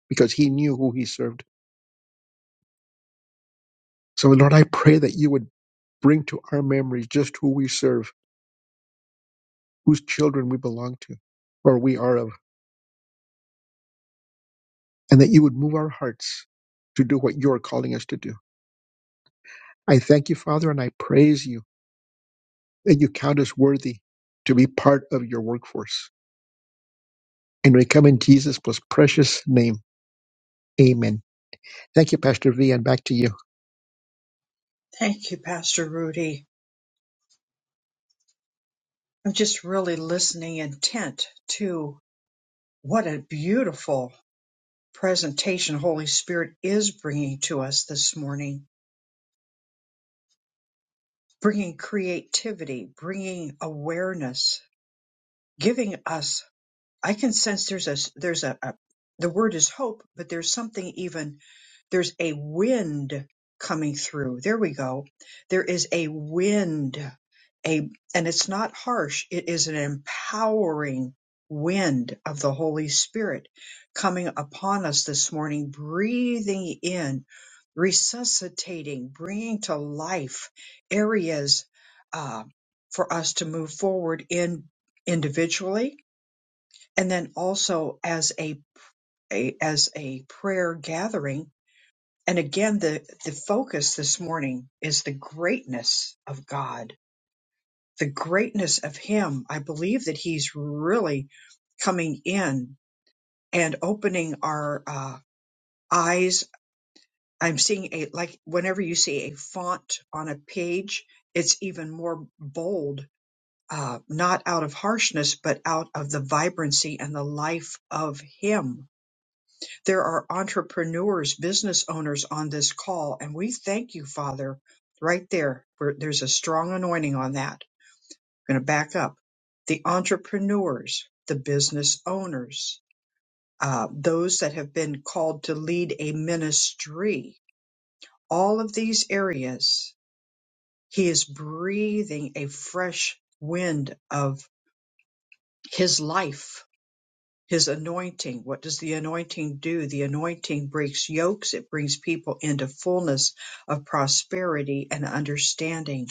C: because he knew who he served. So, Lord, I pray that you would bring to our memories just who we serve, whose children we belong to, or we are of, and that you would move our hearts to do what you are calling us to do. I thank you, Father, and I praise you that you count us worthy to be part of your workforce. And we come in Jesus' most precious name. Amen. Thank you, Pastor V, and back to you.
A: Thank you, Pastor Rudy. I'm just really listening intent to what a beautiful presentation Holy Spirit is bringing to us this morning bringing creativity, bringing awareness, giving us. I can sense there's a there's a, a the word is hope, but there's something even there's a wind coming through. There we go. There is a wind. A and it's not harsh. It is an empowering wind of the Holy Spirit coming upon us this morning, breathing in, resuscitating, bringing to life areas uh, for us to move forward in individually and then also as a, a as a prayer gathering and again, the, the focus this morning is the greatness of God, the greatness of Him. I believe that He's really coming in and opening our uh, eyes. I'm seeing a, like, whenever you see a font on a page, it's even more bold, uh, not out of harshness, but out of the vibrancy and the life of Him There are entrepreneurs, business owners on this call, and we thank you, Father, right there. Where there's a strong anointing on that. I'm going to back up. The entrepreneurs, the business owners, uh, those that have been called to lead a ministry, all of these areas, He is breathing a fresh wind of His life His anointing. What does the anointing do? The anointing breaks yokes. It brings people into fullness of prosperity and understanding.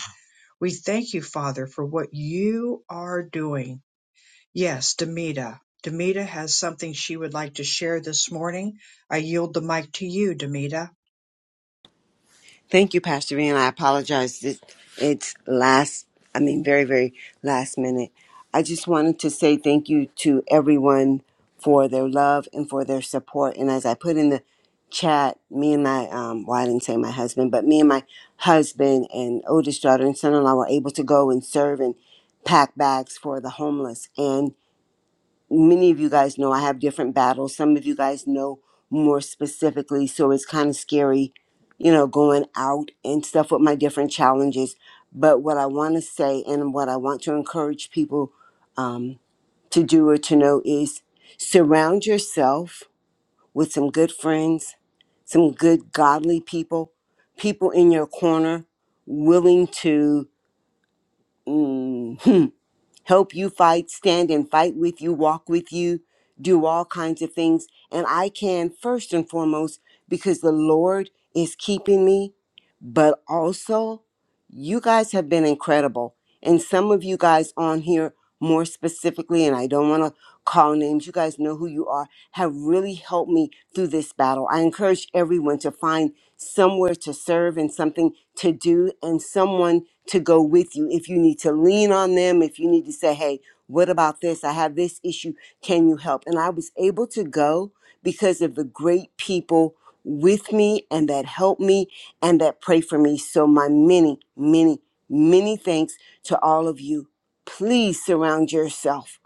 A: We thank you, Father, for what you are doing. Yes, Demita. Demita has something she would like to share this morning. I yield the mic to you, Demita.
G: Thank you, Pastor B, and I apologize. It's, it's last, I mean, very, very last minute. I just wanted to say thank you to everyone for their love and for their support. And as I put in the chat, me and my, um, well, I didn't say my husband, but me and my husband and oldest daughter and son in law were able to go and serve and pack bags for the homeless. and many of you guys know I have different battles. Some of you guys know more specifically, so it's kind of scary, you know, going out and stuff with my different challenges. But what I want to say and what I want to encourage people um, to do or to know is surround yourself with some good friends, some good godly people, people in your corner willing to. mm, help you fight, stand and fight with you, walk with you, do all kinds of things. And I can first and foremost because the Lord is keeping me, but also you guys have been incredible. And some of you guys on here more specifically, and I don't want to call names, you guys know who you are, have really helped me through this battle. I encourage everyone to find somewhere to serve and something to do and someone to go with you. If you need to lean on them, if you need to say, hey, what about this? I have this issue. Can you help? And I was able to go because of the great people with me and that help me and that pray for me. So, my many, many, many thanks to all of you. Please surround yourself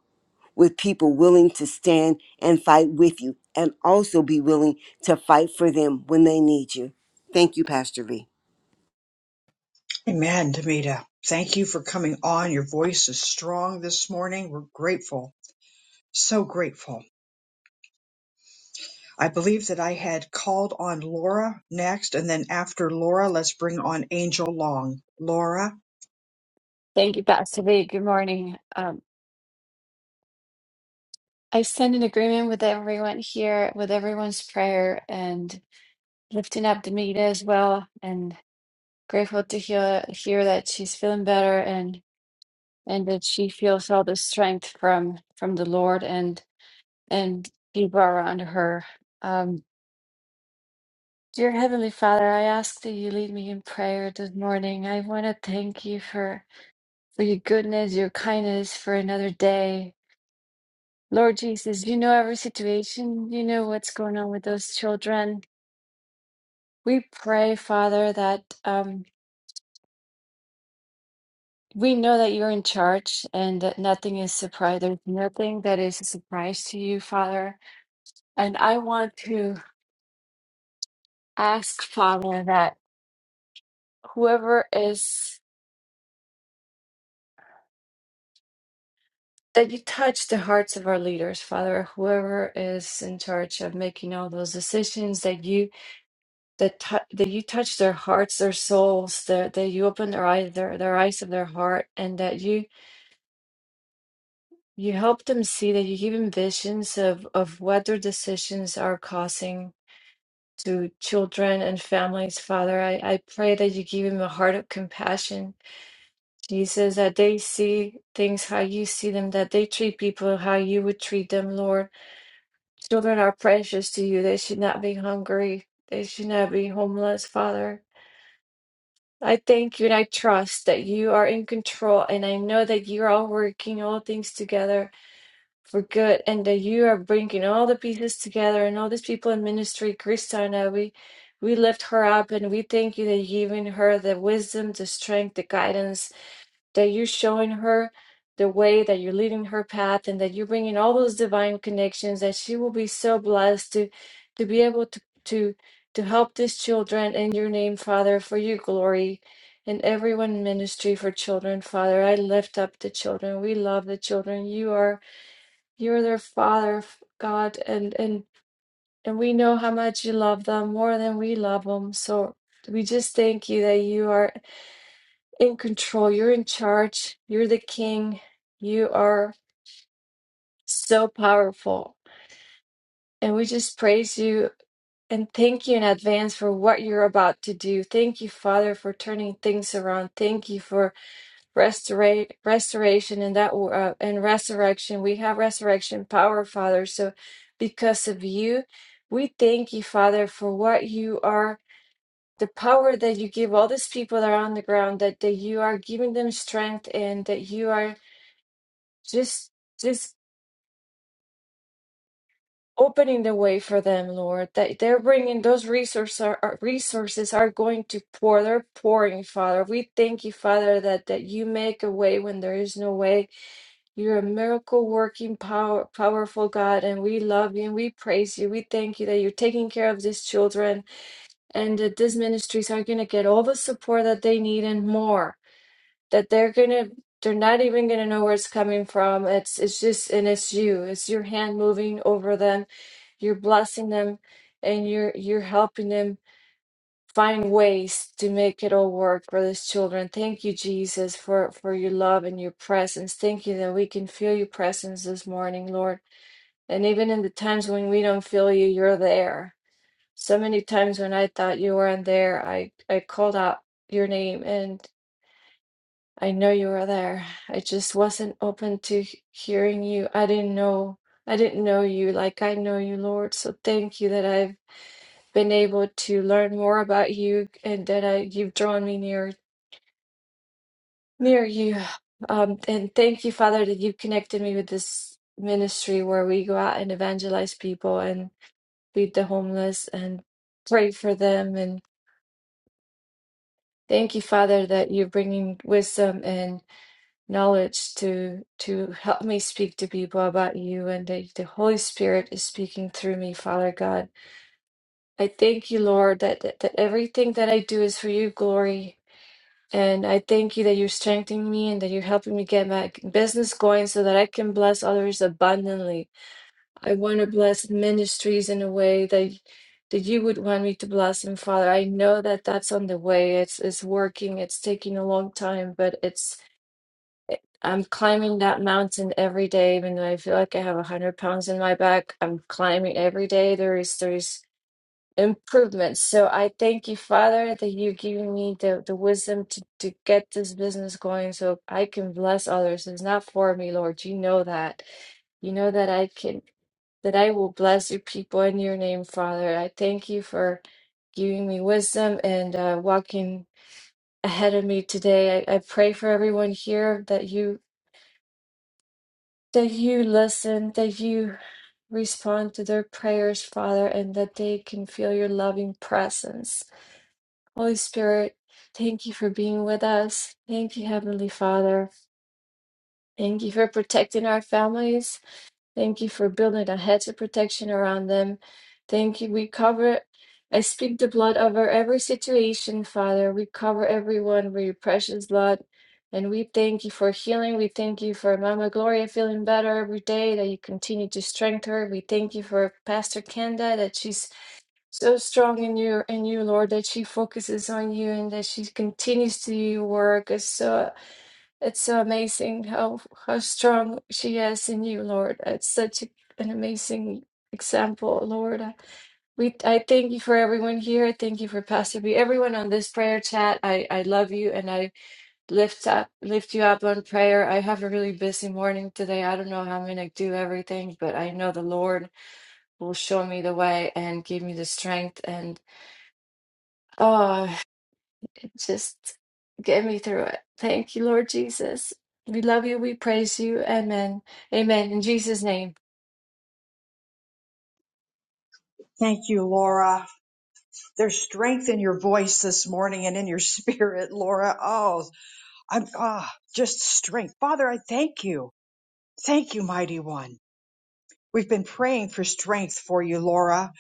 G: with people willing to stand and fight with you and also be willing to fight for them when they need you. Thank you, Pastor V.
A: Amen, Demita. Thank you for coming on. Your voice is strong this morning. We're grateful, so grateful. I believe that I had called on Laura next, and then after Laura, let's bring on Angel Long. Laura,
H: Thank you, Pastor B. Good morning. Um, I stand in agreement with everyone here, with everyone's prayer, and lifting up Demita as well. And grateful to hear hear that she's feeling better and and that she feels all the strength from from the Lord and and people around her. Um, dear Heavenly Father, I ask that you lead me in prayer this morning. I want to thank you for for your goodness, your kindness, for another day Lord Jesus, you know every situation. You know what's going on with those children. We pray, Father, that um, we know that you're in charge and that nothing is surprise. There's nothing that is a surprise to you, Father. And I want to ask, Father, that whoever is, that you touch the hearts of our leaders, Father, whoever is in charge of making all those decisions, that you that tou that you touch their hearts, their souls, that that you open their eyes, their their eyes of their heart, and that you you help them see that you give them visions of of what their decisions are causing to children and families. Father, I I pray that you give them a heart of compassion, Jesus, that they see things how you see them, that they treat people how you would treat them, Lord. Children are precious to you. They should not be hungry. They should not be homeless, Father. I thank you and I trust that you are in control, and I know that you are all working all things together for good, and that you are bringing all the pieces together and all these people in ministry. Christina, we we lift her up, and we thank you that you've given her the wisdom, the strength, the guidance, that you're showing her the way, that you're leading her path, and that you're bringing all those divine connections, that she will be so blessed to to be able to to to help these children in your name, Father, for your glory. And everyone ministry for children, Father, I lift up the children. We love the children. You are you are their Father, God, and and and we know how much you love them more than we love them. So we just thank you that you are in control. You're in charge. You're the king. You are so powerful. And we just praise you and thank you in advance for what you're about to do. Thank you, Father, for turning things around. Thank you for restora- restoration and that uh, and resurrection. We have resurrection power, Father. So because of you, we thank you, Father, for what you are the power that you give all these people that are on the ground that, that you are giving them strength and that you are just just opening the way for them lord that they're bringing those resources are, are- resources are going to pour they're pouring father we thank you father that that you make a way when there is no way you're a miracle working power powerful god and we love you and we praise you we thank you that you're taking care of these children and that these ministries are going to get all the support that they need and more that they're gonna they're not even gonna know where it's coming from. It's it's just and it's you. It's your hand moving over them. You're blessing them and you're you're helping them find ways to make it all work for these children. Thank you, Jesus, for, for your love and your presence. Thank you that we can feel your presence this morning, Lord. And even in the times when we don't feel you, you're there. So many times when I thought you weren't there, I, I called out your name and. I know you were there. I just wasn't open to h- hearing you. I didn't know. I didn't know you like I know you, Lord. So thank you that I've been able to learn more about you and that I you've drawn me near near you. Um, and thank you, Father, that you've connected me with this ministry where we go out and evangelize people and feed the homeless and pray for them. And thank you, Father, that you're bringing wisdom and. knowledge to to help me speak to people about you and that the Holy Spirit is speaking through me, Father God. I thank you, Lord, that, that, that everything that I do is for your glory. And I thank you that you're strengthening me and that you're helping me get my business going so that I can bless others abundantly. I want to bless ministries in a way that that you would want me to bless them, Father. I know that that's on the way. It's it's working. It's taking a long time, but it's. I'm climbing that mountain every day, even though I feel like I have a hundred pounds in my back. I'm climbing every day. There is there is improvement. So I thank you, Father, that you're giving me the, the wisdom to, to get this business going so I can bless others. It's not for me, Lord. You know that. You know that I can that I will bless your people in your name, Father. I thank you for giving me wisdom and uh, walking ahead of me today. I, I pray for everyone here that you that you listen, that you respond to their prayers, Father, and that they can feel your loving presence. Holy Spirit, thank you for being with us. Thank you, Heavenly Father. Thank you for protecting our families. Thank you for building a hedge of protection around them. Thank you. We cover, I speak the blood over every situation, Father. We cover everyone with your precious blood. And we thank you for healing. We thank you for Mama Gloria feeling better every day, that you continue to strengthen her. We thank you for Pastor Kenda, that she's so strong in you, in you, Lord, that she focuses on you and that she continues to do your work. It's so amazing how how strong she is in you, Lord. It's such a, an amazing example, Lord. I- We I thank you for everyone here. Thank you for Pastor B. Everyone on this prayer chat. I I love you and I lift up lift you up on prayer. I have a really busy morning today. I don't know how I'm gonna do everything, but I know the Lord will show me the way and give me the strength and. oh. Just get me through it. Thank you, Lord Jesus. We love you. We praise you. Amen. Amen. In Jesus' name.
A: thank you, Laura. There's strength in your voice this morning and in your spirit, Laura. Oh, I'm ah, just strength. Father, I thank you. Thank you, mighty one. We've been praying for strength for you, Laura,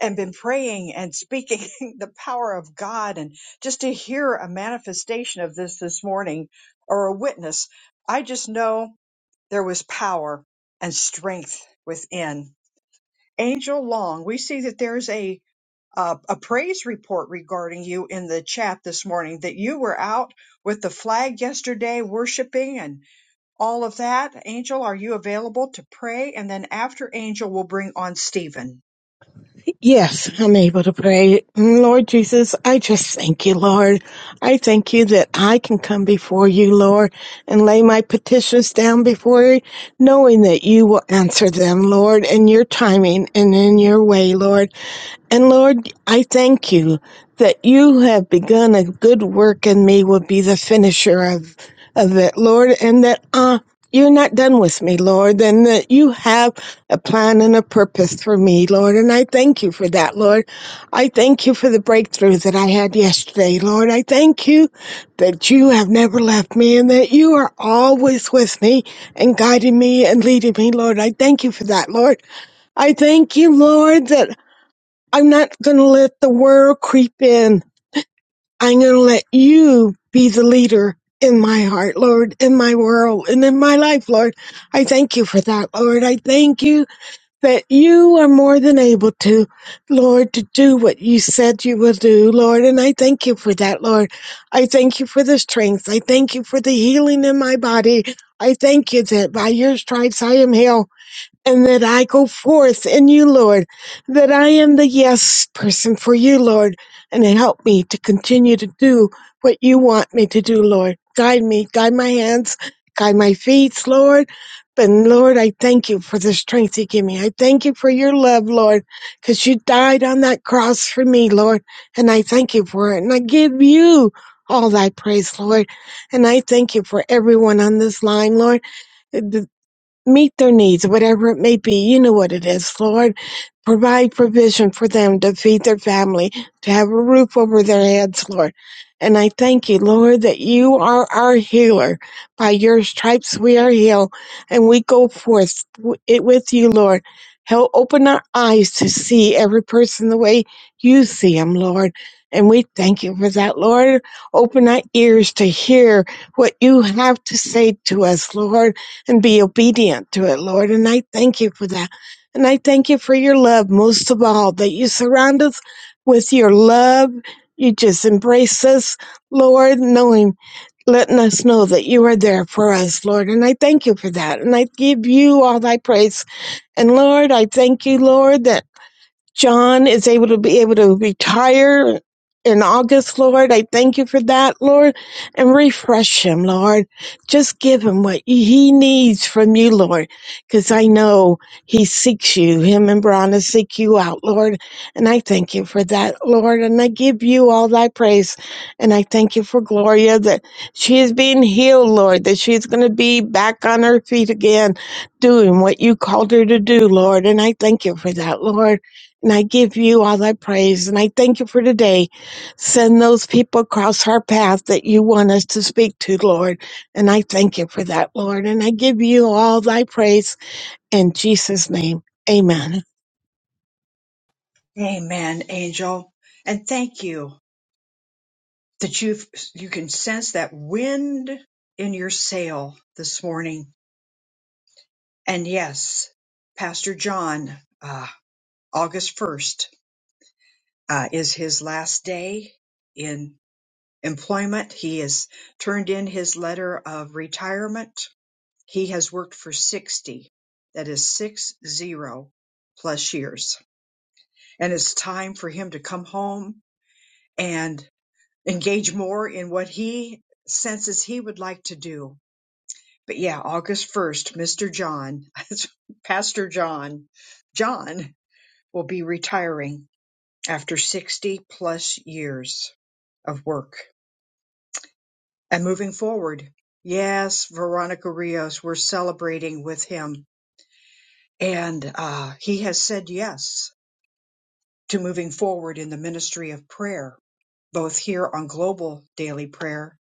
A: and been praying and speaking the power of God. And just to hear a manifestation of this this morning or a witness, I just know. There was power and strength within. Angel Long, we see that there's a uh, a praise report regarding you in the chat this morning that you were out with the flag yesterday worshiping and all of that. Angel, are you available to pray? And then after Angel, we'll bring on Stephen.
I: Yes, I'm able to pray. Lord Jesus, I just thank you, Lord. I thank you that I can come before you, Lord, and lay my petitions down before you, knowing that you will answer them, Lord, in your timing and in your way, Lord. And Lord, I thank you that you have begun a good work in me will be the finisher of, of it, Lord, and that uh, you're not done with me, Lord, and that you have a plan and a purpose for me, Lord. And I thank you for that, Lord. I thank you for the breakthrough that I had yesterday, Lord. I thank you that you have never left me and that you are always with me and guiding me and leading me, Lord. I thank you for that, Lord. I thank you, Lord, that I'm not going to let the world creep in. I'm going to let you be the leader in my heart, Lord, in my world, and in my life, Lord. I thank you for that, Lord. I thank you that you are more than able to, Lord, to do what you said you will do, Lord. And I thank you for that, Lord. I thank you for the strength. I thank you for the healing in my body. I thank you that by your stripes I am healed and that I go forth in you, Lord, that I am the yes person for you, Lord, and help me to continue to do what you want me to do, Lord. Guide me, guide my hands, guide my feet, Lord. But Lord, I thank you for the strength you give me. I thank you for your love, Lord, because you died on that cross for me, Lord, and I thank you for it. And I give you all thy praise, Lord. And I thank you for everyone on this line, Lord meet their needs, whatever it may be. You know what it is, Lord. Provide provision for them to feed their family, to have a roof over their heads, Lord. And I thank you, Lord, that you are our healer. By your stripes we are healed, and we go forth w- it with you, Lord. Help open our eyes to see every person the way you see them, Lord. And we thank you for that, Lord. Open our ears to hear what you have to say to us, Lord and be obedient to it, Lord. And I thank you for that. And I thank you for your love most of all, that you surround us with your love. You just embrace us, Lord, knowing, letting us know that you are there for us, Lord. And I thank you for that. And I give you all thy praise. And Lord, I thank you, Lord, that John is able to be able to retire in August, Lord. I thank you for that, Lord, and refresh him, Lord. Just give him what he needs from you, Lord, because I know he seeks you. Him and Bronna seek you out, Lord. And I thank you for that, Lord. And I give you all thy praise. And I thank you for Gloria that she is being healed, Lord, that she's going to be back on her feet again, doing what you called her to do, Lord. And I thank you for that, Lord. And I give you all thy praise. And I thank you for today. Send those people across our path that you want us to speak to, Lord. And I thank you for that, Lord. And I give you all thy praise in Jesus' name. Amen.
A: Amen, Angel. And thank you that you you can sense that wind in your sail this morning. And yes, Pastor John. August 1st uh, is his last day in employment. He has turned in his letter of retirement. He has worked for 60, that is six zero plus years. And it's time for him to come home and engage more in what he senses he would like to do. But yeah, August 1st, Mr. John, Pastor John, John will be retiring after 60 plus years. of work and moving forward. Yes, Veronica Rios, we're celebrating with him. And uh, he has said yes to moving forward in the ministry of prayer, both here on Global Daily Prayer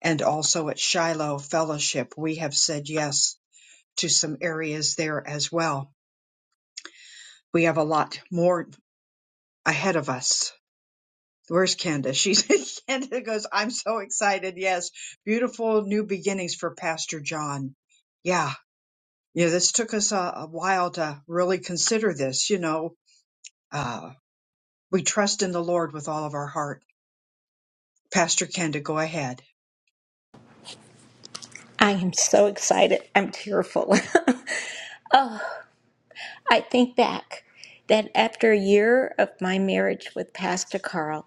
A: and also at Shiloh Fellowship. We have said yes to some areas there as well. We have a lot more ahead of us. Where's Kenda? She's Kenda goes, I'm so excited. Yes. Beautiful new beginnings for Pastor John. Yeah Yeah, this took us a, a while to really consider this. You know, uh, we trust in the Lord with all of our heart. Pastor Kenda, go ahead.
D: So excited. I'm tearful. I think back that after a year of my marriage with Carl.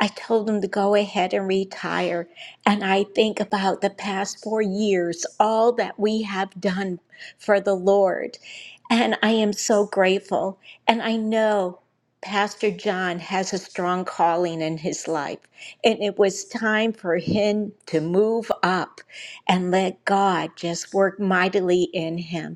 D: I told him to go ahead and retire. And I think about the past four years, all that we have done for the Lord. And I am so grateful. And I know Pastor John has a strong calling in his life. And it was time for him to move up and let God just work mightily in him.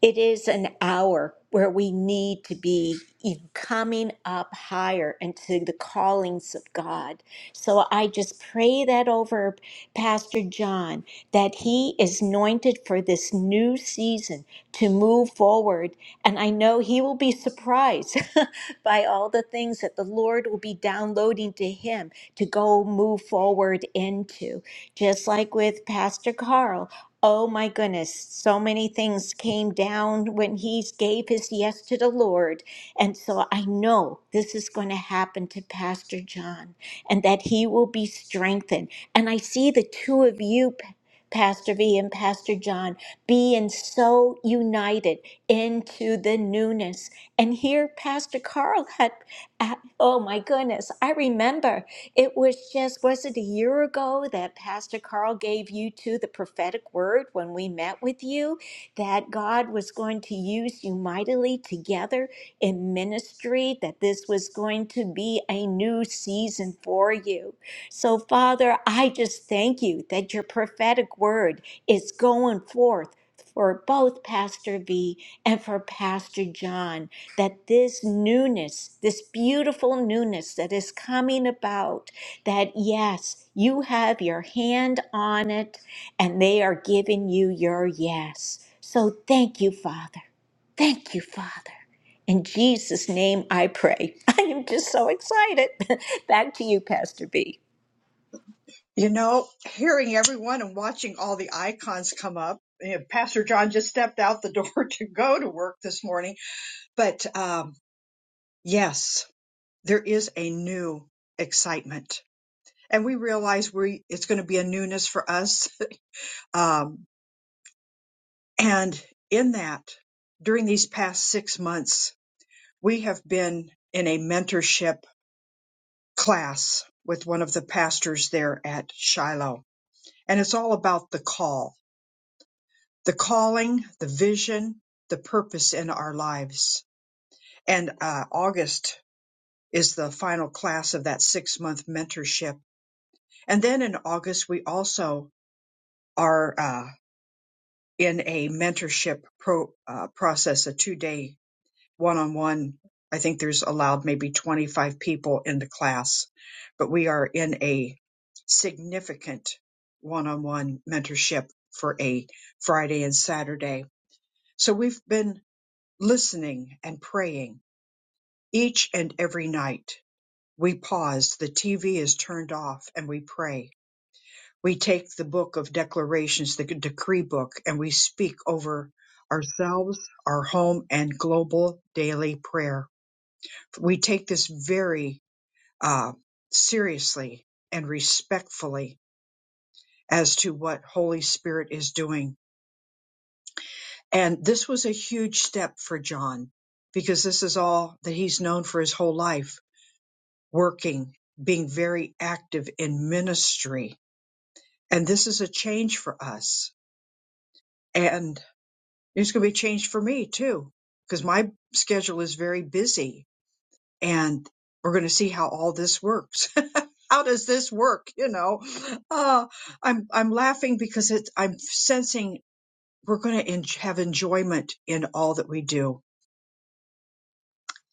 D: It is an hour where we need to be e- coming up higher into the callings of God. So I just pray that over Pastor John, that he is anointed for this new season to move forward. And I know he will be surprised by all the things that the Lord will be downloading to him to go move forward into. Just like with Pastor Carl, Oh my goodness, so many things came down when he gave his yes to the Lord. And so I know this is going to happen to Pastor John and that he will be strengthened. And I see the two of you, P- Pastor V and Pastor John, being so united into the newness. And here, Pastor Carl had, uh, oh my goodness, I remember. It was just, was it a year ago that Pastor Carl gave you to the prophetic word when we met with you that God was going to use you mightily together in ministry, that this was going to be a new season for you. So, Father, I just thank you that your prophetic word is going forth for both Pastor V and for Pastor John that this newness, this beautiful newness that is coming about, that yes, you have your hand on it and they are giving you your yes. So thank you, Father. Thank you, Father. In Jesus' name I pray. I am just so excited. Back to you, Pastor B.
A: You know, hearing everyone and watching all the icons come up. you know, Pastor John just stepped out the door to go to work this morning. But um, yes, there is a new excitement. And we realize we it's going to be a newness for us. Um, and in that, during these past six months, We have been in a mentorship class with one of the pastors there at Shiloh, and it's all about the call, the calling, the vision, the purpose in our lives. And uh, August is the final class of that six month mentorship. And then in August, we also are uh, in a mentorship pro, uh, process, a two day one on one. I think there's allowed maybe 25 people in the class, but we are in a significant one on one mentorship for a Friday and Saturday. So we've been listening and praying each and every night. We pause, the TV is turned off, and we pray. We take the book of declarations, the decree book, and we speak over ourselves, our home, and global daily prayer we take this very uh, seriously and respectfully as to what Holy Spirit is doing. And this was a huge step for John because this is all that he's known for his whole life working, being very active in ministry. And this is a change for us. And it's going to be a change for me too because my schedule is very busy and we're going to see how all this works how does this work? You know, uh, I'm I'm laughing because it, I'm sensing we're going to en- have enjoyment in all that we do.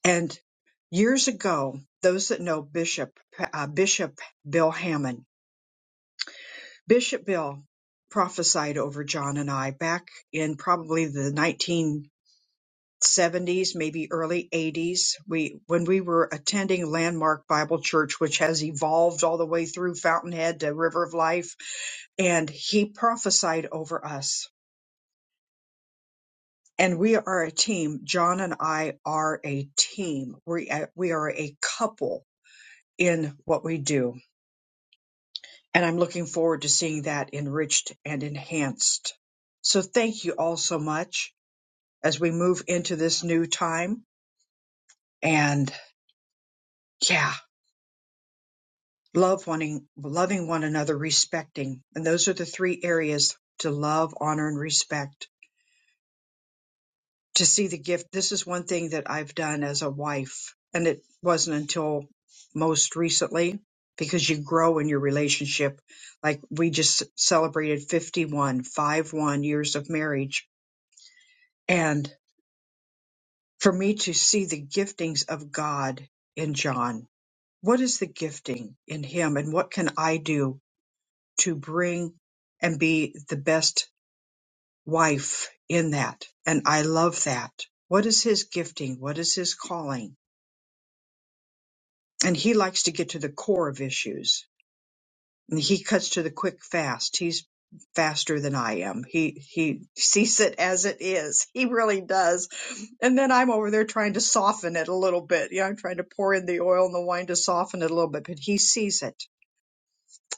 A: And years ago, those that know Bishop uh, Bishop Bill Hammond, Bishop Bill prophesied over John and I back in probably the 70s, maybe early 80s. We when we were attending Landmark Bible Church, which has evolved all the way through Fountainhead to River of Life, and he prophesied over us. And we are a team. John and I are a team. We uh, we are a couple in what we do, and I'm looking forward to seeing that enriched and enhanced. So thank you all so much as we move into this new time. And yeah. love wanting loving one another respecting and those are the three areas to love honor and respect to see the gift this is one thing that i've done as a wife and it wasn't until most recently because you grow in your relationship like we just celebrated 51 5 1 years of marriage and for me to see the giftings of god in john what is the gifting in him and what can i do to bring and be the best wife in that. And I love that. What is his gifting? What is his calling? And he likes to get to the core of issues. And he cuts to the quick fast. He's faster than I am. He he sees it as it is. He really does. And then I'm over there trying to soften it a little bit. Yeah, I'm trying to pour in the oil and the wine to soften it a little bit, but he sees it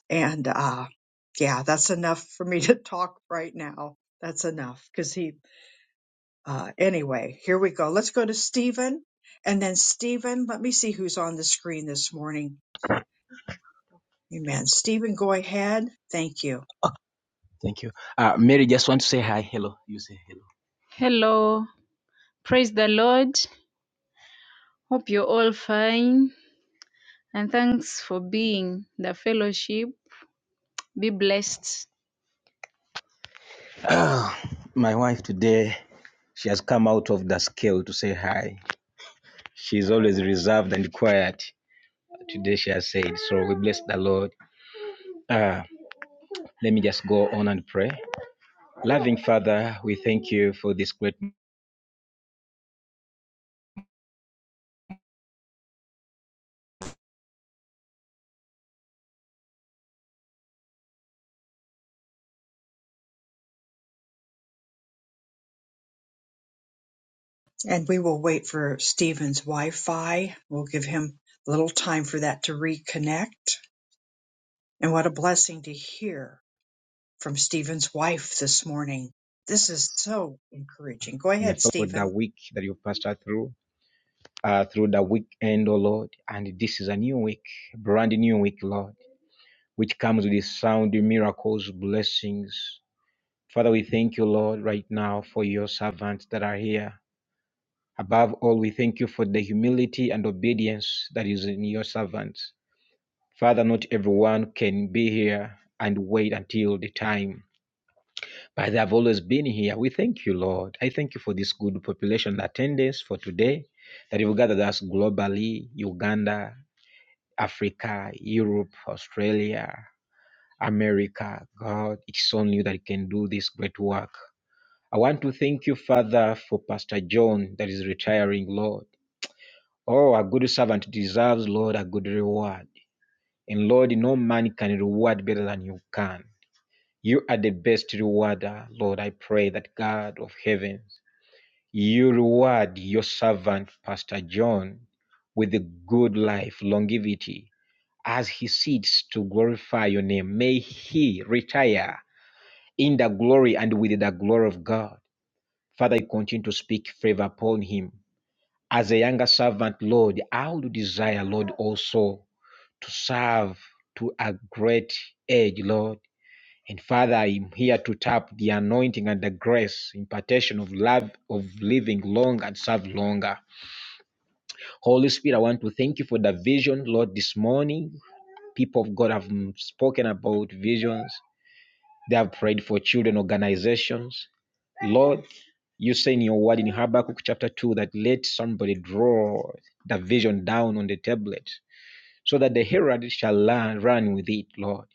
A: and uh yeah that's enough for me to talk right now that's enough because he uh anyway here we go let's go to stephen and then stephen let me see who's on the screen this morning amen stephen go ahead thank you
J: Thank you. Uh, Mary, just want to say hi. Hello. You say hello. Hello, praise the Lord. Hope you're all fine and thanks for being the fellowship. Be blessed. Ah, my wife today, she has come out of the scale to say hi. She's always reserved and quiet. Today she has said, so we bless the Lord. Ah, let me just go on and pray. Loving Father, we thank you for this great
A: and we will wait for stephen's wi-fi we'll give him a little time for that to reconnect and what a blessing to hear from stephen's wife this morning this is so encouraging go ahead
J: for the
A: stephen
J: week that you passed us through. uh, through the weekend, oh Lord. And this is a new week, brand new week, Lord, which comes with sound, miracles, blessings. Father, we thank you, Lord, right now for your servants that are here. Above all, we thank you for the humility and obedience that is in your servants. Father, not everyone can be here and wait until the time, but they have always been here. We thank you, Lord. I thank you for this good population attendance for today that you've gathered us globally, Uganda, Africa, Europe, Australia, America. God, it's on you that you can do this great work. I want to thank you, Father, for Pastor John that is retiring, Lord. Oh, a good servant deserves, Lord, a good reward. And Lord, no man can reward better than you can. You are the best rewarder, Lord. I pray that God of heavens, you reward your servant, Pastor John, with a good life, longevity, as he seeks to glorify your name. May he retire in the glory and with the glory of God. Father, you continue to speak favor upon him. As a younger servant, Lord, I would desire, Lord, also to serve to a great age, Lord. And Father, I'm here to tap the anointing and the grace, impartation of love, of living long and serve longer. Holy Spirit, I want to thank you for the vision, Lord, this morning. People of God have mm, spoken about visions. They have prayed for children organizations. Lord, you say in your word in Habakkuk chapter 2 that let somebody draw the vision down on the tablet so that the herald shall learn, run with it, Lord.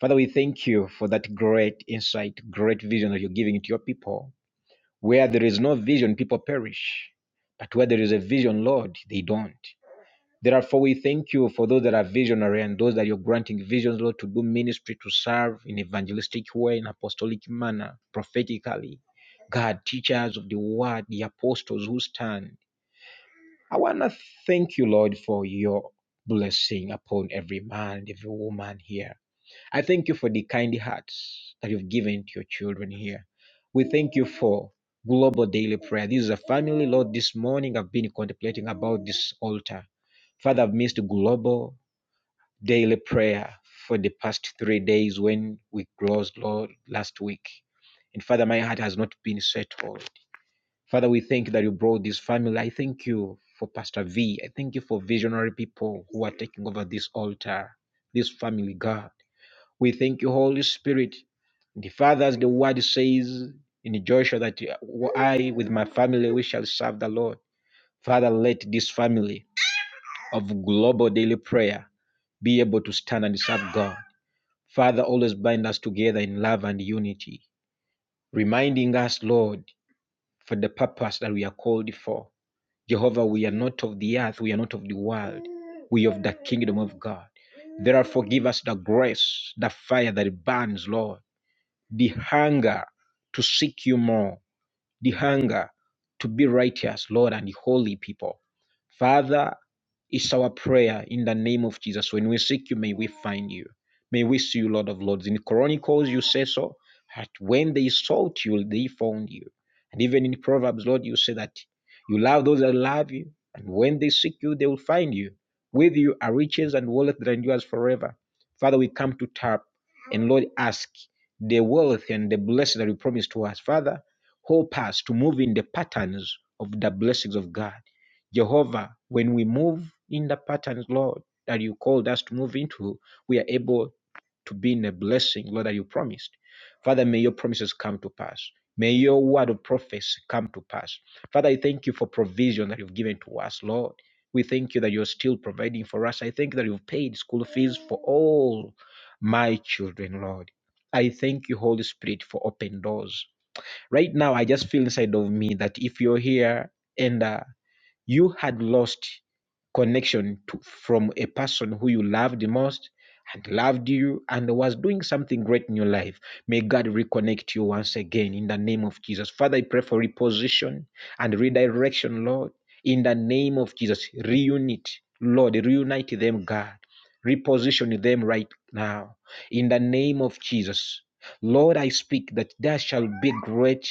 J: Father, we thank you for that great insight, great vision that you're giving to your people. Where there is no vision, people perish. But where there is a vision, Lord, they don't. Therefore, we thank you for those that are visionary and those that you're granting visions, Lord, to do ministry, to serve in evangelistic way, in apostolic manner, prophetically. God, teachers of the word, the apostles who stand. I want to thank you, Lord, for your blessing upon every man, every woman here. I thank you for the kind hearts that you've given to your children here. We thank you for global daily prayer. This is a family, Lord. This morning I've been contemplating about this altar. Father, I've missed global daily prayer for the past three days when we closed, Lord, last week. And Father, my heart has not been settled. Father, we thank you that you brought this family. I thank you for Pastor V. I thank you for visionary people who are taking over this altar, this family, God. We thank you, Holy Spirit. The Father, as the word says in Joshua, that I with my family we shall serve the Lord. Father, let this family of global daily prayer be able to stand and serve God. Father, always bind us together in love and unity, reminding us, Lord, for the purpose that we are called for Jehovah, we are not of the earth, we are not of the world, we are of the kingdom of God. Therefore, give us the grace, the fire that burns, Lord, the hunger to seek you more, the hunger to be righteous, Lord, and holy people. Father, it's our prayer in the name of Jesus. When we seek you, may we find you. May we see you, Lord of Lords. In Chronicles, you say so, that when they sought you, they found you. And even in Proverbs, Lord, you say that you love those that love you, and when they seek you, they will find you. With you are riches and wealth that endures forever. Father, we come to tap and Lord ask the wealth and the blessing that you promised to us. Father, Help us to move in the patterns of the blessings of God. Jehovah, when we move in the patterns, Lord, that you called us to move into, we are able to be in a blessing, Lord, that you promised. Father, may your promises come to pass. May your word of prophecy come to pass. Father, I thank you for provision that you've given to us, Lord. We thank you that you're still providing for us. I thank you that you've paid school fees for all my children, Lord. I thank you, Holy Spirit, for open doors right now i just feel inside of me that if you're here and uh, you had lost connection to, from a person who you loved the most and loved you and was doing something great in your life. May God reconnect you once again in the name of Jesus. Father, I pray for reposition and redirection, Lord, in the name of Jesus. Reunite, Lord, reunite them, God. Reposition them right now in the name of Jesus. Lord, I speak that there shall be great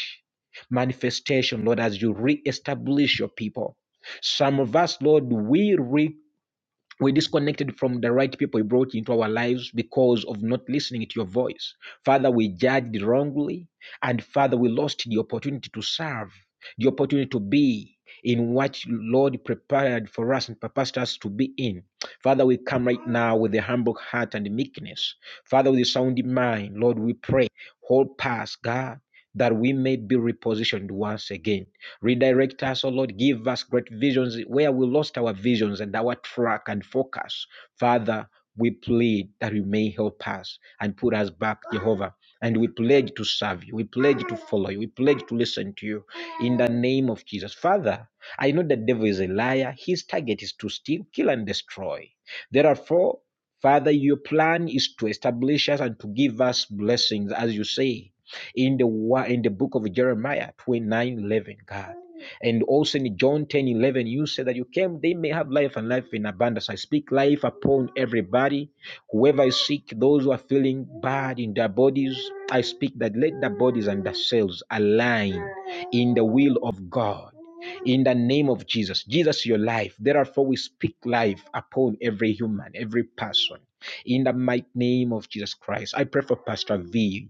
J: manifestation, Lord, as you reestablish your people some of us, Lord, we re- we disconnected from the right people you brought into our lives because of not listening to your voice. Father, we judged wrongly, and Father, we lost the opportunity to serve, the opportunity to be in what you, Lord prepared for us and purposed us to be in. Father, we come right now with a humble heart and meekness. Father, with a sound mind, Lord, we pray. Hold past, God, that we may be repositioned once again. Redirect us, O Lord. Give us great visions where we lost our visions and our track and focus. Father, we plead that you may help us and put us back, Jehovah. And we pledge to serve you. We pledge to follow you. We pledge to listen to you in the name of Jesus. Father, I know the devil is a liar. His target is to steal, kill, and destroy. Therefore, Father, your plan is to establish us and to give us blessings, as you say in the in the book of Jeremiah 29:11, God. And also in John 10:11, you said that you came, they may have life and life in abundance. I speak life upon everybody. Whoever is sick, those who are feeling bad in their bodies, I speak that let their bodies and their cells align in the will of God. In the name of Jesus, Jesus, your life. Therefore, we speak life upon every human, every person. In the mighty name of Jesus Christ, I pray for Pastor V.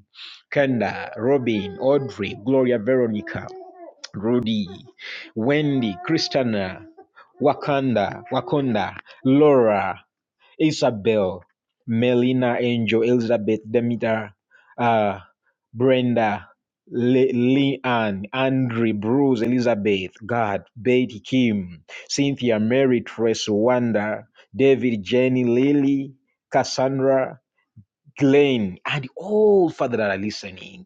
J: Kanda, Robin, Audrey, Gloria Veronica, Rudy, Wendy, Christina, Wakanda, Wakonda, Laura, Isabel, Melina, Angel, Elizabeth, Demeter, uh, Brenda, Le- Leanne, Andre, Bruce, Elizabeth, God, Betty, Kim, Cynthia, Mary, Trace, Wanda, David, Jenny, Lily, Cassandra, Glenn, and all, Father, that are listening.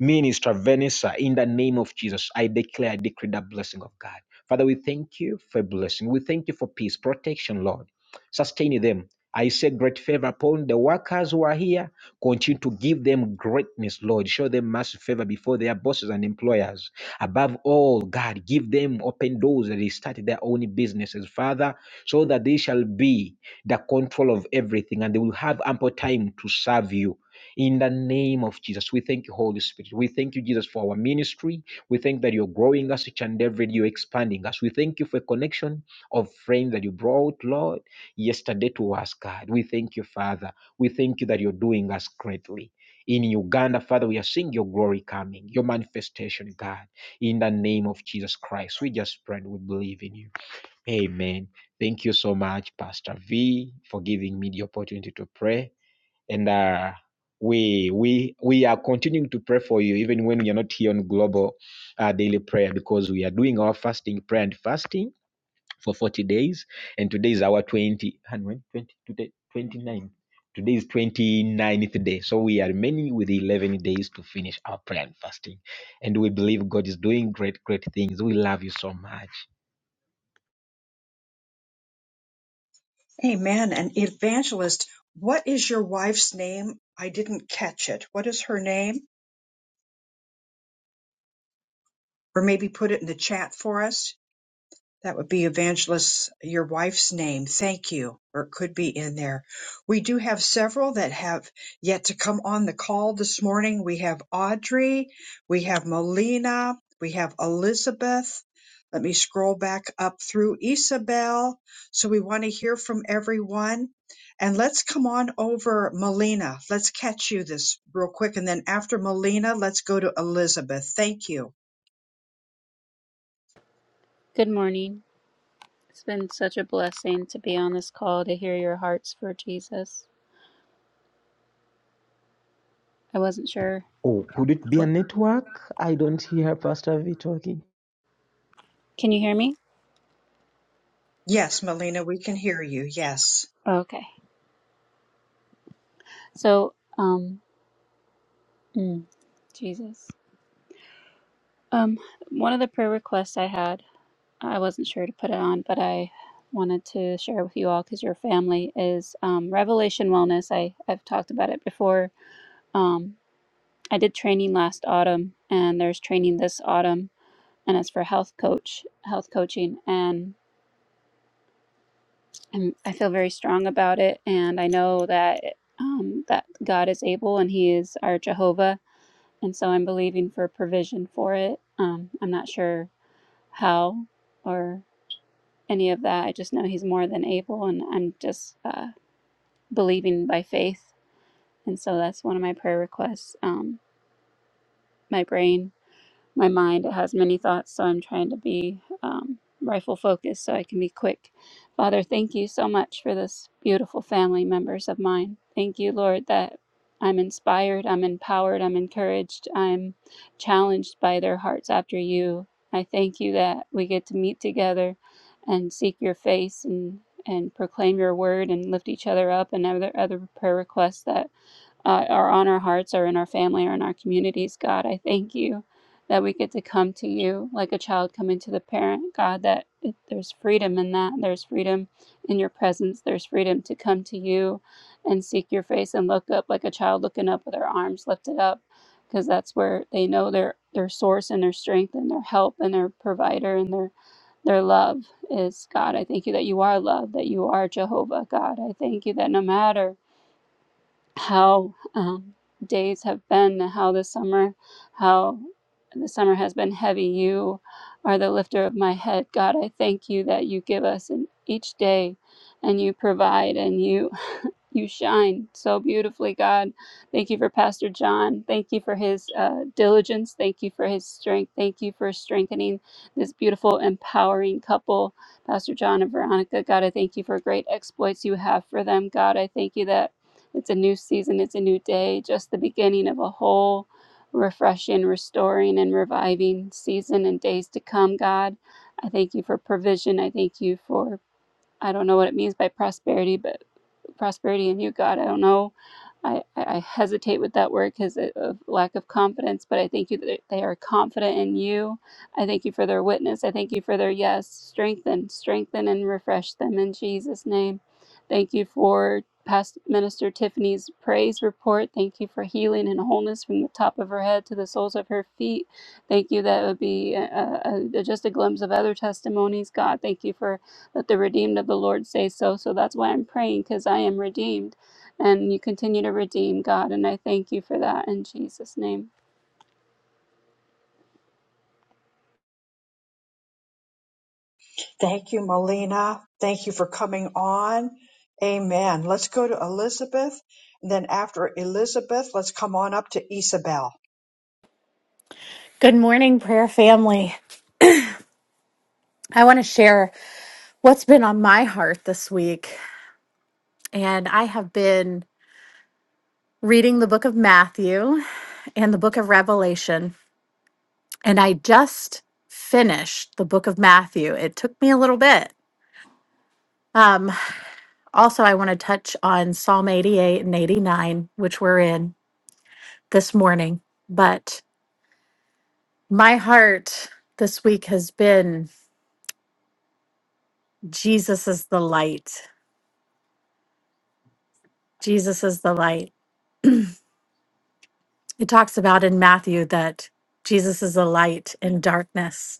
J: Minister Vanessa, in the name of Jesus, I declare, I decree the blessing of God. Father, we thank you for blessing. We thank you for peace, protection, Lord. Sustain them. I say great favor upon the workers who are here. Continue to give them greatness, Lord. Show them massive favor before their bosses and employers. Above all, God, give them open doors that they start their own businesses, Father, so that they shall be the control of everything, and they will have ample time to serve you. In the name of Jesus, we thank you, Holy Spirit. We thank you, Jesus, for our ministry. We thank that you're growing us each and every day, you're expanding us. We thank you for a connection of friends that you brought, Lord, yesterday to us, God. We thank you, Father. We thank you that you're doing us greatly. In Uganda, Father, we are seeing your glory coming, your manifestation, God. In the name of Jesus Christ, we just pray and we believe in you. Amen. Thank you so much, Pastor V, for giving me the opportunity to pray. And uh, we we we are continuing to pray for you, even when you're not here on global uh, daily prayer, because we are doing our fasting prayer and fasting for 40 days. And today is our 20 and when 20 today 29. Today is twenty ninth day. So we are remaining with 11 days to finish our prayer and fasting. And we believe God is doing great, great things. We love you so much.
A: Amen. And evangelist, what is your wife's name? I didn't catch it. What is her name? Or maybe put it in the chat for us. That would be Evangelist, your wife's name. Thank you. Or it could be in there. We do have several that have yet to come on the call this morning. We have Audrey, we have Melina, we have Elizabeth. Let me scroll back up through Isabel. So we want to hear from everyone. And let's come on over Melina. Let's catch you this real quick. And then after Melina, let's go to Elizabeth. Thank you.
K: Good morning. It's been such a blessing to be on this call to hear your hearts for Jesus. I wasn't sure
J: Oh, could it be a
K: what.
J: network? I don't hear Pastor V talking.
K: Can you hear me?
A: Yes, Melina, we can hear you. Yes.
K: Okay. So, um, mm, Jesus. Um, one of the prayer requests I had, I wasn't sure to put it on, but I wanted to share with you all because you're family is um, Revelation Wellness. I I've talked about it before. Um, I did training last autumn, and there's training this autumn, and it's for health coach, health coaching, and I'm, I feel very strong about it, and I know that um, that God is able, and He is our Jehovah, and so I'm believing for provision for it. Um, I'm not sure how or any of that. I just know He's more than able, and I'm just uh, believing by faith, and so that's one of my prayer requests. Um, my brain my mind it has many thoughts so i'm trying to be um, rifle focused so i can be quick father thank you so much for this beautiful family members of mine thank you lord that i'm inspired i'm empowered i'm encouraged i'm challenged by their hearts after you i thank you that we get to meet together and seek your face and and proclaim your word and lift each other up and other other prayer requests that uh, are on our hearts or in our family or in our communities, God. I thank you that we get to come to you like a child coming to the parent, God, that it- there's freedom in that. There's freedom in your presence. There's freedom to come to you and seek your face and look up like a child looking up with their arms lifted up because that's where they know their their source and their strength and their help and their provider and their their love is God. I thank you that you are love, that you are Jehovah, God. I thank you that no matter how um, days have been, how the summer, how the summer has been heavy. You are the lifter of my head, God. I thank you that you give us in each day, and you provide, and you you shine so beautifully, God. Thank you for Pastor John. Thank you for his uh, diligence. Thank you for his strength. Thank you for strengthening this beautiful, empowering couple, Pastor John and Veronica. God, I thank you for great exploits you have for them. God, I thank you that it's a new season, it's a new day, just the beginning of a whole refreshing, restoring, and reviving season and days to come, God. I thank you for provision. I thank you for, I don't know what it means by prosperity, but prosperity in you, God. I don't know. I, I hesitate with that word because of lack of confidence, but I thank you that they are confident in you. I thank you for their witness. I thank you for their yes. Strengthen, strengthen, and refresh them in Jesus' name. Thank you for Past Minister Tiffany's praise report. Thank you for healing and wholeness from the top of her head to the soles of her feet. Thank you. That it would be uh uh uh just a glimpse of other testimonies, God. Thank you for let the redeemed of the Lord say so. So that's why I'm praying because I am redeemed and you continue to redeem God. And I thank you for that in Jesus' name.
A: Thank you, Melina. Thank you for coming on. Amen. Let's go to Elizabeth. And then after Elizabeth, let's come on up to Isabel.
L: Good morning, prayer family. I want to share what's been on my heart this week. And I have been reading the book of Matthew and the book of Revelation. And I just finished the book of Matthew. It took me a little bit. Um, also, I want to touch on Psalm 88 and 89, which we're in this morning. But my heart this week has been Jesus is the light. Jesus is the light. It talks about in Matthew that Jesus is a light in darkness.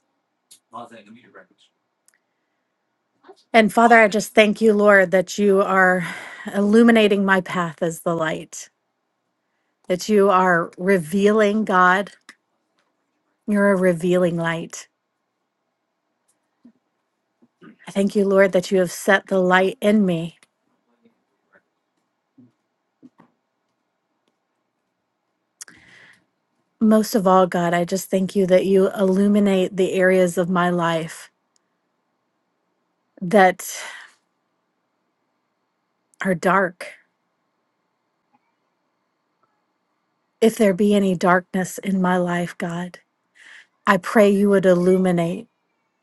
L: And Father, I just thank you, Lord, that you are illuminating my path as the light, that you are revealing, God. You're a revealing light. I thank you, Lord, that you have set the light in me. Most of all, God, I just thank you that you illuminate the areas of my life that are dark. If there be any darkness in my life, God, I pray you would illuminate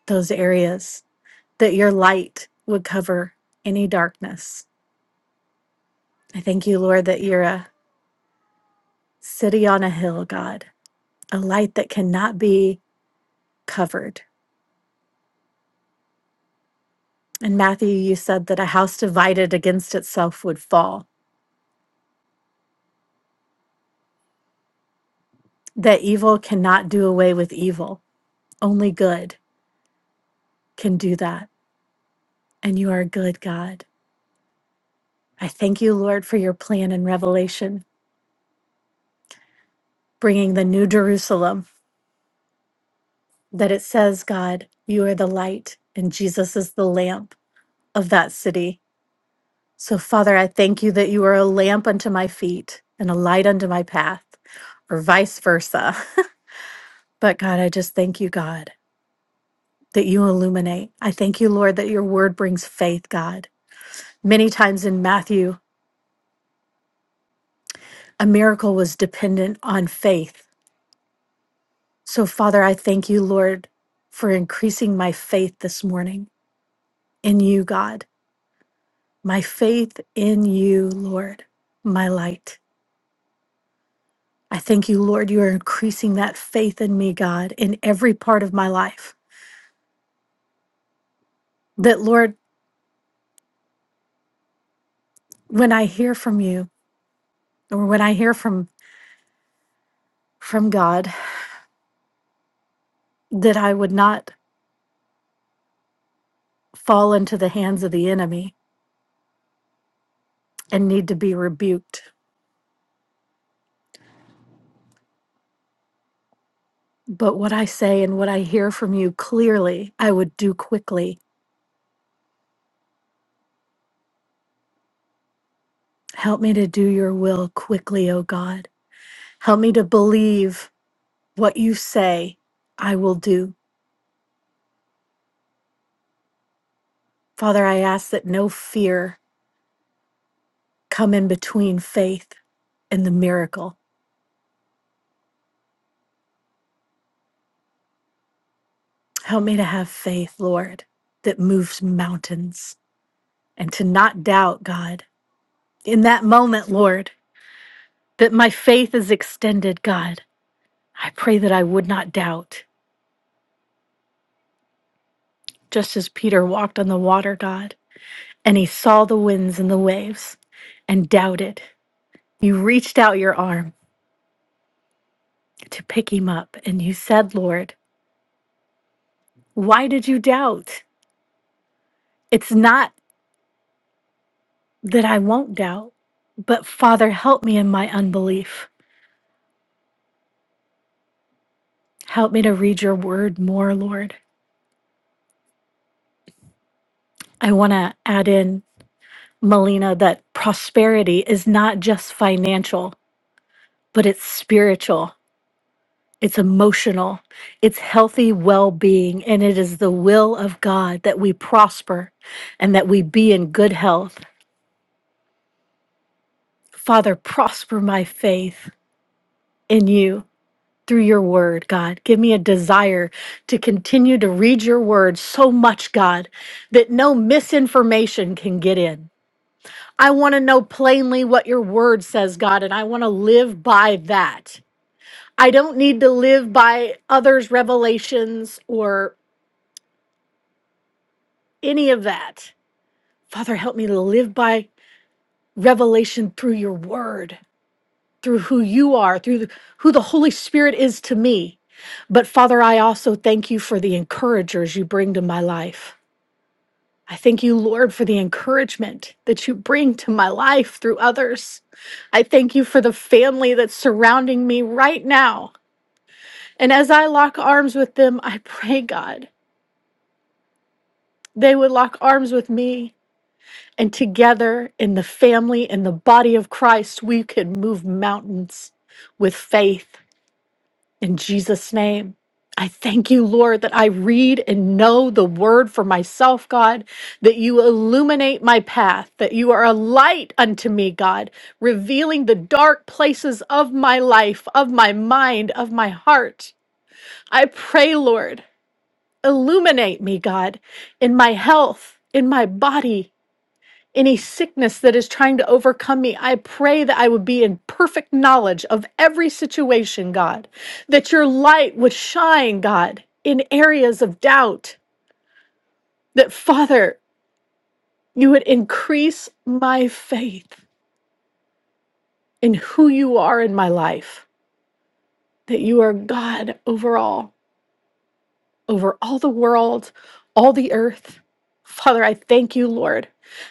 L: those areas that your light would cover any darkness. I thank you, Lord, that you're a city on a hill, God, a light that cannot be covered. And Matthew, you said that a house divided against itself would fall, that evil cannot do away with evil. Only good can do that. And you are a good God. I thank you, Lord, for your plan in Revelation, bringing the new Jerusalem, that it says, God, you are the light and Jesus is the lamp of that city So, Father, I thank you that you are a lamp unto my feet and a light unto my path, or vice versa. but, God, I just thank you, God, that you illuminate. I thank you, Lord, that your word brings faith, God. Many times in Matthew, a miracle was dependent on faith. So, Father, I thank you, Lord, for increasing my faith this morning in you, God, my faith in you, Lord, my light. I thank you, Lord, you are increasing that faith in me, God, in every part of my life. That, Lord, when I hear from you or when I hear from, from God, that I would not fall into the hands of the enemy and need to be rebuked. But what I say and what I hear from you clearly, I would do quickly. Help me to do your will quickly, O God. Help me to believe what you say I will do. Father, I ask that no fear come in between faith and the miracle. Help me to have faith, Lord, that moves mountains and to not doubt, God, in that moment, Lord, that my faith is extended, God. I pray that I would not doubt, just as Peter walked on the water, God, and he saw the winds and the waves and doubted. You reached out your arm to pick him up, and you said, Lord, why did you doubt? It's not. that I won't doubt. But Father, help me in my unbelief. Help me to read your word more, Lord. I want to add in, Melina, that prosperity is not just financial, but it's spiritual, it's emotional, it's healthy well being, and it is the will of God that we prosper and that we be in good health. Father, prosper my faith in you through your word, God. Give me a desire to continue to read your word so much, God, that no misinformation can get in. I want to know plainly what your word says, God, and I want to live by that. I don't need to live by others' revelations or any of that. Father, help me to live by revelation through your word. through who you are, through the, who the Holy Spirit is to me. But Father, I also thank you for the encouragers you bring to my life. I thank you, Lord, for the encouragement that you bring to my life through others. I thank you for the family that's surrounding me right now. And as I lock arms with them, I pray, God, they would lock arms with me. And together in the family and the body of Christ, we could move mountains with faith In Jesus' name, I thank you, Lord, that I read and know the word for myself, God, that you illuminate my path, that you are a light unto me, God, revealing the dark places of my life, of my mind, of my heart. I pray, Lord, illuminate me, God, in my health, in my body, any sickness that is trying to overcome me. I pray that I would be in perfect knowledge of every situation, God, that your light would shine, God, in areas of doubt, that Father, you would increase my faith in who you are in my life, that you are God over all, over all the world, all the earth. Father, I thank you, Lord,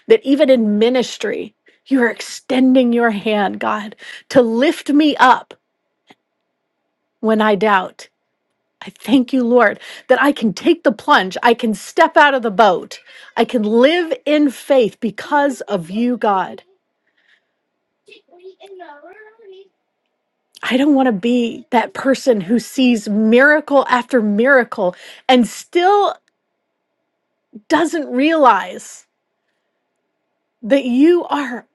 L: that even in ministry, you are extending your hand, God, to lift me up when I doubt. I thank you, Lord, that I can take the plunge. I can step out of the boat. I can live in faith because of you, God. I don't want to be that person who sees miracle after miracle and still doesn't realize that you are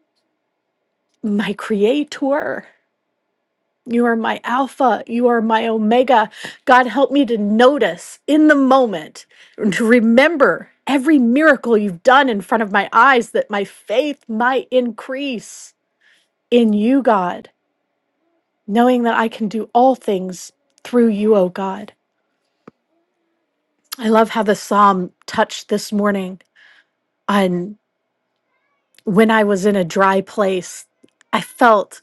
L: my creator. You are my Alpha. You are my Omega. God, help me to notice in the moment and to remember every miracle you've done in front of my eyes that my faith might increase in you, God, knowing that I can do all things through you, oh God. I love how the psalm touched this morning on when I was in a dry place. I felt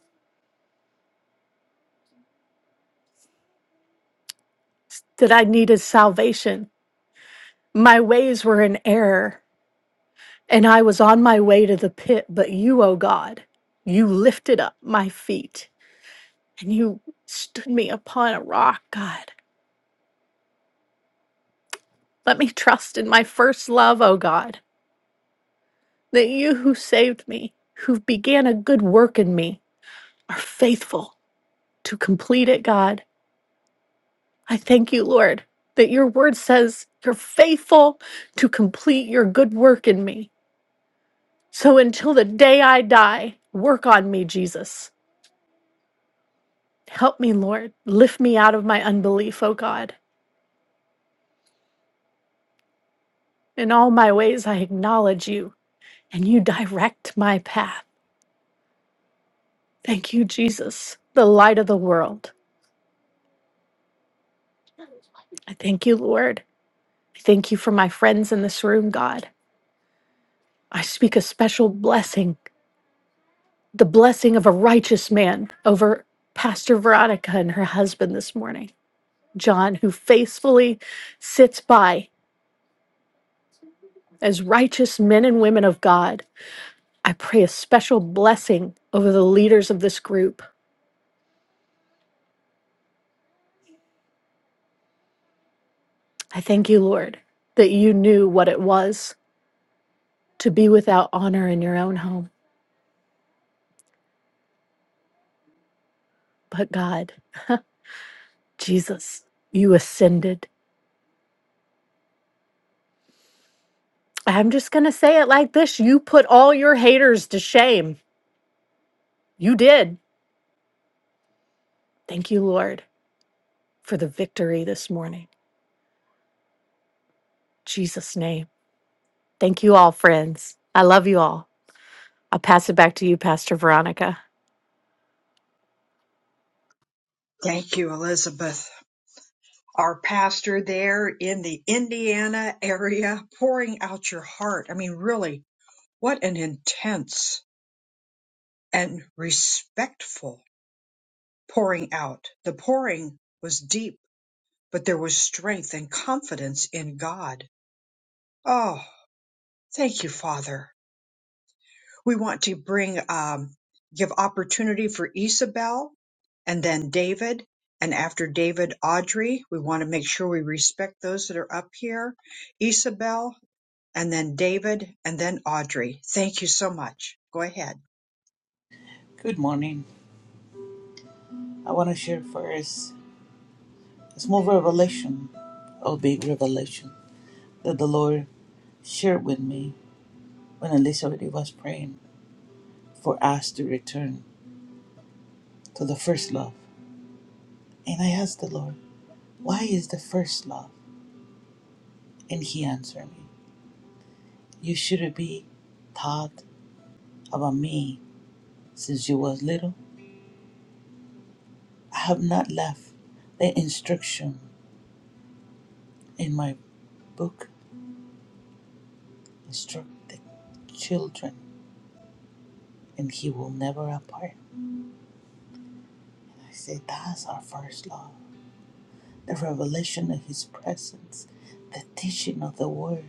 L: that I needed salvation. My ways were in error And I was on my way to the pit, but you, O God, you lifted up my feet and you stood me upon a rock, God. Let me trust in my first love, O God, that you who saved me, who began a good work in me, are faithful to complete it, God. I thank you, Lord, that your word says you're faithful to complete your good work in me. So until the day I die, work on me, Jesus Help me, Lord. Lift me out of my unbelief, O God. In all my ways, I acknowledge you, and you direct my path. Thank you, Jesus, the light of the world. I thank you, Lord. I thank you for my friends in this room, God. I speak a special blessing, the blessing of a righteous man over Pastor Veronica and her husband this morning, John, who faithfully sits by as righteous men and women of God I pray a special blessing over the leaders of this group. I thank you, Lord, that you knew what it was to be without honor in your own home. But God, Jesus, you ascended. I'm just going to say it like this you put all your haters to shame. You did. Thank you, Lord, for the victory this morning. In Jesus' name. Thank you all, friends. I love you all. I'll pass it back to you, Pastor Veronica.
A: Thank you, Elizabeth. Our pastor there in the Indiana area, pouring out your heart. I mean, really, what an intense and respectful pouring out. The pouring was deep, but there was strength and confidence in God. Oh, thank you, Father. We want to bring, um, give opportunity for Isabel and then David. And after David, Audrey. We want to make sure we respect those that are up here. Isabel and then David and then Audrey. Thank you so much. Go ahead.
M: Good morning. I want to share first a small revelation, or big revelation, that the Lord shared with me when Elizabeth was praying for us to return to the first love. And I asked the Lord, Why is the first love? And He answered me, You should be taught about me since you was little. I have not left the instruction in my book, instruct the children, and He will never apart. I say that's our first love. The revelation of His presence, the teaching of the Word.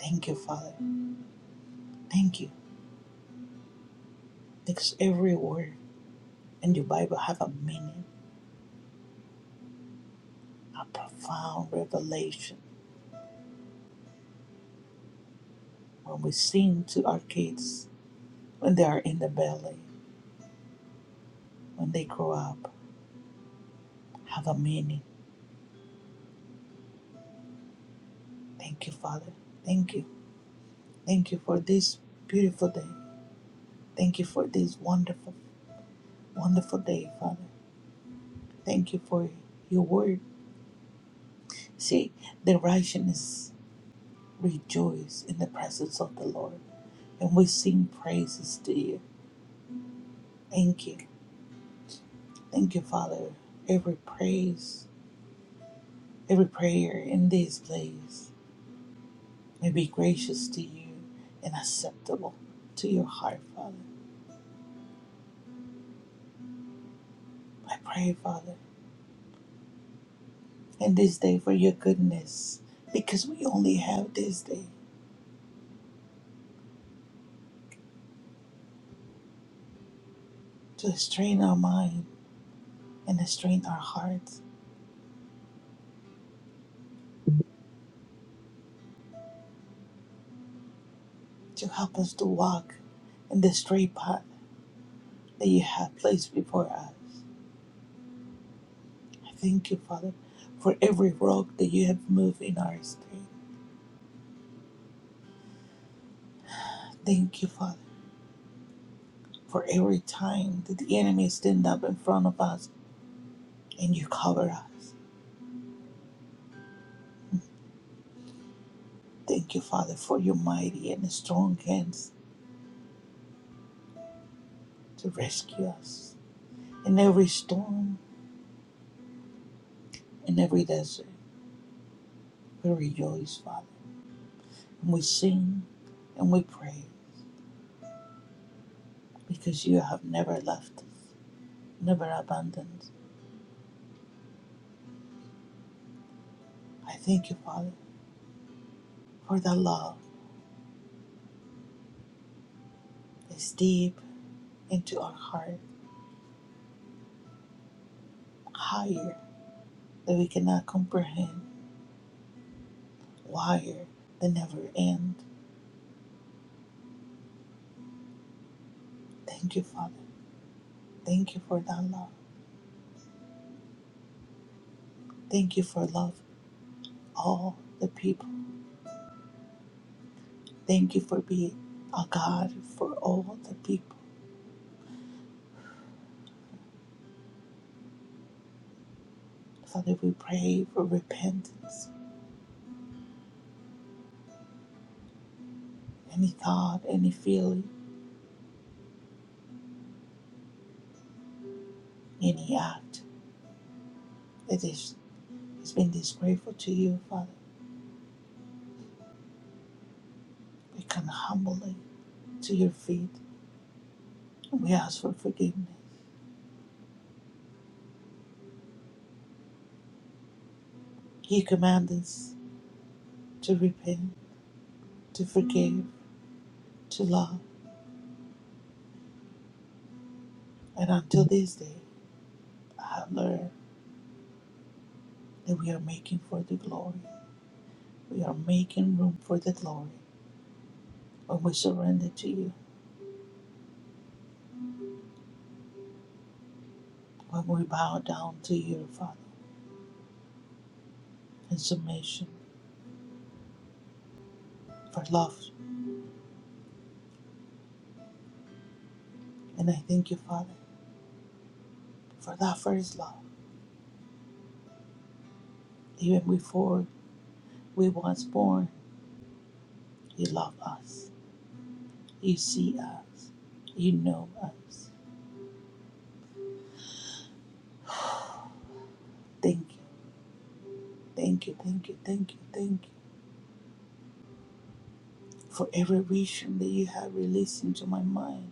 M: Thank you, Father. Thank you. Because every word in the Bible have a meaning, a profound revelation. When we sing to our kids, when they are in the belly, when they grow up, have a meaning. Thank you, Father. Thank you. Thank you for this beautiful day. Thank you for this wonderful, wonderful day, Father. Thank you for your word. See, the righteousness rejoice in the presence of the Lord. And we sing praises to you. Thank you. Thank you, Father. Every praise, every prayer in this place may be gracious to you and acceptable to your heart, Father. I pray, Father, in this day for your goodness, because we only have this day to strain our mind and to strain our hearts to help us to walk in the straight path that you have placed before us. I thank you, Father, for every rock that you have moved in our spirit. I Thank you, Father, for every time that the enemy stand up in front of us and you cover us. Thank you, Father, for your mighty and strong hands to rescue us. In every storm, in every desert, we rejoice, Father, and we sing and we pray because you have never left us, never abandoned. us. I thank you, Father, for the love that's deep into our heart, higher that we cannot comprehend, wire that never end. Thank you, Father. Thank you for that love. Thank you for love all the people. Thank you for being a God for all the people. Father, we pray for repentance. Any thought, any feeling, any act that is has been disgraceful to you, Father, we come humbly to your feet and we ask for forgiveness. You command us to repent, to forgive, to love And until this day, I have learned that we are making for the glory. We are making room for the glory when we surrender to you, when we bow down to you, Father, in submission for love. And I thank you, Father, for that first love. Even before we was born, you love us. You see us. You know us. Thank you, thank you, thank you, thank you, thank you for every vision that you have released into my mind,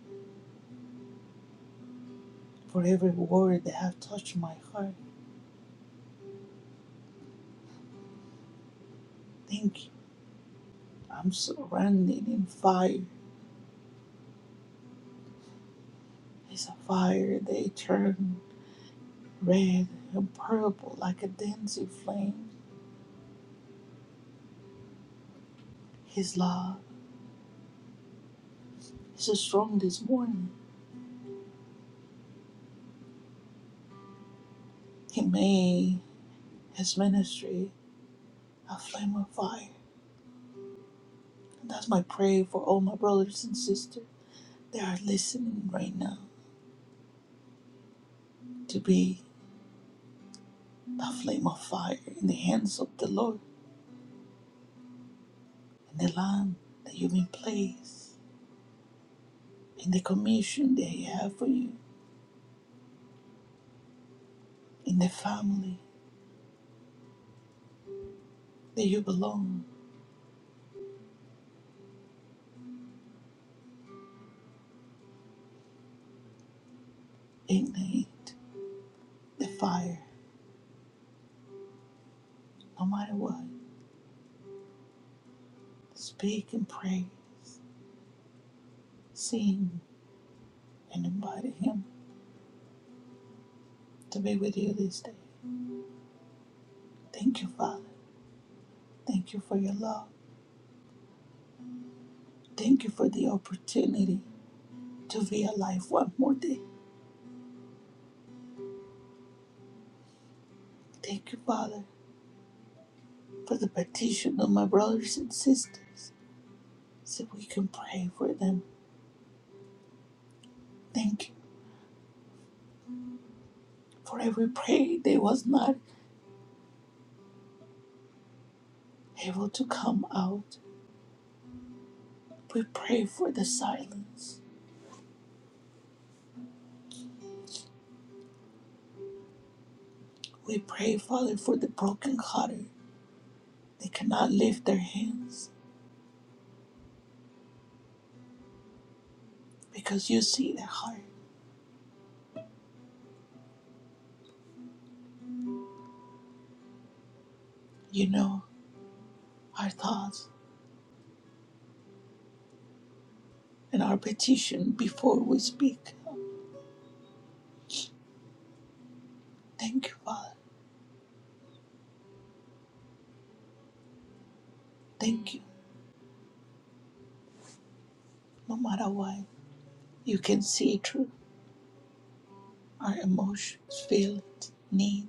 M: for every word that have touched my heart Think I'm surrounded in fire. It's a fire they turn red and purple like a dancing flame. His love is so strong this morning. He made his ministry a flame of fire. And that's my prayer for all my brothers and sisters that are listening right now to be a flame of fire in the hands of the Lord and the Lamb that you've been placed in the commission they have for you in the family that you belong. Ignite the fire, no matter what. Speak and praise, sing and invite Him to be with you this day. Thank you, Father. Thank you for your love. Thank you for the opportunity to be alive one more day. Thank you, Father, for the petition of my brothers and sisters so we can pray for them. Thank you for every prayer they was not able to come out. We pray for the silence We pray, Father, for the brokenhearted. They cannot lift their hands because you see their heart. You know our thoughts and our petition before we speak. Thank you, Father. Thank you. No matter what, you can see through our emotions, feelings, need,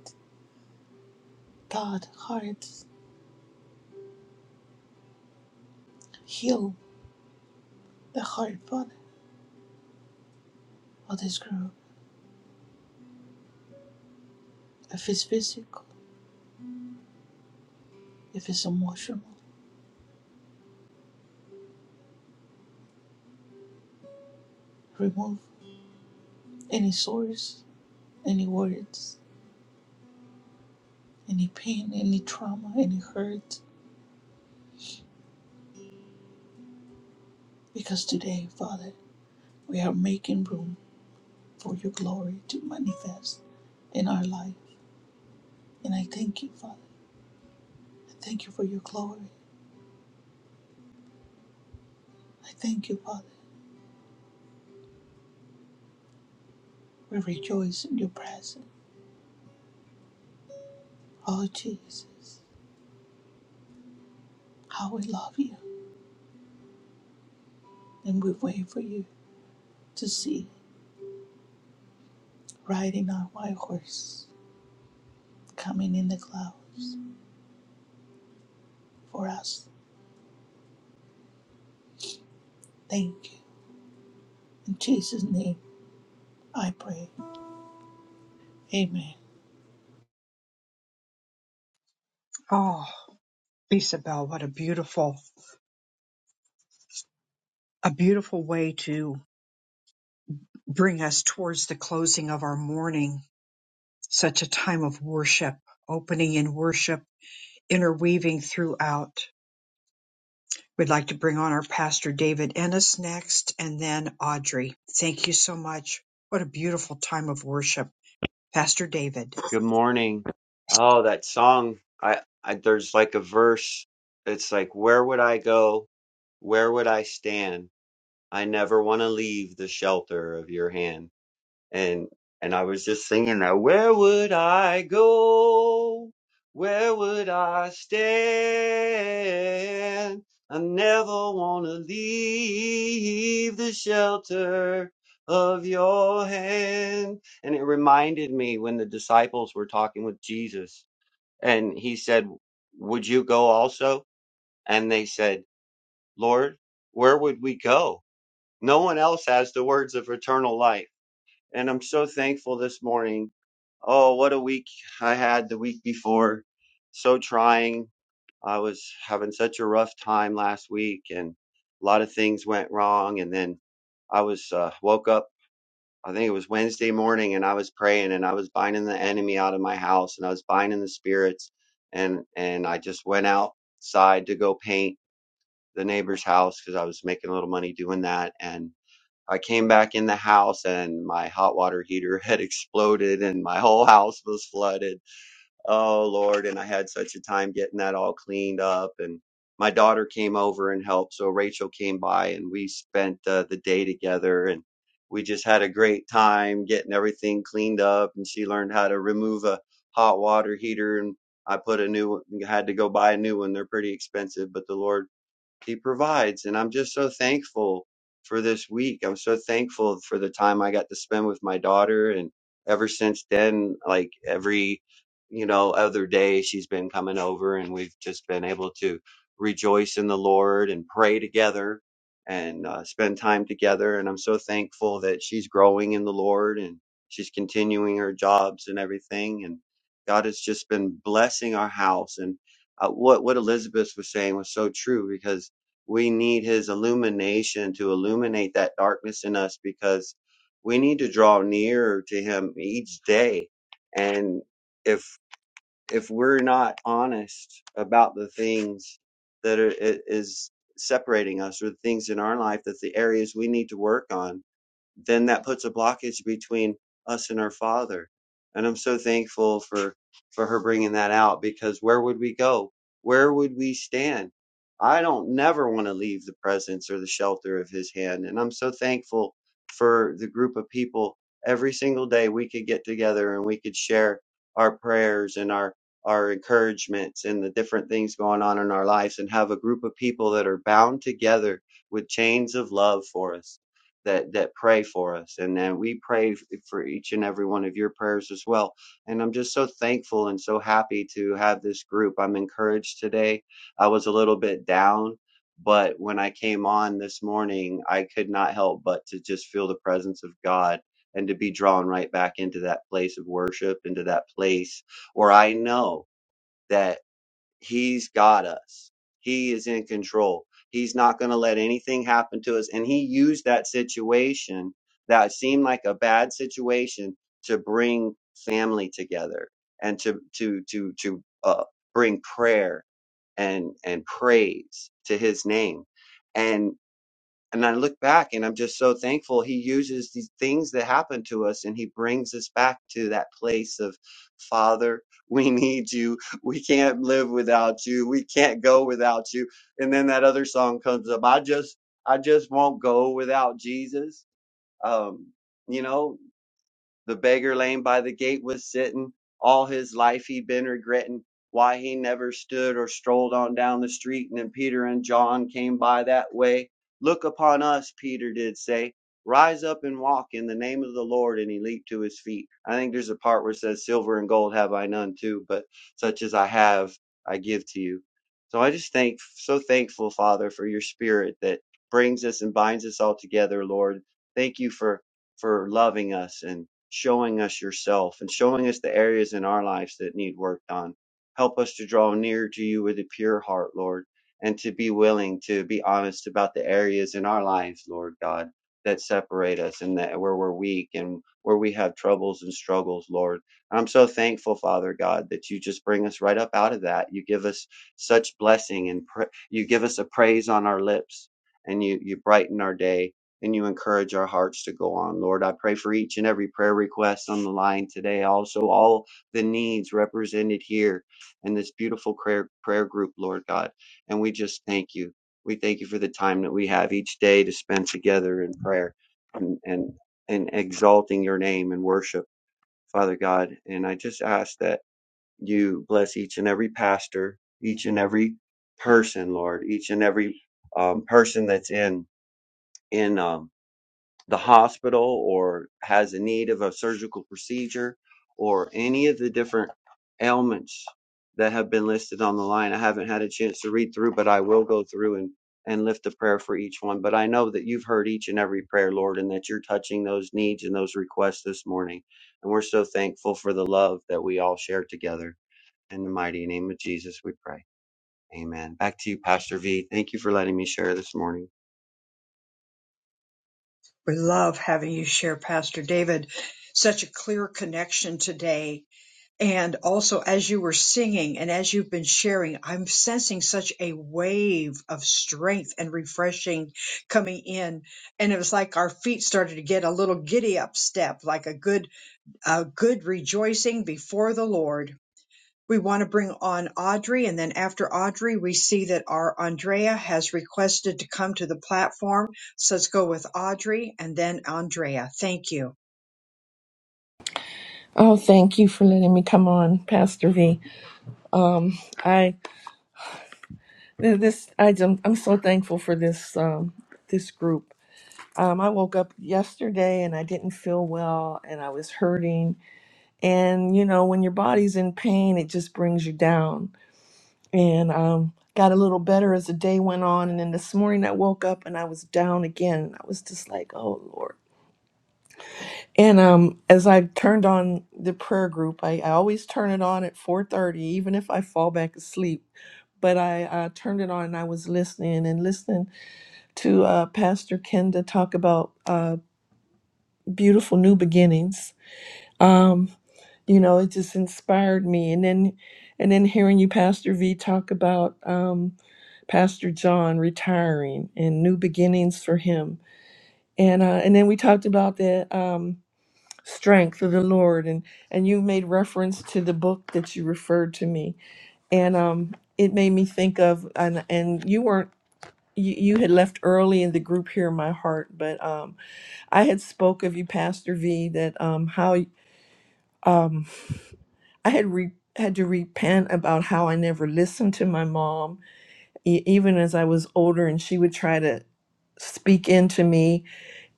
M: thought, hearts. Heal the heart, Father, of this group. If it's physical, if it's emotional, remove any source, any words, any pain, any trauma, any hurt Because today, Father, we are making room for your glory to manifest in our life. And I thank you, Father. I thank you for your glory. I thank you, Father. We rejoice in your presence. Oh, Jesus, how we love you. And we wait for you to see riding our white horse coming in the clouds for us. Thank you. In Jesus' name, I pray. Amen.
A: Oh, Isabel, what a beautiful, a beautiful way to bring us towards the closing of our morning. Such a time of worship, opening in worship, interweaving throughout. We'd like to bring on our pastor David Ennis next and then Audrey. Thank you so much. What a beautiful time of worship. Pastor David.
N: Good morning. Oh, that song. I, I there's like a verse. It's like, where would I go? Where would I stand? I never want to leave the shelter of your hand and and I was just singing that where would I go? Where would I stand? I never wanna leave the shelter of your hand. And it reminded me when the disciples were talking with Jesus and he said, Would you go also? And they said, Lord, where would we go? No one else has the words of eternal life. And I'm so thankful this morning Oh, what a week I had the week before. So trying. I was having such a rough time last week and a lot of things went wrong. And then I was uh, woke up, I think it was Wednesday morning, and I was praying and I was binding the enemy out of my house and I was binding the spirits. And, and I just went outside to go paint the neighbor's house because I was making a little money doing that. And I came back in the house and my hot water heater had exploded and my whole house was flooded Oh Lord, and I had such a time getting that all cleaned up and my daughter came over and helped. So Rachel came by and we spent uh, the day together and we just had a great time getting everything cleaned up and she learned how to remove a hot water heater and I put a new one, had to go buy a new one. They're pretty expensive, but the Lord he provides and i'm just so thankful for this week i'm so thankful for the time i got to spend with my daughter and ever since then like every you know other day she's been coming over and we've just been able to rejoice in the lord and pray together and uh, spend time together and i'm so thankful that she's growing in the lord and she's continuing her jobs and everything and god has just been blessing our house and uh, what what elizabeth was saying was so true because we need his illumination to illuminate that darkness in us because we need to draw nearer to him each day. And if if we're not honest about the things that are i- is separating us or the things in our life that's the areas we need to work on then that puts a blockage between us and our father and i'm so thankful for for her bringing that out because where would we go where would we stand i don't never want to leave the presence or the shelter of his hand and i'm so thankful for the group of people every single day we could get together and we could share our prayers and our our encouragements and the different things going on in our lives and have a group of people that are bound together with chains of love for us that that pray for us and then we pray for each and every one of your prayers as well and i'm just so thankful and so happy to have this group i'm encouraged today i was a little bit down but when i came on this morning i could not help but to just feel the presence of god and to be drawn right back into that place of worship into that place where i know that He's got us. He is in control. He's not going to let anything happen to us. And he used that situation that seemed like a bad situation to bring family together and to to to to uh, bring prayer and and praise to his name. And and I look back and I'm just so thankful he uses these things that happen to us and he brings us back to that place of Father, we need you. We can't live without you. We can't go without you. And then that other song comes up. I just I just won't go without Jesus. Um, you know, the beggar lame by the gate was sittin'. All his life he'd been regrettin' why he never stood or strolled on down the street. And then Peter and John came by that way. Look upon us, Peter did say. Rise up and walk in the name of the Lord. And he leaped to his feet. I think there's a part where it says, Silver and gold have I none too, but such as I have, I give to you. So I just thank, so thankful, Father, for your spirit that brings us and binds us all together, Lord. Thank you for, for loving us and showing us yourself and showing us the areas in our lives that need work on. Help us to draw near to you with a pure heart, Lord, and to be willing to be honest about the areas in our lives, Lord God, that separate us and that where we're weak and where we have troubles and struggles, Lord. I'm so thankful, Father God, that you just bring us right up out of that. You give us such blessing and pra- you give us a praise on our lips and you, you brighten our day and you encourage our hearts to go on. Lord, I pray for each and every prayer request on the line today, also all the needs represented here in this beautiful prayer, prayer group, Lord God. And we just thank you. We thank you for the time that we have each day to spend together in prayer and, and, and exalting your name and worship, Father God. And I just ask that you bless each and every pastor, each and every person, Lord, each and every um, person that's in in um, the hospital or has a need of a surgical procedure or any of the different ailments that have been listed on the line. I haven't had a chance to read through, but I will go through and, and lift a prayer for each one. But I know that you've heard each and every prayer, Lord, and that you're touching those needs and those requests this morning. And we're so thankful for the love that we all share together. In the mighty name of Jesus, we pray. Amen. Back to you, Pastor V. Thank you for letting me share this morning.
A: We love having you share, Pastor David. Such a clear connection today. And also, as you were singing and as you've been sharing, I'm sensing such a wave of strength and refreshing coming in. And it was like our feet started to get a little giddy up step, like a good, a good rejoicing before the Lord we want to bring on Audrey, and then after Audrey, we see that our Andrea has requested to come to the platform. So let's go with Audrey and then Andrea. Thank you.
O: Oh, thank you for letting me come on, Pastor V. Um, I th- this I am I'm so thankful for this um, this group. Um, I woke up yesterday and I didn't feel well and I was hurting. And you know, when your body's in pain, it just brings you down. And um, got a little better as the day went on. And then this morning I woke up and I was down again. I was just like, oh Lord. And um, as I turned on the prayer group, I, I always turn it on at 4:30, even if I fall back asleep. But I uh, turned it on and I was listening and listening to uh, Pastor Kenda talk about uh, beautiful new beginnings. Um, you know, it just inspired me. And then, and then hearing you, Pastor V, talk about um, Pastor John retiring and new beginnings for him. And uh, and then we talked about that. um, strength of the Lord. And and you made reference to the book that you referred to me, and um, it made me think of and and you weren't. You, you had left early in the group here in my heart, but um, I had spoke of you, Pastor V, that um, how um, I had re- had to repent about how I never listened to my mom, e- even as I was older, and she would try to speak into me,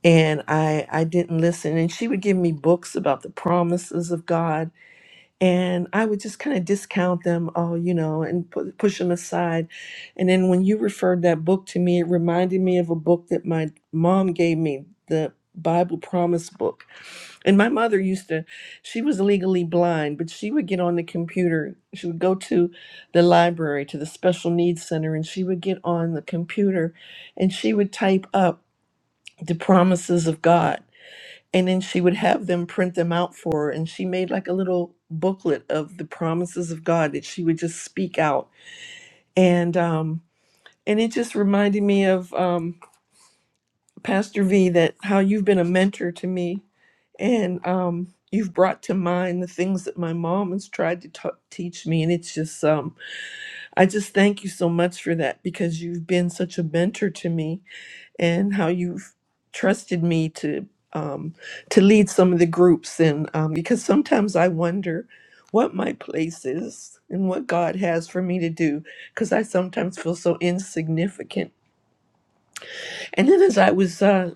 O: and I I didn't listen, and she would give me books about the promises of God, and I would just kind of discount them oh, you know, and pu- push them aside. And then when you referred that book to me, it reminded me of a book that my mom gave me, the Bible Promise book. And my mother used to, she was legally blind, but she would get on the computer. She would go to the library, to the special needs center, and she would get on the computer and she would type up the promises of God and then she would have them print them out for her and she made like a little booklet of the promises of god that she would just speak out and um and it just reminded me of um pastor v that how you've been a mentor to me and um you've brought to mind the things that my mom has tried to ta- teach me and it's just um i just thank you so much for that because you've been such a mentor to me and how you've trusted me to um, to lead some of the groups and um, because sometimes I wonder what my place is and what God has for me to do because I sometimes feel so insignificant. And then as I was uh,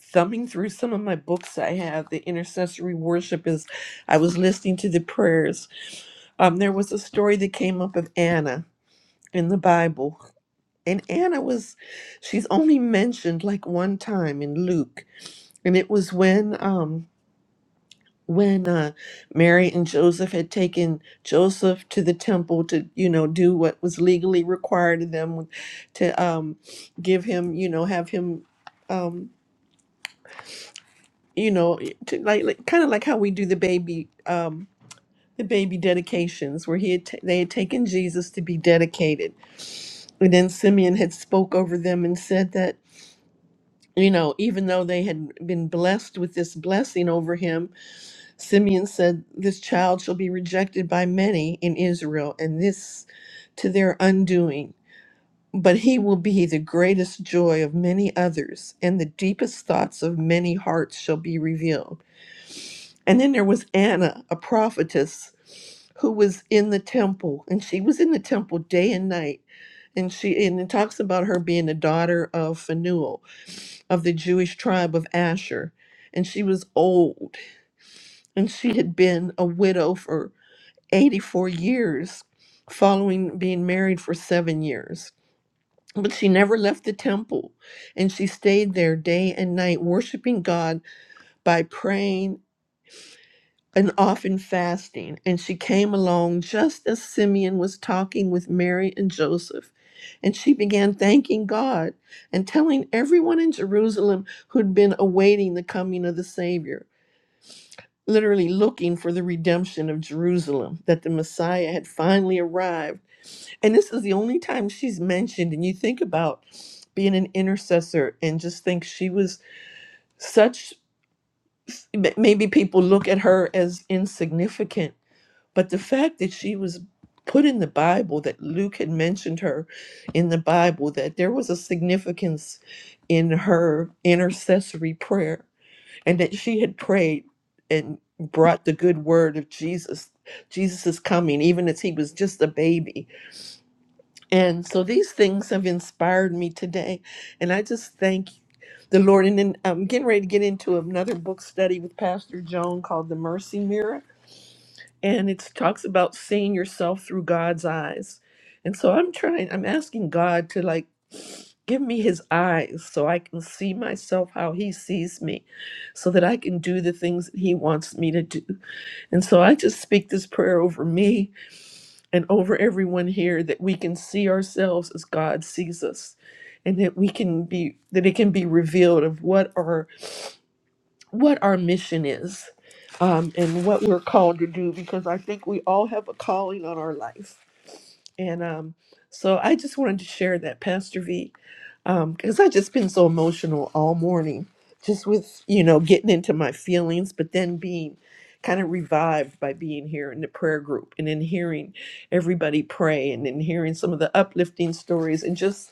O: thumbing through some of my books I have, the intercessory worship As I was listening to the prayers. Um, there was a story that came up of Anna in the Bible. And Anna was, she's only mentioned like one time in Luke and it was when um when uh Mary and Joseph had taken Joseph to the temple to, you know, do what was legally required of them to um give him, you know, have him um you know, to like, like kind of like how we do the baby um the baby dedications where he had ta they had taken Jesus to be dedicated. And then Simeon had spoke over them and said that you know, even though they had been blessed with this blessing over him, Simeon said, This child shall be rejected by many in Israel, and this to their undoing. But he will be the greatest joy of many others, and the deepest thoughts of many hearts shall be revealed. And then there was Anna, a prophetess, who was in the temple, and she was in the temple day and night. And she and it talks about her being the daughter of Phanuel of the Jewish tribe of Asher. And she was old, and she had been a widow for 84 years following being married for seven years. But she never left the temple and she stayed there day and night, worshiping God by praying and often fasting. And she came along just as Simeon was talking with Mary and Joseph. And she began thanking God and telling everyone in Jerusalem who'd been awaiting the coming of the Savior, literally looking for the redemption of Jerusalem, that the Messiah had finally arrived And this is the only time she's mentioned. And you think about being an intercessor and just think she was such, m- maybe people look at her as insignificant, but the fact that she was put in the Bible, that Luke had mentioned her in the Bible, that there was a significance in her intercessory prayer and that she had prayed and brought the good word of Jesus. Jesus is coming, even as he was just a baby And so these things have inspired me today. And I just thank the Lord. And then I'm getting ready to get into another book study with Pastor Joan called The Mercy Mirror. And it talks about seeing yourself through God's eyes. And so I'm trying, I'm asking God to like give me his eyes so I can see myself how he sees me, so that I can do the things that he wants me to do. And so I just speak this prayer over me and over everyone here that we can see ourselves as God sees us and that we can be that it can be revealed of what our what our mission is um, and what we're called to do because I think we all have a calling on our life and um, so I just wanted to share that, Pastor V, because I've just been so emotional all morning, just with, you know, getting into my feelings, but then being kind of revived by being here in the prayer group and then hearing everybody pray and then hearing some of the uplifting stories and just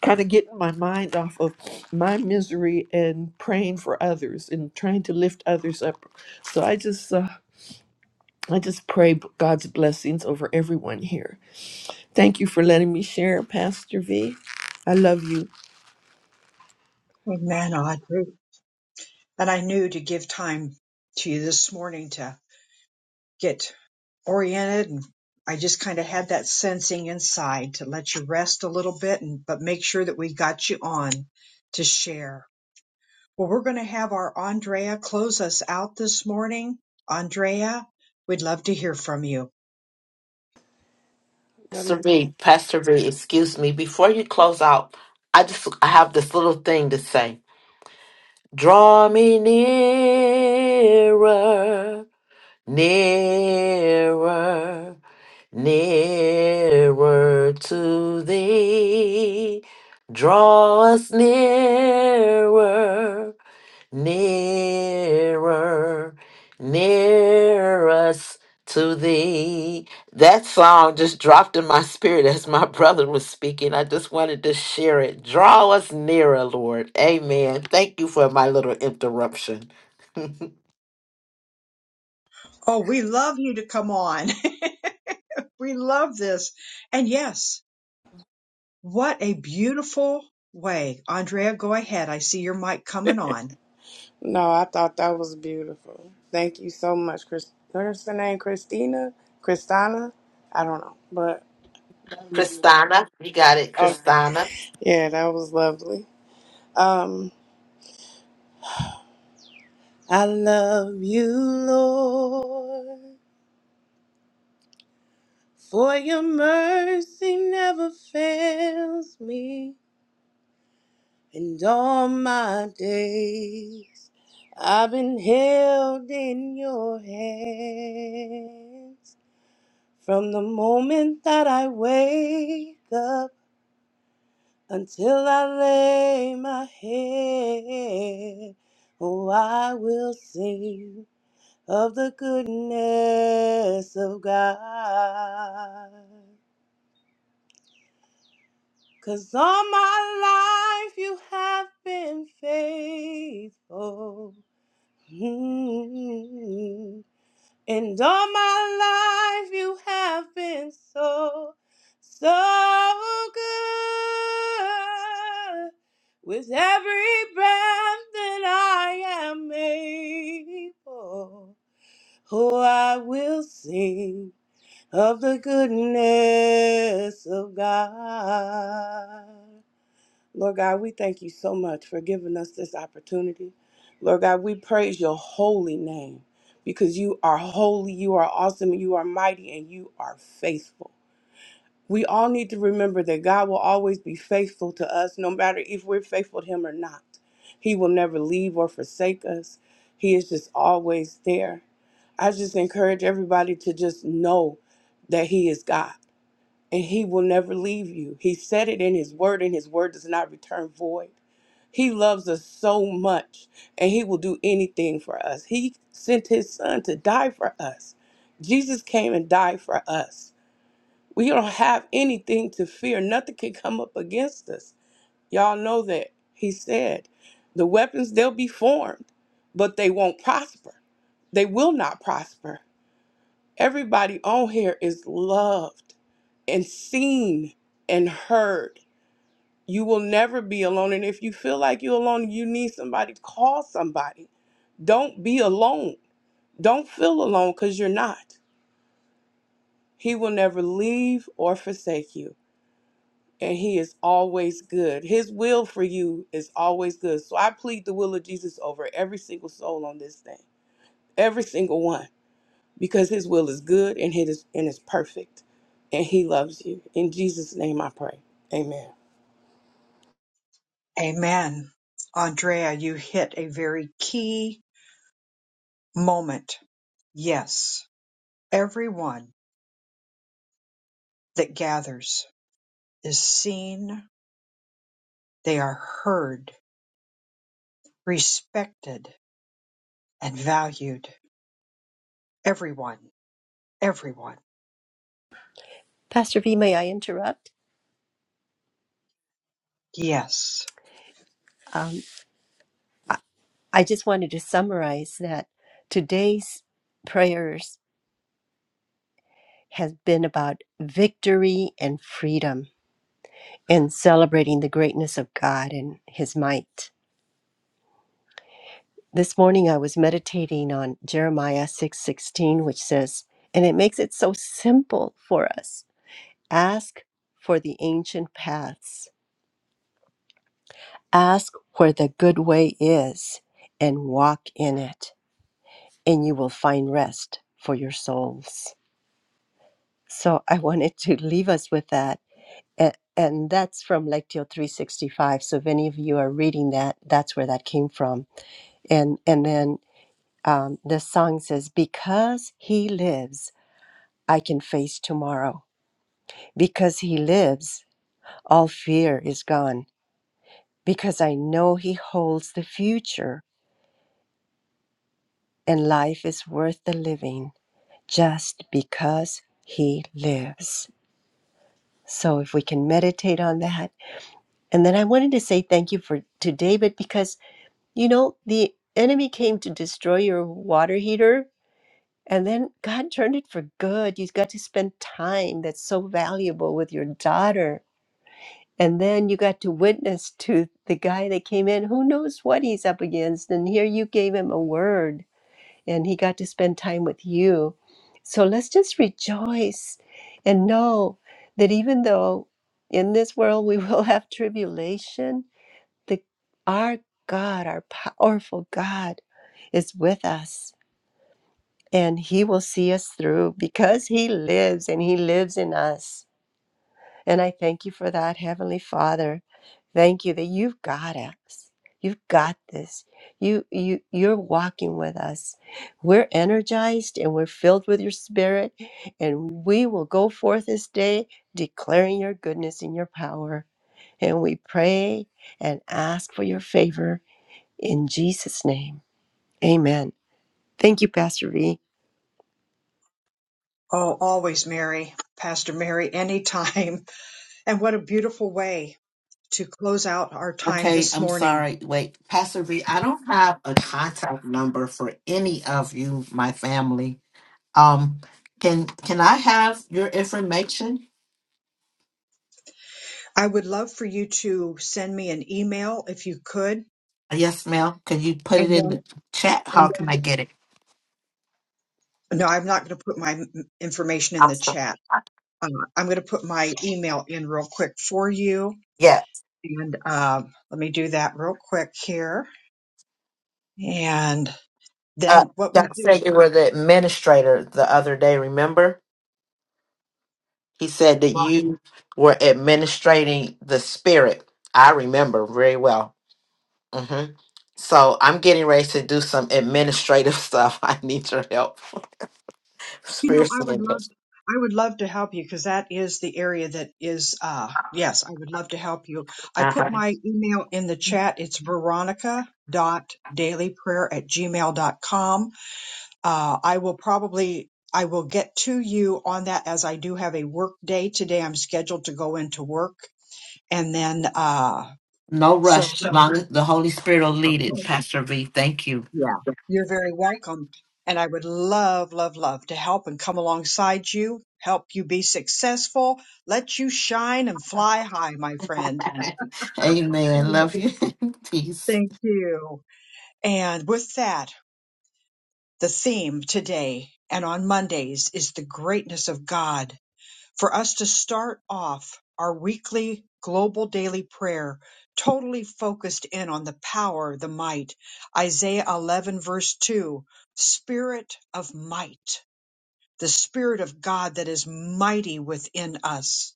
O: kind of getting my mind off of my misery and praying for others and trying to lift others up. So I just, uh, I just pray God's blessings over everyone here Thank you for letting me share, Pastor V. I love you.
A: Amen, Audrey. And I knew to give time to you this morning to get oriented and I just kind of had that sensing inside to let you rest a little bit and but make sure that we got you on to share. Well, we're going to have our Andrea close us out this morning. Andrea, we'd love to hear from you.
P: Good
F: Pastor
P: morning.
F: V, Pastor V, excuse me. Before you close out, I just I have this little thing to say. Draw me nearer. Nearer, nearer to thee. Draw us nearer, nearer, near us to thee. That song just dropped in my spirit as my brother was speaking. I just wanted to share it. Draw us nearer, Lord. Amen. Thank you for my little interruption.
A: Oh, we love you to come on. we love this. And yes, what a beautiful way. Andrea, go ahead. I see your mic coming on.
P: No, I thought that was beautiful. Thank you so much, Chris. What's her name? Christina? Christina? I don't know, but
F: Kristana, you got it,
P: okay.
F: Kristana.
P: Yeah, that was lovely. Um, I love you, Lord, for your mercy never fails me, and all my days I've been held in your hands. From the moment that I wake up until I lay my head, oh, I will sing of the goodness of God. 'Cause all my life you have been faithful. Mm. And all my life you have been so, so good. With every breath that I am able, oh, I will sing of the goodness of God. Lord God, we thank you so much for giving us this opportunity. Lord God, we praise your holy name because you are holy, you are awesome, you are mighty, and you are faithful. We all need to remember that God will always be faithful to us, no matter if we're faithful to Him or not. He will never leave or forsake us, He is just always there. I just encourage everybody to just know that He is God and he will never leave you. He said it in his word, and his word does not return void. He loves us so much, and he will do anything for us. He sent his son to die for us. Jesus came and died for us. We don't have anything to fear. Nothing can come up against us. Y'all know that. He said, The weapons, they'll be formed, but they won't prosper. They will not prosper Everybody on here is loved and seen and heard. You will never be alone. And if you feel like you're alone, you need somebody, call somebody. Don't be alone. Don't feel alone because you're not. He will never leave or forsake you. And he is always good. His will for you is always good. So I plead the will of Jesus over every single soul on this thing, every single one. because his will is good and it is and is perfect and he loves you in jesus name i pray amen
A: Amen. Andrea, you hit a very key moment. Yes, everyone that gathers is seen, they are heard, respected, and valued Everyone, everyone.
Q: Pastor V, may I interrupt?
A: Yes.
Q: Um, I just wanted to summarize that today's prayers has been about victory and freedom and celebrating the greatness of God and his might. This morning I was meditating on Jeremiah 6:16 which says, and it makes it so simple for us. Ask for the ancient paths. Ask where the good way is and walk in it. and you will find rest for your souls. So I wanted to leave us with that. And, and that's from Lectio 365. So if any of you are reading that, that's where that came from. And, and then um, the song says, Because he lives, I can face tomorrow. Because he lives, all fear is gone. Because I know he holds the future and life is worth the living just because he lives. So if we can meditate on that. And then I wanted to say thank you for to David because you know the enemy came to destroy your water heater and then God turned it for good. You got to spend time that's so valuable with your daughter. And then you got to witness to the guy that came in who knows what he's up against and here you gave him a word and he got to spend time with you. So let's just rejoice and know that even though in this world we will have tribulation, the our God, our powerful God is with us and he will see us through because he lives and he lives in us. And I thank you for that, Heavenly Father. Thank you that you've got us. You've got this. You you you're walking with us. We're energized and we're filled with your spirit and we will go forth this day declaring your goodness and your power. And we pray and ask for your favor in Jesus name. Amen. Thank you Pastor V.
A: Oh, always Mary, Pastor Mary, anytime. And what a beautiful way to close out our time
F: Okay,
A: this
F: I'm
A: morning.
F: sorry. Wait, Pastor V, I don't have a contact number for any of you, my family. Um, can can I have your information?
A: I would love for you to send me an email if you could.
F: Yes, ma'am. Can you put
A: And
F: it in the
A: then,
F: chat? How
A: and
F: can I get it?
A: no, I'm not going to put my m- information in
F: I'm
A: the
F: sorry.
A: chat. Uh, I'm going to put my email in real quick for you.
F: Yeah.
A: And um, let me do that real quick here. And
F: Uh,
A: then what
F: Doc
A: we do.
F: said you were the administrator the other day. Remember, he said that you were administrating the spirit. I remember very well. hmm So I'm getting ready to do some administrative stuff. I need your help.
A: You know, I
F: Spiritually.
A: would love
F: Pastor.
A: I would love to help you because that is the area that is uh yes, I would love to help you. I put
F: Uh-huh.
A: my email in the chat. It's veronica dot dailyprayer at Gmail gmail.com. Uh I will probably I will get to you on that as I do have a work day today. I'm scheduled to go into work and then uh
F: No
A: so
F: rush. Long as the Holy Spirit will lead
A: okay.
F: it, Pastor V. Thank you.
A: Yeah. You're very welcome. And I would love, love, love to help and come alongside you, help you be successful, let you shine and fly high, my friend.
F: Amen.
A: Amen.
F: Love you. Peace.
A: Thank you. And with that, the theme today and on Mondays is the greatness of God. For us to start off our weekly global daily prayer, totally focused in on the power, the might. Isaiah 11, verse 2 Spirit of might the Spirit of God that is mighty within us.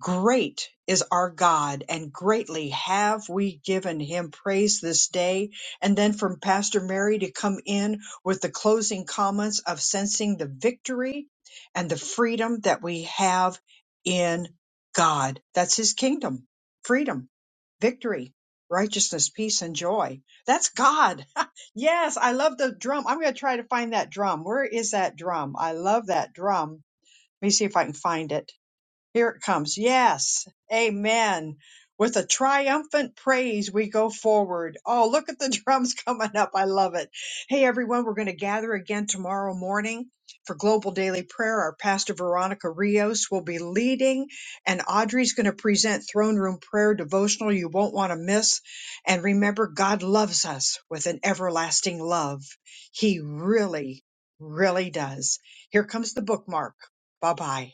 A: Great is our God, and greatly have we given him praise this day. And then from Pastor Mary to come in with the closing comments of sensing the victory and the freedom that we have in God. That's his kingdom, freedom, victory, righteousness, peace, and joy. That's God. yes, I love the drum. I'm going to try to find that drum. Where is that drum? I love that drum. Let me see if I can find it here it comes. Yes. Amen. With a triumphant praise, we go forward. Oh, look at the drums coming up. I love it. Hey, everyone, we're going to gather again tomorrow morning for Global Daily Prayer. Our pastor, Veronica Rios, will be leading, and Audrey's going to present Throne Room Prayer Devotional you won't want to miss. And remember, God loves us with an everlasting love. He really, really does. Here comes the bookmark. Bye bye.